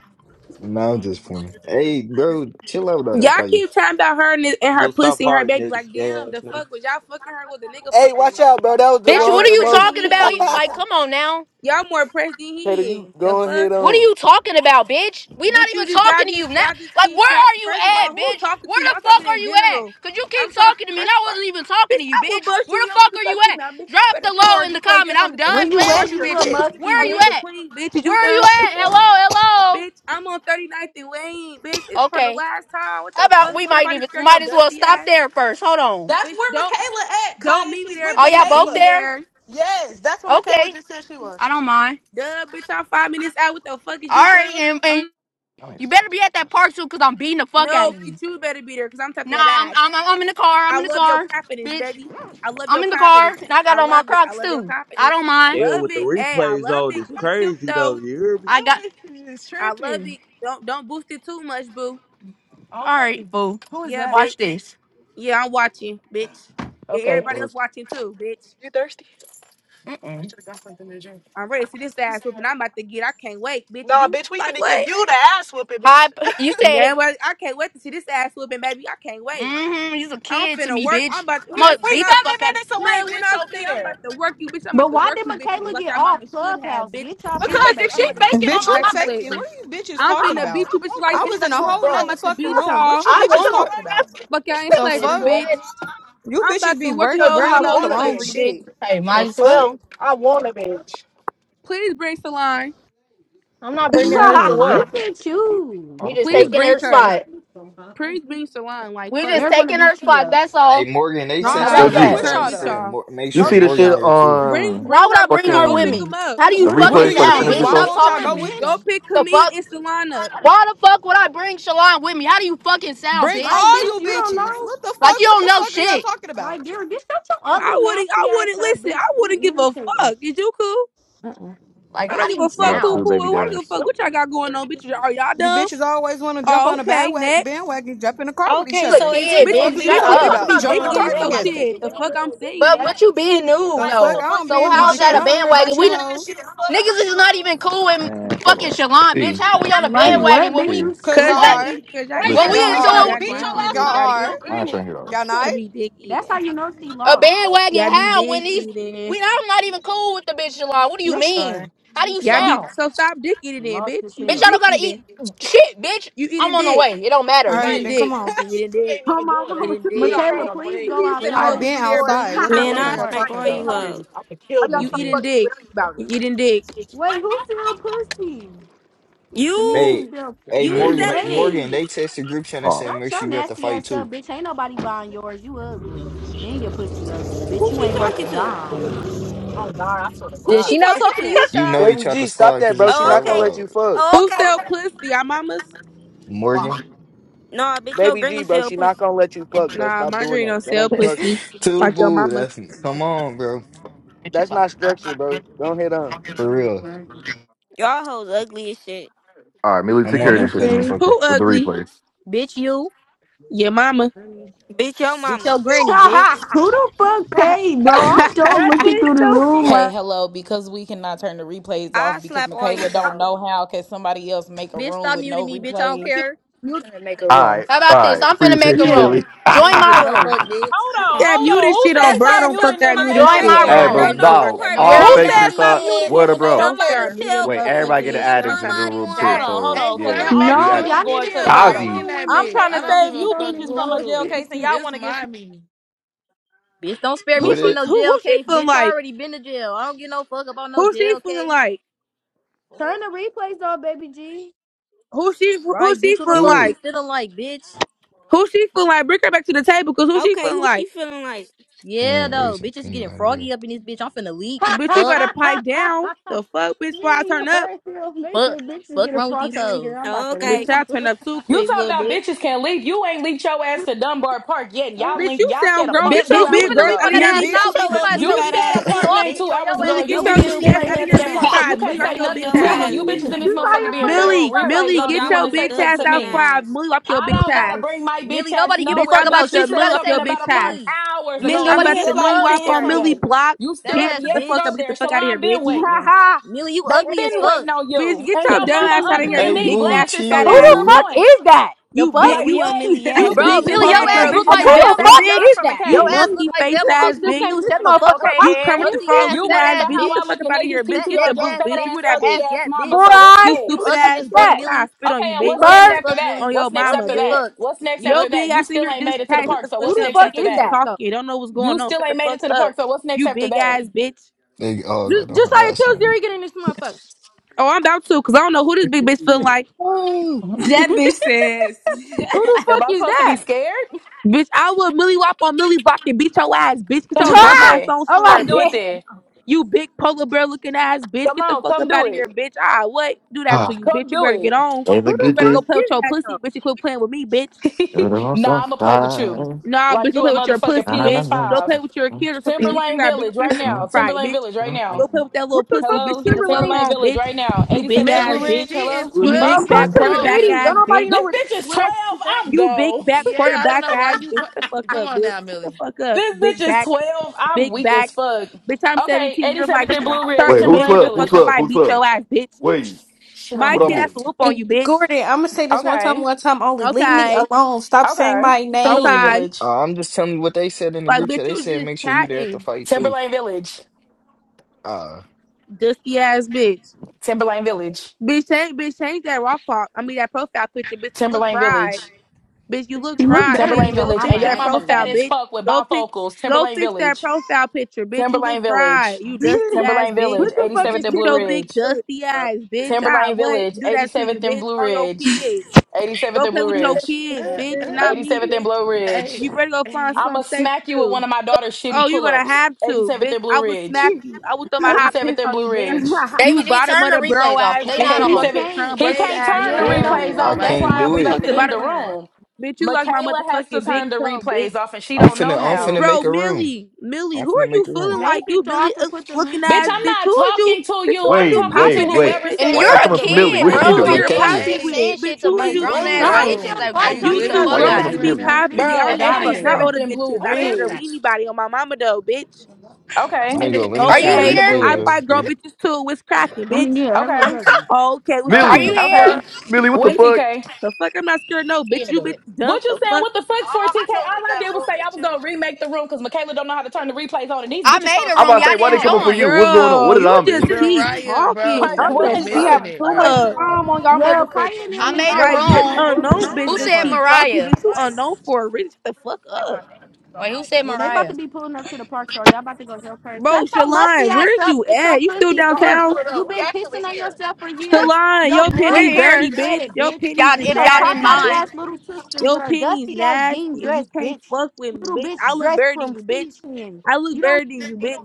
Speaker 4: now I'm just playing. Hey, bro, chill out on
Speaker 8: Y'all
Speaker 4: that car.
Speaker 8: keep talking about her and, this, and her
Speaker 14: Boo, stop
Speaker 8: pussy and her
Speaker 14: hard
Speaker 8: baby. Like
Speaker 14: niggas, gay
Speaker 8: damn,
Speaker 14: ass
Speaker 8: the
Speaker 14: niggas.
Speaker 8: fuck was y'all fucking her with a nigga
Speaker 16: Hey,
Speaker 8: fucking
Speaker 16: watch
Speaker 8: her.
Speaker 16: out, bro. That was the
Speaker 11: Bitch,
Speaker 8: Y'all
Speaker 11: what
Speaker 16: wrong
Speaker 8: more
Speaker 11: are you
Speaker 8: pressed
Speaker 16: emotion.
Speaker 8: than
Speaker 11: talking about?
Speaker 8: he
Speaker 11: Like,
Speaker 8: is.
Speaker 11: come on now.
Speaker 8: Y'all more pressed than
Speaker 16: Tater,
Speaker 8: he
Speaker 16: you
Speaker 8: is. The
Speaker 16: going
Speaker 8: fuck,
Speaker 16: head
Speaker 11: What are
Speaker 16: on.
Speaker 11: you talking about, bitch? We not
Speaker 8: bitch.
Speaker 11: even
Speaker 8: You just y'all
Speaker 11: talking to you
Speaker 8: just
Speaker 11: now.
Speaker 8: y'all just
Speaker 11: Like,
Speaker 8: keep
Speaker 11: where are
Speaker 8: chatting.
Speaker 11: you
Speaker 8: First of all,
Speaker 11: at,
Speaker 8: who
Speaker 11: bitch?
Speaker 8: talking
Speaker 11: Where
Speaker 8: to you?
Speaker 11: the
Speaker 8: I'm
Speaker 11: fuck
Speaker 8: talking
Speaker 11: are
Speaker 8: in
Speaker 11: you at?
Speaker 8: general.
Speaker 11: Cause you keep
Speaker 8: I'm talking
Speaker 11: talking to me and
Speaker 8: first
Speaker 11: I
Speaker 8: of all.
Speaker 11: wasn't even talking to
Speaker 8: Bitch,
Speaker 11: you,
Speaker 8: I will
Speaker 11: bitch.
Speaker 8: bust you
Speaker 11: Where
Speaker 8: in
Speaker 11: the
Speaker 8: your
Speaker 11: fuck are you
Speaker 8: motherfucking
Speaker 11: at?
Speaker 8: mouth, bitch. You
Speaker 11: Drop the
Speaker 8: better
Speaker 11: low
Speaker 8: floor
Speaker 11: in
Speaker 8: the
Speaker 11: the
Speaker 8: fuck. They're
Speaker 11: comment. I'm
Speaker 8: talking to
Speaker 11: done
Speaker 10: When
Speaker 8: me,
Speaker 10: you
Speaker 8: bitch.
Speaker 11: playing
Speaker 8: Watch
Speaker 11: with
Speaker 10: wet,
Speaker 11: you
Speaker 10: you
Speaker 8: your
Speaker 10: little
Speaker 11: bitches.
Speaker 8: lip.
Speaker 11: Where
Speaker 10: musty
Speaker 11: are
Speaker 8: Talking
Speaker 11: you
Speaker 8: to
Speaker 10: bitch.
Speaker 8: the
Speaker 11: at?
Speaker 8: queen, bitch. Is you
Speaker 11: Where are you
Speaker 8: dumb? The
Speaker 11: at?
Speaker 8: fuck?
Speaker 11: Hello, hello.
Speaker 8: Bitch, I'm on 39th and Lane, bitch. It's for the
Speaker 11: Okay.
Speaker 8: last time. What
Speaker 11: How
Speaker 8: the
Speaker 11: about
Speaker 8: fuck?
Speaker 11: we
Speaker 8: is
Speaker 11: might
Speaker 8: anybody
Speaker 11: even
Speaker 8: scared
Speaker 11: might
Speaker 8: of
Speaker 11: as
Speaker 8: your
Speaker 11: well
Speaker 8: dusty
Speaker 11: stop
Speaker 8: ass?
Speaker 11: there first. Hold on.
Speaker 12: That's
Speaker 8: Bitch,
Speaker 12: where
Speaker 8: don't
Speaker 12: Michaela at,
Speaker 8: don't
Speaker 12: Kaya.
Speaker 8: meet me
Speaker 12: She's
Speaker 8: there,
Speaker 12: with
Speaker 11: Are y'all
Speaker 8: bitch. Be
Speaker 11: both
Speaker 8: me
Speaker 12: Michaela.
Speaker 11: there?
Speaker 8: there.
Speaker 12: Yes, that's where Michaela
Speaker 11: Okay,
Speaker 12: just said she was.
Speaker 11: I don't mind.
Speaker 8: Duh, bitch, I'm five minutes out. What the fuck is
Speaker 11: All
Speaker 8: you
Speaker 11: right,
Speaker 8: done?
Speaker 11: and, and
Speaker 8: I'm
Speaker 5: I think
Speaker 11: you
Speaker 5: it's talking
Speaker 11: better be
Speaker 5: too
Speaker 11: at that
Speaker 5: much.
Speaker 11: park soon, cause I'm beating the fuck out
Speaker 8: no,
Speaker 11: of
Speaker 8: bitch,
Speaker 11: you.
Speaker 8: you better be there because I'm tapping
Speaker 11: Nah,
Speaker 8: that
Speaker 11: I'm,
Speaker 8: ass.
Speaker 11: I'm I'm in the car. I'm
Speaker 8: I
Speaker 11: in the
Speaker 8: love your
Speaker 11: car,
Speaker 8: confidence,
Speaker 11: bitch.
Speaker 8: baby. I love
Speaker 11: I'm
Speaker 8: your
Speaker 11: in the car,
Speaker 8: confidence.
Speaker 11: and I got
Speaker 8: I
Speaker 11: on my
Speaker 8: love it. I
Speaker 11: Crocs
Speaker 8: love your
Speaker 11: too. I
Speaker 8: confidence.
Speaker 11: don't
Speaker 8: I
Speaker 11: mind.
Speaker 14: Still
Speaker 8: love
Speaker 14: with the
Speaker 8: it. Hey, I
Speaker 14: replays
Speaker 8: love
Speaker 14: on
Speaker 8: it.
Speaker 14: it's
Speaker 8: Keep it cute
Speaker 14: crazy though.
Speaker 8: though.
Speaker 14: You hear me?
Speaker 11: I got.
Speaker 8: I love it. Don't don't boost it too much, boo.
Speaker 11: All right, boo.
Speaker 8: Yeah,
Speaker 11: Watch
Speaker 8: bitch.
Speaker 11: this.
Speaker 8: Yeah, I'm watching, bitch. And
Speaker 5: The
Speaker 11: Okay.
Speaker 8: everybody
Speaker 5: fuck?
Speaker 8: else watching too, bitch.
Speaker 11: Mm-mm.
Speaker 8: I'm ready to see this ass whooping. I'm about to get. I can't wait, bitch. You like what?
Speaker 11: bitch. p- you said.
Speaker 8: Yeah, well, I can't wait to see this ass whooping, baby. I can't wait.
Speaker 11: Mm-hmm. You's a
Speaker 8: I'm
Speaker 11: kid to
Speaker 8: finna
Speaker 11: me,
Speaker 8: work. I'm
Speaker 11: bitch. We,
Speaker 8: about to,
Speaker 11: I'm
Speaker 8: when I
Speaker 11: gonna
Speaker 8: when
Speaker 11: beat
Speaker 8: I
Speaker 11: the fuck out of.
Speaker 8: man when I say I'm about to work you, bitch. I'm about
Speaker 10: But
Speaker 8: to
Speaker 10: why
Speaker 8: work
Speaker 10: did
Speaker 8: you, bitches.
Speaker 10: Michaela
Speaker 8: Like
Speaker 10: get
Speaker 8: y'all
Speaker 10: off
Speaker 8: mama should have,
Speaker 10: Clubhouse?
Speaker 8: bitch.
Speaker 10: Get your
Speaker 8: It's
Speaker 10: friend
Speaker 8: about to,
Speaker 10: back
Speaker 8: I'm
Speaker 10: on
Speaker 8: about to take
Speaker 10: here.
Speaker 6: Bitch,
Speaker 8: bitches
Speaker 6: who
Speaker 8: back to
Speaker 6: faking?
Speaker 8: slavery.
Speaker 6: What are you bitches
Speaker 8: I'm
Speaker 6: talking
Speaker 8: finna
Speaker 6: about?
Speaker 8: beat you, bitch. Like
Speaker 6: I was
Speaker 8: i
Speaker 6: in a whole
Speaker 8: I'm
Speaker 6: nother
Speaker 8: about to
Speaker 6: fucking
Speaker 8: beat
Speaker 6: room. What
Speaker 8: y'all.
Speaker 6: you
Speaker 11: I
Speaker 6: bitches
Speaker 11: will
Speaker 6: talking about?
Speaker 8: Fuck y'all in
Speaker 6: The
Speaker 8: slavery,
Speaker 6: fuck?
Speaker 8: bitch.
Speaker 6: You
Speaker 8: I'm
Speaker 6: bitches
Speaker 8: about
Speaker 6: be
Speaker 8: to work
Speaker 6: work
Speaker 8: you hoes,
Speaker 6: worrying
Speaker 8: look you
Speaker 6: about
Speaker 8: hoes
Speaker 6: the
Speaker 8: in
Speaker 6: wrong
Speaker 8: slavery, bitch.
Speaker 6: shit.
Speaker 11: Hey,
Speaker 6: The
Speaker 11: might as well.
Speaker 6: fuck?
Speaker 8: Please bring Salon.
Speaker 11: I'm not
Speaker 7: it
Speaker 11: bringing her
Speaker 10: No,
Speaker 11: for
Speaker 7: on.
Speaker 11: what?
Speaker 10: look at you.
Speaker 5: How
Speaker 11: We
Speaker 5: the
Speaker 11: just
Speaker 8: Please
Speaker 5: fuck?
Speaker 11: taking
Speaker 8: bring
Speaker 11: her
Speaker 8: her.
Speaker 11: spot.
Speaker 8: Please bring Salon. Like
Speaker 11: We
Speaker 8: fuck.
Speaker 11: just
Speaker 10: They're gonna
Speaker 11: taking her
Speaker 10: beat you
Speaker 11: spot.
Speaker 10: up.
Speaker 11: That's
Speaker 4: Hey
Speaker 11: all.
Speaker 4: Morgan, they
Speaker 10: They're
Speaker 6: Nah,
Speaker 11: How
Speaker 4: text
Speaker 10: gonna
Speaker 4: the
Speaker 5: Yo,
Speaker 6: bring
Speaker 8: Nah,
Speaker 11: about
Speaker 10: beat
Speaker 6: them
Speaker 8: bring
Speaker 4: group
Speaker 10: you
Speaker 5: G,
Speaker 11: that?
Speaker 6: with
Speaker 10: up
Speaker 4: chat
Speaker 8: her
Speaker 4: and
Speaker 6: y'all
Speaker 10: just
Speaker 8: with
Speaker 6: though.
Speaker 10: like
Speaker 4: said
Speaker 8: y'all.
Speaker 4: Mor- make
Speaker 5: you
Speaker 6: Go
Speaker 4: sure
Speaker 5: see the
Speaker 6: get
Speaker 5: shit
Speaker 4: Morgan
Speaker 6: them.
Speaker 4: there too.
Speaker 8: Bring
Speaker 5: on
Speaker 11: Why
Speaker 8: bring
Speaker 11: would
Speaker 8: her
Speaker 11: I
Speaker 8: with
Speaker 11: bring
Speaker 8: y'all.
Speaker 11: her
Speaker 8: Go
Speaker 11: with
Speaker 8: pick
Speaker 5: fucking
Speaker 8: him
Speaker 11: me?
Speaker 8: up.
Speaker 11: How do you
Speaker 5: the
Speaker 10: what do
Speaker 6: What
Speaker 11: fucking
Speaker 6: do
Speaker 10: they
Speaker 5: replay so
Speaker 10: need
Speaker 5: I
Speaker 6: you
Speaker 5: can
Speaker 10: to
Speaker 5: turn
Speaker 11: sound,
Speaker 5: this
Speaker 6: mean?
Speaker 11: bitch?
Speaker 5: bitch
Speaker 10: bring
Speaker 6: Why
Speaker 5: off?
Speaker 11: Stop
Speaker 10: me
Speaker 6: won't
Speaker 10: for,
Speaker 6: y'all
Speaker 11: talking to
Speaker 6: go
Speaker 11: me.
Speaker 6: with
Speaker 8: Go
Speaker 10: bitch?
Speaker 6: them?
Speaker 8: pick
Speaker 11: The
Speaker 8: Camille
Speaker 11: fuck?
Speaker 8: and Solana up.
Speaker 11: Why the fuck would I bring Shalon with me? How do you fucking sound,
Speaker 6: Bring
Speaker 10: Like,
Speaker 11: bitch?
Speaker 6: all
Speaker 10: bitch,
Speaker 6: you
Speaker 10: you don't
Speaker 6: bitches.
Speaker 10: know.
Speaker 6: What the
Speaker 11: Like
Speaker 6: fuck?
Speaker 11: you
Speaker 6: What
Speaker 11: don't
Speaker 6: the
Speaker 11: know
Speaker 6: fuck are y'all
Speaker 11: shit.
Speaker 6: talking about?
Speaker 10: Like, you're get shut your
Speaker 8: I
Speaker 10: ugly
Speaker 8: wouldn't
Speaker 10: nasty
Speaker 8: I
Speaker 10: ass
Speaker 8: wouldn't
Speaker 10: up,
Speaker 8: listen.
Speaker 10: bitch.
Speaker 8: I
Speaker 10: You
Speaker 8: wouldn't give a
Speaker 10: irritating.
Speaker 8: fuck. Is you cool?
Speaker 10: Uh-uh.
Speaker 11: Like
Speaker 8: I don't
Speaker 11: how do
Speaker 8: give
Speaker 11: you
Speaker 8: a
Speaker 5: We
Speaker 8: fuck
Speaker 5: got
Speaker 8: who
Speaker 11: sound?
Speaker 5: two
Speaker 8: cool. I
Speaker 5: baby
Speaker 8: don't give
Speaker 5: dads.
Speaker 8: a fuck what y'all got going on, bitches. Are y'all
Speaker 6: You
Speaker 8: dumb?
Speaker 6: bitches always want to jump
Speaker 8: Oh,
Speaker 6: on a
Speaker 8: okay.
Speaker 6: bandwagon,
Speaker 8: Next.
Speaker 6: bandwagon, jump in the car with each
Speaker 11: You
Speaker 2: Okay,
Speaker 11: a
Speaker 2: so
Speaker 6: other.
Speaker 2: is it
Speaker 11: kid,
Speaker 8: Bitches
Speaker 6: Fuck
Speaker 2: gonna
Speaker 11: bitch.
Speaker 6: is
Speaker 8: b-
Speaker 11: Shut
Speaker 6: you
Speaker 2: be
Speaker 11: up.
Speaker 8: bitches
Speaker 6: talking
Speaker 2: a
Speaker 11: Talk
Speaker 8: bitches
Speaker 6: about?
Speaker 8: be
Speaker 11: about
Speaker 6: Jump in
Speaker 8: dick
Speaker 11: jumping
Speaker 6: the
Speaker 11: on the
Speaker 6: car
Speaker 8: eating so
Speaker 2: um?
Speaker 11: bandwagon.
Speaker 6: together.
Speaker 11: That
Speaker 8: shit.
Speaker 11: shit
Speaker 8: The fuck I'm
Speaker 11: But
Speaker 8: saying.
Speaker 11: but you being new
Speaker 6: The
Speaker 11: Like, though.
Speaker 6: fuck? I don't
Speaker 11: So
Speaker 6: be in new
Speaker 8: You
Speaker 11: how's that
Speaker 6: shit.
Speaker 11: a
Speaker 6: I
Speaker 8: bitches.
Speaker 6: don't worry about
Speaker 11: bandwagon? We
Speaker 6: you hoes.
Speaker 11: niggas is not even cool in
Speaker 5: Man, fuck all
Speaker 11: fucking
Speaker 5: that.
Speaker 11: Shalon, bitch.
Speaker 5: See,
Speaker 11: How are we on a
Speaker 10: Like
Speaker 5: see,
Speaker 11: bandwagon
Speaker 10: what,
Speaker 11: when
Speaker 10: bitch?
Speaker 11: we
Speaker 5: see.
Speaker 10: You
Speaker 6: Cause y'all
Speaker 8: Cause y'all
Speaker 11: what?
Speaker 10: stupid.
Speaker 6: are.
Speaker 8: eat cause y'all
Speaker 11: Right,
Speaker 10: That's
Speaker 8: eat
Speaker 10: how
Speaker 11: when
Speaker 5: Listen,
Speaker 8: her
Speaker 10: you
Speaker 11: we
Speaker 6: Y'all
Speaker 10: know
Speaker 8: pussy.
Speaker 11: into
Speaker 6: are.
Speaker 10: she's a
Speaker 11: a
Speaker 8: Y'all
Speaker 11: beat
Speaker 8: dick
Speaker 11: your
Speaker 10: clown.
Speaker 11: ass when
Speaker 8: eating.
Speaker 6: Y'all
Speaker 11: I
Speaker 8: Y'all
Speaker 11: see
Speaker 8: dick
Speaker 6: are.
Speaker 11: no
Speaker 5: I'm
Speaker 8: eating.
Speaker 5: not
Speaker 11: granny.
Speaker 5: trying to hear all that.
Speaker 6: Y'all not?
Speaker 8: Y'all be dick
Speaker 10: That's how
Speaker 8: eating.
Speaker 10: you know she
Speaker 11: A
Speaker 10: lost.
Speaker 11: bandwagon?
Speaker 8: Y'all be
Speaker 11: How when
Speaker 8: dick
Speaker 11: these
Speaker 8: eating.
Speaker 11: we? I'm not even cool with the bitch Shalon. What do you
Speaker 6: No sure.
Speaker 11: mean? How do you
Speaker 10: Bitch
Speaker 8: Y'all
Speaker 10: lost
Speaker 8: be
Speaker 11: sound,
Speaker 8: so stop dick eating then,
Speaker 10: lost his
Speaker 8: bitch. You
Speaker 11: bitch?
Speaker 8: be
Speaker 11: I
Speaker 10: hell.
Speaker 8: dick
Speaker 11: don't gotta
Speaker 8: eating.
Speaker 11: eat shit, bitch.
Speaker 8: You
Speaker 11: I'm
Speaker 8: eating
Speaker 11: on the
Speaker 8: dick.
Speaker 11: way. It don't matter.
Speaker 8: You
Speaker 6: Alright,
Speaker 8: eating
Speaker 11: Right.
Speaker 6: then come
Speaker 8: dick.
Speaker 6: on.
Speaker 8: You eating dick.
Speaker 7: Oh my mama,
Speaker 8: Eating
Speaker 7: Tamia
Speaker 8: dick.
Speaker 10: Michaela,
Speaker 7: said,
Speaker 10: please go
Speaker 7: Tamia
Speaker 8: Let
Speaker 7: said,
Speaker 8: me
Speaker 6: I
Speaker 8: know
Speaker 7: hoes
Speaker 10: outside.
Speaker 8: when
Speaker 6: been
Speaker 8: you
Speaker 7: be
Speaker 8: there,
Speaker 7: bored.
Speaker 8: boo.
Speaker 6: outside.
Speaker 7: Ha
Speaker 10: Please
Speaker 6: What the
Speaker 7: ha.
Speaker 10: go
Speaker 17: Man,
Speaker 10: to
Speaker 6: fuck
Speaker 10: the
Speaker 6: are
Speaker 17: I'll
Speaker 6: y'all
Speaker 10: park.
Speaker 17: smack
Speaker 7: My
Speaker 6: talking
Speaker 17: all
Speaker 7: gay
Speaker 6: about?
Speaker 17: you
Speaker 7: homies.
Speaker 17: up.
Speaker 7: Why y'all
Speaker 8: You
Speaker 7: so
Speaker 8: eating
Speaker 7: fucking
Speaker 8: dick.
Speaker 7: weird about it?
Speaker 8: You eating dick.
Speaker 10: Wait, who feel pussy? To me, who
Speaker 4: Hey,
Speaker 17: You,
Speaker 10: feel?
Speaker 4: hey
Speaker 17: you
Speaker 4: Morgan,
Speaker 17: selling it.
Speaker 4: Morgan,
Speaker 10: Wait,
Speaker 4: they text the group chat and
Speaker 5: Oh,
Speaker 4: said
Speaker 10: shut
Speaker 4: make
Speaker 10: your
Speaker 4: sure you at the
Speaker 10: nasty
Speaker 4: fight
Speaker 10: ass up,
Speaker 4: too.
Speaker 10: bitch. Ain't nobody buying yours. You ugly, and your pussy ugly,
Speaker 17: Who
Speaker 10: bitch. You
Speaker 17: she
Speaker 10: ain't worth
Speaker 17: talking
Speaker 10: a
Speaker 17: to?
Speaker 10: dime.
Speaker 17: Who
Speaker 18: Did she
Speaker 17: she
Speaker 18: not
Speaker 17: talking
Speaker 18: talking to
Speaker 17: to?
Speaker 18: you,
Speaker 4: You
Speaker 18: Shy?
Speaker 4: know he
Speaker 16: Baby
Speaker 4: tried to
Speaker 16: G, stop
Speaker 4: slide
Speaker 16: that,
Speaker 4: because
Speaker 16: bro.
Speaker 4: it's
Speaker 16: She
Speaker 17: Oh,
Speaker 16: not gonna
Speaker 17: okay.
Speaker 16: let
Speaker 4: Carlisle.
Speaker 16: you fuck.
Speaker 17: Oh,
Speaker 8: Who
Speaker 17: okay.
Speaker 8: sell pussy? Y'all mamas?
Speaker 4: Morgan.
Speaker 17: Nah, bitch, your
Speaker 16: Baby G,
Speaker 17: granny
Speaker 16: bro,
Speaker 17: sell
Speaker 16: she
Speaker 17: pussy.
Speaker 16: not gonna let you fuck, bro.
Speaker 8: Nah,
Speaker 16: Stop
Speaker 8: my
Speaker 16: doing
Speaker 8: green
Speaker 16: that.
Speaker 8: don't
Speaker 16: That
Speaker 8: sell
Speaker 16: ain't structure.
Speaker 8: pussy. Like your
Speaker 4: Tubu,
Speaker 8: mama.
Speaker 4: that's come on, bro.
Speaker 16: That's not structure, bro. Don't hit on.
Speaker 4: For real.
Speaker 17: Y'all hoes ugly as shit.
Speaker 5: all right, Millie,
Speaker 4: Come
Speaker 5: take care
Speaker 4: on
Speaker 5: of
Speaker 4: now,
Speaker 5: this
Speaker 10: Ain't
Speaker 5: shit for
Speaker 4: cousin
Speaker 5: me
Speaker 10: they?
Speaker 4: fucker.
Speaker 8: Who
Speaker 5: with the
Speaker 8: ugly?
Speaker 5: replays.
Speaker 18: Bitch, you.
Speaker 8: Your mama.
Speaker 17: Bitch, your
Speaker 18: Bitch,
Speaker 17: mama.
Speaker 18: your granny, bitch.
Speaker 7: ha
Speaker 10: Who the fuck
Speaker 7: ha.
Speaker 10: paid, bro? I'm
Speaker 8: that
Speaker 10: still
Speaker 7: That
Speaker 10: looking
Speaker 7: bitch
Speaker 10: through the room
Speaker 7: stupid.
Speaker 13: Hey,
Speaker 10: like,
Speaker 13: hello, because we cannot turn the replays off
Speaker 17: I'll
Speaker 13: because
Speaker 17: slap all
Speaker 13: Michaela
Speaker 17: you
Speaker 7: I'm
Speaker 13: don't
Speaker 17: hoes.
Speaker 13: know how can somebody else make a
Speaker 18: Bitch,
Speaker 13: room
Speaker 18: stop
Speaker 13: with
Speaker 18: muting
Speaker 13: no
Speaker 18: me, bitch. I don't
Speaker 13: replays.
Speaker 7: fucking
Speaker 18: care.
Speaker 7: you.
Speaker 11: finna make a
Speaker 5: All
Speaker 11: room.
Speaker 5: right,
Speaker 11: How about
Speaker 5: all
Speaker 11: this?
Speaker 5: right.
Speaker 11: I'm finna make
Speaker 5: Appreciate
Speaker 11: a
Speaker 5: you,
Speaker 10: yeah.
Speaker 11: room.
Speaker 5: Billy.
Speaker 18: We
Speaker 11: Join
Speaker 18: don't
Speaker 11: my
Speaker 18: give no
Speaker 11: room.
Speaker 18: fuck, bitch.
Speaker 13: Hold on,
Speaker 17: Uh-huh.
Speaker 13: hold on.
Speaker 8: muted
Speaker 13: Who
Speaker 8: shit
Speaker 17: They
Speaker 8: on,
Speaker 13: said
Speaker 8: bro.
Speaker 13: stop
Speaker 17: said
Speaker 8: Don't start
Speaker 13: muting
Speaker 17: so
Speaker 8: that
Speaker 13: them and they
Speaker 8: muting
Speaker 17: Tamaya
Speaker 13: don't
Speaker 11: Join
Speaker 8: shit.
Speaker 11: my
Speaker 8: On
Speaker 17: pregnant
Speaker 5: hey,
Speaker 18: Ain't
Speaker 8: my
Speaker 17: and
Speaker 13: care?
Speaker 5: but
Speaker 11: room.
Speaker 17: don't
Speaker 8: daddy,
Speaker 18: nobody give
Speaker 17: know
Speaker 8: don't
Speaker 18: a.
Speaker 8: start
Speaker 17: who
Speaker 5: no,
Speaker 8: that
Speaker 17: her
Speaker 11: And
Speaker 8: muting
Speaker 11: we're
Speaker 5: all
Speaker 17: baby
Speaker 13: Who
Speaker 11: on.
Speaker 8: shit.
Speaker 5: fiction
Speaker 13: said
Speaker 17: daddy
Speaker 13: stop
Speaker 5: aside,
Speaker 17: is.
Speaker 13: muting
Speaker 5: what
Speaker 13: them
Speaker 5: a
Speaker 13: and they
Speaker 5: bro.
Speaker 13: don't
Speaker 8: Don't
Speaker 17: Somebody
Speaker 8: start
Speaker 13: care?
Speaker 17: sell
Speaker 8: muting
Speaker 5: Wait, everybody
Speaker 8: motherfuckers
Speaker 5: get
Speaker 8: and
Speaker 17: coochie and
Speaker 8: shit. I'm
Speaker 5: added to the
Speaker 8: trying
Speaker 5: new
Speaker 8: to
Speaker 17: somebody
Speaker 5: room too.
Speaker 17: wanna
Speaker 13: Hold
Speaker 8: chat.
Speaker 13: on, hold
Speaker 5: So
Speaker 15: Hey,
Speaker 13: on,
Speaker 17: buy.
Speaker 13: because now
Speaker 5: yeah,
Speaker 15: whoever
Speaker 13: all
Speaker 15: make
Speaker 13: you
Speaker 15: a
Speaker 5: we
Speaker 10: No,
Speaker 5: added
Speaker 13: bitches
Speaker 15: room,
Speaker 10: y'all
Speaker 15: give
Speaker 10: need
Speaker 13: going
Speaker 10: to
Speaker 15: me
Speaker 13: to
Speaker 15: a
Speaker 13: the
Speaker 10: stay in the
Speaker 13: bottom.
Speaker 15: green in
Speaker 5: Tazi.
Speaker 10: room with
Speaker 15: that
Speaker 13: I'm
Speaker 15: bitch.
Speaker 13: trying
Speaker 15: I
Speaker 13: to
Speaker 10: Michaela
Speaker 15: don't give
Speaker 13: save
Speaker 10: because you
Speaker 15: a
Speaker 13: you
Speaker 10: don't
Speaker 15: fuck
Speaker 10: need
Speaker 13: bitches
Speaker 15: who
Speaker 13: from
Speaker 10: no
Speaker 13: a
Speaker 15: do
Speaker 13: jail
Speaker 15: it.
Speaker 13: case and
Speaker 10: excuses.
Speaker 13: y'all
Speaker 15: This
Speaker 13: want to get sm-
Speaker 15: mind me.
Speaker 18: Bitch, don't spare me
Speaker 4: Boy,
Speaker 8: Who
Speaker 18: from
Speaker 8: she?
Speaker 4: that-
Speaker 18: no
Speaker 8: Who,
Speaker 18: jail
Speaker 8: who she
Speaker 18: case.
Speaker 8: feeling
Speaker 18: Bitch, I
Speaker 8: like?
Speaker 18: already been to jail. I don't give no fuck about no
Speaker 8: Who she
Speaker 18: jail
Speaker 8: feeling
Speaker 18: case.
Speaker 8: like?
Speaker 10: Turn the replays on, baby G.
Speaker 8: Who she? Who
Speaker 18: Right, bitch,
Speaker 8: she
Speaker 18: who the
Speaker 8: feeling
Speaker 4: do
Speaker 18: fuck you
Speaker 4: it.
Speaker 8: like?
Speaker 18: feeling like, bitch?
Speaker 8: Who she feeling like? Bring her back to the table, cause who she
Speaker 17: Okay,
Speaker 8: feeling
Speaker 17: who she
Speaker 8: like?
Speaker 17: feeling like?
Speaker 4: He
Speaker 18: Yeah,
Speaker 4: ain't
Speaker 18: though.
Speaker 4: raising
Speaker 18: Bitch is
Speaker 4: king
Speaker 18: getting
Speaker 4: out of
Speaker 18: froggy
Speaker 4: here.
Speaker 18: up in this bitch. I'm finna leap.
Speaker 8: Bitch, you
Speaker 18: Fuck,
Speaker 8: better pipe down. The fuck, bitch, before
Speaker 10: Me
Speaker 8: I
Speaker 10: and you
Speaker 8: turn up.
Speaker 10: heard you. They
Speaker 18: fuck,
Speaker 10: said bitches
Speaker 18: fuck
Speaker 10: get a
Speaker 18: wrong with these
Speaker 10: froggy in
Speaker 18: hoes.
Speaker 10: here. I'm about to
Speaker 17: Okay.
Speaker 10: leave.
Speaker 8: Bitch, I turn up too
Speaker 13: you
Speaker 8: quick,
Speaker 13: talking
Speaker 8: little
Speaker 13: about
Speaker 8: bitch.
Speaker 13: bitches can't leave. You ain't leaked your ass to Dunbar Park yet. Y'all
Speaker 10: Oh,
Speaker 8: Bitch,
Speaker 13: link.
Speaker 8: you
Speaker 13: y'all said
Speaker 8: sound
Speaker 13: a
Speaker 8: grown.
Speaker 13: park
Speaker 18: Bitch,
Speaker 8: Get
Speaker 13: two
Speaker 8: your
Speaker 18: bitch, we
Speaker 8: big
Speaker 13: hours
Speaker 18: finna
Speaker 8: girls
Speaker 18: leap
Speaker 8: out
Speaker 18: on
Speaker 13: ago.
Speaker 8: of
Speaker 18: that
Speaker 8: here,
Speaker 18: ass
Speaker 17: Millie,
Speaker 8: bitch.
Speaker 17: shut
Speaker 18: now,
Speaker 8: Who the
Speaker 17: your
Speaker 18: bitch. You
Speaker 8: fuck
Speaker 18: might as
Speaker 8: is
Speaker 17: ugly
Speaker 18: well
Speaker 13: You
Speaker 17: fat
Speaker 18: leave this
Speaker 8: Millie?
Speaker 18: bitch,
Speaker 13: said a
Speaker 18: 'cause
Speaker 17: ass
Speaker 18: we
Speaker 13: park
Speaker 18: all
Speaker 17: up,
Speaker 13: name
Speaker 17: bitch.
Speaker 18: finna
Speaker 13: two
Speaker 18: get on
Speaker 13: hours
Speaker 18: your
Speaker 13: ago,
Speaker 8: Millie,
Speaker 18: ass,
Speaker 13: and you
Speaker 8: get
Speaker 17: Yo
Speaker 8: your
Speaker 18: bitch.
Speaker 13: bitches
Speaker 8: Millie
Speaker 13: still
Speaker 8: ass
Speaker 17: hillbilly
Speaker 13: ain't
Speaker 8: out of
Speaker 13: head to
Speaker 17: looking
Speaker 8: here,
Speaker 13: that
Speaker 8: bitch.
Speaker 13: park,
Speaker 17: ass.
Speaker 13: so you
Speaker 8: Five.
Speaker 13: can't
Speaker 8: Millie, rock
Speaker 13: say
Speaker 17: I'm
Speaker 8: your
Speaker 17: on
Speaker 13: nothing
Speaker 8: bitch
Speaker 17: your
Speaker 13: to
Speaker 8: ass.
Speaker 13: me.
Speaker 17: ass,
Speaker 13: You
Speaker 17: bitch.
Speaker 13: bitches in
Speaker 17: I'm
Speaker 13: this
Speaker 7: you saw
Speaker 17: four
Speaker 13: motherfucker
Speaker 7: your
Speaker 13: being
Speaker 17: eyed
Speaker 7: funny
Speaker 13: federal
Speaker 17: ass.
Speaker 8: Millie,
Speaker 7: fuck.
Speaker 13: replays
Speaker 8: Millie,
Speaker 17: Yo
Speaker 13: on, and
Speaker 8: get
Speaker 13: you want
Speaker 8: your
Speaker 13: to
Speaker 17: Donald
Speaker 13: say
Speaker 8: bitch
Speaker 17: Duck
Speaker 8: ass
Speaker 13: something to
Speaker 17: looking
Speaker 8: out
Speaker 13: me.
Speaker 8: five.
Speaker 17: ass.
Speaker 8: Millie, wop your
Speaker 13: I
Speaker 8: bitch
Speaker 13: don't gotta
Speaker 8: ass.
Speaker 13: bring my bitch
Speaker 18: Millie,
Speaker 13: ass
Speaker 18: nobody give a
Speaker 8: Bitch,
Speaker 18: fuck
Speaker 13: nowhere,
Speaker 8: I'm about
Speaker 18: about
Speaker 13: bitch. You
Speaker 8: to
Speaker 18: shit you
Speaker 13: said
Speaker 8: Millie
Speaker 18: gotta
Speaker 8: up
Speaker 18: say,
Speaker 13: something
Speaker 8: your
Speaker 18: bitch.
Speaker 13: about
Speaker 8: bitch
Speaker 13: a
Speaker 8: ass.
Speaker 13: park
Speaker 18: Leave.
Speaker 13: hours
Speaker 18: Bitch,
Speaker 13: ago,
Speaker 17: Millie,
Speaker 13: and
Speaker 8: I'm
Speaker 13: you
Speaker 18: nobody
Speaker 17: we
Speaker 8: about
Speaker 18: give
Speaker 17: just
Speaker 18: a
Speaker 8: to
Speaker 13: still
Speaker 8: Millie
Speaker 13: ain't
Speaker 17: slapped
Speaker 18: fuck.
Speaker 8: wop
Speaker 13: went
Speaker 17: ten
Speaker 13: there
Speaker 8: on
Speaker 17: from
Speaker 8: Millie
Speaker 13: yet.
Speaker 17: you.
Speaker 8: block.
Speaker 13: You
Speaker 18: That
Speaker 13: still
Speaker 8: Bitch,
Speaker 13: have
Speaker 18: ass
Speaker 8: shut the
Speaker 13: yet to
Speaker 18: bitch.
Speaker 8: fuck
Speaker 13: go
Speaker 8: up. Get
Speaker 13: there.
Speaker 8: the fuck out of here,
Speaker 13: Shalon been
Speaker 8: bitch.
Speaker 7: Ha
Speaker 13: waiting.
Speaker 7: ha.
Speaker 18: Millie, you
Speaker 13: they
Speaker 18: ugly as
Speaker 13: been
Speaker 7: Hey.
Speaker 18: fuck.
Speaker 13: waiting on
Speaker 8: Bitch,
Speaker 13: you.
Speaker 8: get
Speaker 13: And
Speaker 8: your
Speaker 13: your
Speaker 8: dumb
Speaker 13: mama
Speaker 8: ass out of here,
Speaker 13: ugly and
Speaker 8: you
Speaker 4: Hey,
Speaker 13: need
Speaker 8: big,
Speaker 4: Woo,
Speaker 8: nasty,
Speaker 13: glasses, so
Speaker 8: fat
Speaker 7: Who
Speaker 4: chill,
Speaker 13: what's
Speaker 8: ass
Speaker 7: the
Speaker 13: your
Speaker 4: Woo.
Speaker 8: bitch.
Speaker 7: fuck
Speaker 13: point?
Speaker 7: is that? The
Speaker 8: You big
Speaker 7: fuck?
Speaker 17: Yeah,
Speaker 13: Like
Speaker 17: we
Speaker 8: you
Speaker 17: on
Speaker 13: what?
Speaker 17: Millie
Speaker 8: you
Speaker 13: You
Speaker 17: ass,
Speaker 18: Bro,
Speaker 8: big
Speaker 17: Millie
Speaker 13: bitches is
Speaker 18: Millie, your
Speaker 17: ugly
Speaker 8: polar
Speaker 13: mad because
Speaker 18: ass
Speaker 8: bear
Speaker 17: ass.
Speaker 18: look
Speaker 13: bitches
Speaker 7: Like
Speaker 8: looking
Speaker 13: is
Speaker 7: who
Speaker 18: like
Speaker 13: trying
Speaker 8: ass
Speaker 13: to
Speaker 7: the
Speaker 18: Velma,
Speaker 8: bitch.
Speaker 13: save
Speaker 7: fuck
Speaker 13: y'all
Speaker 7: is
Speaker 18: bitch.
Speaker 13: from a
Speaker 7: that?
Speaker 18: Your
Speaker 8: You
Speaker 13: case.
Speaker 18: ass
Speaker 10: really?
Speaker 18: look
Speaker 8: monkey
Speaker 18: like
Speaker 8: face
Speaker 18: Velma
Speaker 7: This
Speaker 18: off
Speaker 8: ass
Speaker 7: bitch just
Speaker 18: Scooby
Speaker 8: bitch.
Speaker 7: came
Speaker 18: Doo.
Speaker 7: in this
Speaker 18: Shut the fuck
Speaker 7: motherfucker
Speaker 18: up.
Speaker 13: Okay,
Speaker 8: You
Speaker 7: popping,
Speaker 13: Ed.
Speaker 8: Kermit the
Speaker 7: didn't
Speaker 18: Ugly
Speaker 7: she?
Speaker 8: Frog
Speaker 18: ass,
Speaker 13: You
Speaker 8: looking
Speaker 18: fat
Speaker 13: worried
Speaker 8: ass
Speaker 18: ass
Speaker 13: about
Speaker 8: bitch.
Speaker 13: how
Speaker 8: Get the
Speaker 18: bitch.
Speaker 13: I
Speaker 8: fuck
Speaker 13: look
Speaker 8: up
Speaker 13: and
Speaker 8: out of
Speaker 13: they
Speaker 8: here,
Speaker 13: just PTR'd
Speaker 8: bitch.
Speaker 18: Fat
Speaker 8: Get
Speaker 18: neck
Speaker 8: the
Speaker 13: your
Speaker 8: boot,
Speaker 18: ass
Speaker 13: fat
Speaker 8: bitch.
Speaker 18: bitch.
Speaker 13: ass,
Speaker 8: Remove that
Speaker 18: Fat
Speaker 8: bitch.
Speaker 18: ass
Speaker 13: ugly ass
Speaker 18: gap
Speaker 13: mama.
Speaker 18: bitch.
Speaker 7: Four
Speaker 13: So what's
Speaker 8: You
Speaker 7: eyes.
Speaker 18: You
Speaker 7: Who the
Speaker 8: stupid
Speaker 13: next?
Speaker 7: fuck
Speaker 18: ugly
Speaker 8: ass
Speaker 18: as
Speaker 7: is
Speaker 18: fuck,
Speaker 7: that?
Speaker 8: bitch. I
Speaker 18: Millie.
Speaker 8: spit on
Speaker 13: Okay,
Speaker 8: you,
Speaker 13: and
Speaker 18: You
Speaker 7: Big
Speaker 13: what's
Speaker 8: bitch.
Speaker 18: ugly
Speaker 13: next
Speaker 18: as
Speaker 7: Bird.
Speaker 13: after
Speaker 18: fuck,
Speaker 13: that?
Speaker 8: On
Speaker 18: Millie.
Speaker 8: your
Speaker 13: What's
Speaker 18: You
Speaker 13: next
Speaker 8: mama,
Speaker 18: ugly
Speaker 13: after
Speaker 18: as
Speaker 13: that?
Speaker 8: bitch.
Speaker 18: fuck.
Speaker 13: What's next
Speaker 18: You
Speaker 8: Yo,
Speaker 13: after
Speaker 18: ugly.
Speaker 8: big
Speaker 13: that? You
Speaker 8: ass in
Speaker 13: still
Speaker 8: here
Speaker 13: ain't made
Speaker 8: just
Speaker 13: it to the
Speaker 8: chat. Shut
Speaker 13: park.
Speaker 8: the
Speaker 13: So
Speaker 8: fuck
Speaker 7: Who
Speaker 13: what's
Speaker 7: the
Speaker 8: up,
Speaker 13: next
Speaker 7: fuck
Speaker 8: bitch.
Speaker 13: after
Speaker 8: You
Speaker 7: is
Speaker 8: just
Speaker 13: that?
Speaker 7: that though?
Speaker 8: talking. Don't know what's
Speaker 13: You
Speaker 8: going on.
Speaker 13: still
Speaker 8: Shut the
Speaker 13: ain't made
Speaker 8: fuck
Speaker 13: it to the
Speaker 8: up.
Speaker 13: park. So what's next
Speaker 8: You
Speaker 13: after
Speaker 8: big
Speaker 13: that?
Speaker 8: ass bitch.
Speaker 4: They all got
Speaker 7: Just,
Speaker 4: on
Speaker 7: just
Speaker 4: her
Speaker 7: saw your
Speaker 4: ass
Speaker 7: tail
Speaker 4: on
Speaker 7: Ziri get in this motherfucker.
Speaker 8: Oh, I'm about to, cause I don't know who this big bitch feeling
Speaker 4: me.
Speaker 8: like.
Speaker 4: Woo.
Speaker 3: That bitch says.
Speaker 7: Who the
Speaker 13: Am
Speaker 7: fuck
Speaker 13: I
Speaker 7: is
Speaker 13: supposed to be
Speaker 7: that?
Speaker 13: scared?
Speaker 8: Bitch, I would Millie Wop on Millie Block and beat your ass, bitch. Get
Speaker 13: Come
Speaker 8: your
Speaker 13: do it
Speaker 8: dumb
Speaker 7: Ah!
Speaker 8: ass
Speaker 13: then.
Speaker 8: on
Speaker 7: oh my
Speaker 8: somewhere,
Speaker 13: Come do it
Speaker 8: bitch.
Speaker 7: god.
Speaker 13: then.
Speaker 8: You big polar bear looking ass bitch.
Speaker 13: Come
Speaker 8: Get the
Speaker 13: on,
Speaker 8: fuck
Speaker 13: come
Speaker 8: up
Speaker 13: do
Speaker 8: out of
Speaker 13: it.
Speaker 8: here, bitch. Ah, what? Do that to
Speaker 5: Have
Speaker 8: you,
Speaker 13: Come
Speaker 8: bitch. You
Speaker 13: do
Speaker 8: better get on.
Speaker 5: a
Speaker 7: Who
Speaker 8: You
Speaker 7: the
Speaker 5: good
Speaker 8: better
Speaker 7: fuck
Speaker 8: go
Speaker 5: day.
Speaker 8: play with
Speaker 7: is
Speaker 8: your
Speaker 7: that though?
Speaker 8: pussy, bitch. You quit playing with me, bitch.
Speaker 5: It
Speaker 13: it.
Speaker 5: all
Speaker 13: nah,
Speaker 5: sounds
Speaker 13: I'ma play with you.
Speaker 5: fine.
Speaker 8: Nah,
Speaker 13: Like
Speaker 8: bitch, go
Speaker 13: you a
Speaker 8: play with your
Speaker 13: motherfucking
Speaker 8: pussy,
Speaker 5: I don't
Speaker 8: bitch.
Speaker 5: know.
Speaker 8: Go
Speaker 13: PS5.
Speaker 8: play with your kid or something,
Speaker 15: M-
Speaker 8: bitch. You
Speaker 13: Timberlane
Speaker 8: got bigger
Speaker 13: Village
Speaker 8: fish
Speaker 13: right
Speaker 8: to
Speaker 13: now.
Speaker 8: fry,
Speaker 13: Timberlane
Speaker 8: bitch.
Speaker 13: Village right now.
Speaker 8: Go play with that little
Speaker 7: What the
Speaker 8: pussy,
Speaker 7: fuck is
Speaker 8: bitch.
Speaker 13: Hello,
Speaker 8: You get the fuck
Speaker 7: Timberlane?
Speaker 13: Timberlane
Speaker 8: on,
Speaker 13: Village
Speaker 8: bitch.
Speaker 13: right now.
Speaker 8: You big
Speaker 13: 87th to
Speaker 8: ass
Speaker 13: Blue
Speaker 15: Millie,
Speaker 13: Ridge.
Speaker 8: bitch.
Speaker 15: she is
Speaker 13: Hello.
Speaker 3: Let
Speaker 8: You
Speaker 3: me.
Speaker 7: Bro,
Speaker 15: 12
Speaker 8: big
Speaker 15: years
Speaker 7: come
Speaker 8: back
Speaker 7: to the
Speaker 15: old,
Speaker 8: quarterback
Speaker 7: city.
Speaker 8: ass
Speaker 7: Don't
Speaker 15: Millie.
Speaker 8: bitch.
Speaker 7: nobody know
Speaker 13: This
Speaker 7: where,
Speaker 13: bitch is
Speaker 7: where
Speaker 13: 12.
Speaker 7: that shit is
Speaker 13: I'm
Speaker 8: You big
Speaker 13: gone.
Speaker 8: back
Speaker 15: Yeah, I don't
Speaker 8: quarterback
Speaker 15: know why
Speaker 8: ass
Speaker 15: you
Speaker 8: bitch.
Speaker 15: put...
Speaker 8: Shut the fuck
Speaker 15: Come
Speaker 8: up,
Speaker 15: on
Speaker 8: bitch.
Speaker 15: now,
Speaker 8: Shut the
Speaker 15: Millie.
Speaker 8: fuck up,
Speaker 13: This bitch
Speaker 8: big
Speaker 13: is
Speaker 8: back.
Speaker 13: 12. I'm
Speaker 8: big
Speaker 13: weak as
Speaker 8: back.
Speaker 13: fuck.
Speaker 8: Bitch, I'm
Speaker 13: Okay,
Speaker 8: 17. You're
Speaker 13: 87th
Speaker 8: like
Speaker 13: and Blue Ridge,
Speaker 5: Wait,
Speaker 8: 30,
Speaker 5: who
Speaker 8: bitch.
Speaker 13: Timberlane
Speaker 8: Shut the
Speaker 5: twelve? Who
Speaker 8: fuck up.
Speaker 13: Village.
Speaker 5: twelve?
Speaker 8: I
Speaker 5: Who
Speaker 8: beat
Speaker 5: twelve?
Speaker 8: your ass, bitch.
Speaker 5: Wait,
Speaker 13: Shit, I
Speaker 8: My
Speaker 5: what I
Speaker 13: almost
Speaker 8: kid
Speaker 13: got
Speaker 8: has
Speaker 13: it.
Speaker 5: miss?
Speaker 8: to whoop on
Speaker 1: And
Speaker 8: you, bitch.
Speaker 1: Gordon, I'm gonna say this one time,
Speaker 13: Okay.
Speaker 1: one time only. Leave me
Speaker 8: Okay.
Speaker 1: alone. Stop saying
Speaker 13: Okay.
Speaker 1: my
Speaker 13: Timberlane
Speaker 1: name.
Speaker 8: Okay.
Speaker 13: Village.
Speaker 4: Uh, I'm just telling you what they said in the
Speaker 8: Like,
Speaker 4: group chat.
Speaker 8: bitch,
Speaker 4: They
Speaker 8: you
Speaker 4: said make
Speaker 8: just
Speaker 4: sure you there at the
Speaker 8: chatting.
Speaker 4: fight too.
Speaker 13: Timberlane Village.
Speaker 4: Uh,
Speaker 8: Dusty ass bitch.
Speaker 13: Timberlane Village.
Speaker 8: Bitch, change, bitch, change that raw fo- I mean, that profile picture, bitch. You look
Speaker 13: Timberlane
Speaker 8: fried.
Speaker 13: Village.
Speaker 8: Bitch, you look
Speaker 10: She look
Speaker 8: fried,
Speaker 10: better
Speaker 8: bitch.
Speaker 10: than
Speaker 13: Timberlane
Speaker 10: your
Speaker 8: Go
Speaker 13: Village.
Speaker 10: mama,
Speaker 8: fix
Speaker 13: And yo
Speaker 8: that
Speaker 13: mama fat
Speaker 8: profile,
Speaker 10: actually.
Speaker 13: as
Speaker 8: bitch.
Speaker 13: fuck with
Speaker 8: Go pick.
Speaker 13: bifocals.
Speaker 8: Go
Speaker 13: Timberlane
Speaker 8: fix that
Speaker 13: Village.
Speaker 8: profile picture, bitch. You look
Speaker 13: Timberlane
Speaker 8: fried.
Speaker 13: Village.
Speaker 8: You dusty
Speaker 7: at.
Speaker 8: ass
Speaker 13: Timberlane
Speaker 8: bitch.
Speaker 13: Village.
Speaker 7: what the fuck
Speaker 13: 87th
Speaker 7: is
Speaker 13: and
Speaker 8: With
Speaker 13: Blue
Speaker 8: your
Speaker 7: Timberlane
Speaker 8: big
Speaker 13: Ridge.
Speaker 7: doing,
Speaker 8: dusty
Speaker 7: bro?
Speaker 8: ass, bitch. I
Speaker 13: Timberlane
Speaker 8: what?
Speaker 13: Village,
Speaker 8: Do that to you,
Speaker 13: 87th and
Speaker 8: bitch.
Speaker 13: Blue
Speaker 8: On your
Speaker 13: Ridge,
Speaker 8: kids.
Speaker 13: 87th
Speaker 8: Go
Speaker 13: and
Speaker 8: play
Speaker 13: Blue
Speaker 8: with
Speaker 7: He
Speaker 8: your
Speaker 15: uh,
Speaker 13: Ridge,
Speaker 7: said,
Speaker 8: kids,
Speaker 15: uh,
Speaker 7: Where the
Speaker 8: bitch,
Speaker 15: uh,
Speaker 8: and not me,
Speaker 13: 87th
Speaker 7: fuck is
Speaker 13: and
Speaker 8: bitch.
Speaker 13: Blue Ridge.
Speaker 15: hey,
Speaker 8: You better go find
Speaker 15: hey,
Speaker 13: I'ma
Speaker 8: something safe
Speaker 13: smack
Speaker 8: to
Speaker 13: you with one
Speaker 8: do.
Speaker 13: of my daughter's shitty
Speaker 8: Oh, you're gonna
Speaker 13: pull-ups.
Speaker 8: have to,
Speaker 13: 87th
Speaker 8: bitch.
Speaker 13: and Blue
Speaker 8: I will
Speaker 13: Ridge,
Speaker 8: smack
Speaker 7: this?
Speaker 8: you. I will throw my hot
Speaker 13: 87th
Speaker 8: piss
Speaker 13: and
Speaker 8: on you,
Speaker 13: Blue
Speaker 8: bitch.
Speaker 13: Ridge,
Speaker 7: Y'all
Speaker 8: You
Speaker 11: Baby G,
Speaker 8: bottom
Speaker 11: turn
Speaker 8: of
Speaker 11: the
Speaker 8: the bro
Speaker 11: replays off
Speaker 8: ass
Speaker 11: because they
Speaker 8: bitch. You
Speaker 11: not
Speaker 10: She
Speaker 11: on.
Speaker 13: 87th.
Speaker 8: fucking
Speaker 10: can't.
Speaker 8: crumb
Speaker 13: He
Speaker 8: bucket
Speaker 13: can't
Speaker 15: hey,
Speaker 8: ass
Speaker 13: turn the
Speaker 10: Yeah,
Speaker 8: bitch.
Speaker 10: it only
Speaker 13: replays
Speaker 15: yo.
Speaker 4: I
Speaker 13: off.
Speaker 10: gonna
Speaker 13: That's
Speaker 10: let
Speaker 15: Like,
Speaker 4: can't
Speaker 13: why I
Speaker 4: do
Speaker 10: whoever
Speaker 13: was
Speaker 8: Bitch
Speaker 13: about
Speaker 4: it.
Speaker 8: like
Speaker 10: make
Speaker 13: to
Speaker 8: the
Speaker 10: the
Speaker 13: end
Speaker 8: bottom.
Speaker 13: the
Speaker 10: room.
Speaker 13: room.
Speaker 8: Bitch, you like my
Speaker 13: Michaela has to
Speaker 8: motherfucking big
Speaker 13: turn the
Speaker 8: toe, bitch.
Speaker 13: replays off, and she
Speaker 4: I'm
Speaker 13: don't know
Speaker 4: finna, I'm
Speaker 15: school.
Speaker 4: finna
Speaker 13: how.
Speaker 4: make
Speaker 8: Bro,
Speaker 4: a room.
Speaker 8: Millie, Millie,
Speaker 4: I'm
Speaker 8: who are
Speaker 4: finna
Speaker 8: you
Speaker 4: make a room.
Speaker 8: feeling
Speaker 10: Make
Speaker 8: like?
Speaker 10: it
Speaker 8: You
Speaker 10: so I
Speaker 8: Millie
Speaker 10: can
Speaker 8: uh,
Speaker 10: put the
Speaker 8: looking
Speaker 10: link in
Speaker 13: Bitch,
Speaker 8: ass
Speaker 13: I'm
Speaker 10: him.
Speaker 8: bitch.
Speaker 13: not
Speaker 8: Who is you?
Speaker 13: talking to
Speaker 8: Bitch,
Speaker 13: you.
Speaker 8: who is
Speaker 13: I'm
Speaker 8: you
Speaker 5: Wait,
Speaker 13: talking
Speaker 5: wait,
Speaker 13: to
Speaker 8: popping it with,
Speaker 5: wait.
Speaker 13: whoever
Speaker 8: bitch?
Speaker 11: And
Speaker 13: said
Speaker 5: Why
Speaker 11: you're
Speaker 5: y'all
Speaker 11: a
Speaker 13: turn
Speaker 5: coming
Speaker 13: the
Speaker 5: for Millie?
Speaker 11: kid,
Speaker 5: What
Speaker 8: Bitch,
Speaker 13: replays
Speaker 5: she
Speaker 11: bro.
Speaker 8: who are
Speaker 5: do?
Speaker 13: off,
Speaker 11: Like,
Speaker 8: you
Speaker 11: why do you
Speaker 13: bitch.
Speaker 4: Michaela,
Speaker 8: popping
Speaker 11: keep
Speaker 15: hey,
Speaker 11: saying
Speaker 8: with?
Speaker 11: shit
Speaker 8: Bitch,
Speaker 11: to
Speaker 8: who is
Speaker 13: Like
Speaker 8: you
Speaker 11: grown
Speaker 15: Niecy,
Speaker 13: what?
Speaker 8: feeling
Speaker 11: ass
Speaker 5: Wait,
Speaker 8: like?
Speaker 10: Somebody tell
Speaker 11: bitches?
Speaker 15: bro,
Speaker 5: shit,
Speaker 11: Like, we
Speaker 15: are
Speaker 5: shit,
Speaker 10: Dwight,
Speaker 11: gonna
Speaker 15: you
Speaker 5: shit,
Speaker 10: come
Speaker 8: You
Speaker 11: beat
Speaker 5: shit,
Speaker 10: get
Speaker 11: the
Speaker 10: her
Speaker 15: living
Speaker 5: shit.
Speaker 8: two
Speaker 5: Why
Speaker 15: for
Speaker 11: fuck
Speaker 5: y'all
Speaker 10: little
Speaker 15: this
Speaker 8: grown
Speaker 11: out
Speaker 5: coming
Speaker 11: of
Speaker 10: ass
Speaker 15: shit
Speaker 8: to
Speaker 5: for
Speaker 11: you.
Speaker 15: right
Speaker 8: be
Speaker 5: Millie?
Speaker 10: sister
Speaker 15: now?
Speaker 10: for this
Speaker 8: popping it. I
Speaker 13: Bro,
Speaker 10: bitch
Speaker 8: don't give
Speaker 11: That's
Speaker 8: a
Speaker 10: die
Speaker 8: fuck
Speaker 11: Shia,
Speaker 10: today.
Speaker 8: how
Speaker 13: 87th
Speaker 8: old
Speaker 11: girl.
Speaker 8: a
Speaker 13: and
Speaker 8: bitch is.
Speaker 13: Blue
Speaker 8: I took it to
Speaker 13: Ridge.
Speaker 8: anybody on my mama though, bitch.
Speaker 13: Okay.
Speaker 4: nigga, let me
Speaker 11: Are
Speaker 4: turn
Speaker 11: you
Speaker 4: the
Speaker 13: 87th
Speaker 8: Okay.
Speaker 13: and Blue
Speaker 11: here?
Speaker 4: replays
Speaker 8: I
Speaker 13: Ridge.
Speaker 8: fight
Speaker 4: off, bro.
Speaker 8: grown bitches too. What's cracking,
Speaker 10: I mean,
Speaker 8: bitch?
Speaker 10: yeah, her little
Speaker 13: Okay.
Speaker 10: cousin.
Speaker 8: Okay, what's
Speaker 11: Are
Speaker 5: Millie,
Speaker 11: you
Speaker 15: oh,
Speaker 8: popping,
Speaker 11: here?
Speaker 13: Okay.
Speaker 15: fuck.
Speaker 5: Millie, what the
Speaker 13: What
Speaker 8: bitch?
Speaker 5: fuck?
Speaker 13: TK?
Speaker 8: The fuck I'm not scared no,
Speaker 11: She
Speaker 8: bitch.
Speaker 11: in a
Speaker 8: You bitch
Speaker 11: bit.
Speaker 8: dump
Speaker 13: What you
Speaker 8: the
Speaker 13: saying?
Speaker 8: fuck.
Speaker 13: What the fuck for TK? All I did was say I was gonna remake the room because Michaela don't know how to turn the replays on, and these
Speaker 11: I
Speaker 13: bitches
Speaker 11: made
Speaker 13: start
Speaker 11: a
Speaker 5: I'm
Speaker 13: hopping
Speaker 11: room.
Speaker 5: about to
Speaker 11: Y'all
Speaker 5: say,
Speaker 13: like
Speaker 5: why
Speaker 11: didn't
Speaker 5: they coming for
Speaker 13: frogs.
Speaker 5: you?
Speaker 11: join.
Speaker 5: What's going on? What
Speaker 8: Girl,
Speaker 5: did
Speaker 8: you
Speaker 5: I miss?
Speaker 8: just keep
Speaker 15: Dariah,
Speaker 8: talking.
Speaker 15: bro,
Speaker 13: Like
Speaker 8: Shut
Speaker 15: you
Speaker 8: the
Speaker 15: been
Speaker 7: bitches
Speaker 13: what?
Speaker 7: be
Speaker 8: fuck
Speaker 15: missing
Speaker 7: having
Speaker 15: it,
Speaker 7: too much
Speaker 15: bro.
Speaker 8: up.
Speaker 7: time on y'all
Speaker 10: Well, Kaya and
Speaker 11: I
Speaker 10: them is
Speaker 7: motherfucking
Speaker 11: made a
Speaker 7: hands.
Speaker 10: almost
Speaker 8: Like this
Speaker 10: about to be
Speaker 11: room.
Speaker 10: pulling
Speaker 8: unknown
Speaker 10: up
Speaker 8: bitch
Speaker 11: Who
Speaker 10: to the
Speaker 8: just
Speaker 11: said
Speaker 10: park.
Speaker 8: keep talking,
Speaker 11: Mariah?
Speaker 8: bitch. You unknown for a reason. Shut the fuck up.
Speaker 11: Wait, who said
Speaker 10: Well, they about to
Speaker 11: Mariah?
Speaker 10: be pulling up to the park, so are y'all about to go help her. Shut
Speaker 8: Bro,
Speaker 10: your musty
Speaker 8: Shalon,
Speaker 10: ass
Speaker 8: where is
Speaker 10: up,
Speaker 8: you
Speaker 10: bitch. Your
Speaker 8: at? You still
Speaker 10: pussy stink.
Speaker 8: downtown?
Speaker 10: You been pissing on yourself for years.
Speaker 8: Salon,
Speaker 10: Your
Speaker 8: your
Speaker 11: We're
Speaker 10: blood
Speaker 8: pennies
Speaker 10: cousin
Speaker 11: here.
Speaker 8: dirty,
Speaker 10: said
Speaker 8: bitch.
Speaker 10: it,
Speaker 8: Your
Speaker 10: bitch.
Speaker 8: pennies
Speaker 11: Y'all,
Speaker 8: is
Speaker 10: With
Speaker 11: if
Speaker 10: your
Speaker 11: y'all didn't
Speaker 8: nasty,
Speaker 10: cock-codded
Speaker 11: mind.
Speaker 8: bitch.
Speaker 10: ass little sister with
Speaker 8: Your
Speaker 10: her
Speaker 8: pennies
Speaker 10: dusty ass
Speaker 8: nasty.
Speaker 10: jean
Speaker 8: You
Speaker 10: dress,
Speaker 8: can't
Speaker 10: bitch.
Speaker 8: fuck with me,
Speaker 10: Little
Speaker 8: bitch. I
Speaker 10: bitch
Speaker 8: look
Speaker 10: dress
Speaker 8: better than
Speaker 10: from
Speaker 8: you,
Speaker 10: City
Speaker 8: bitch.
Speaker 10: Twin.
Speaker 8: I look
Speaker 10: You don't.
Speaker 8: better than you, bitch.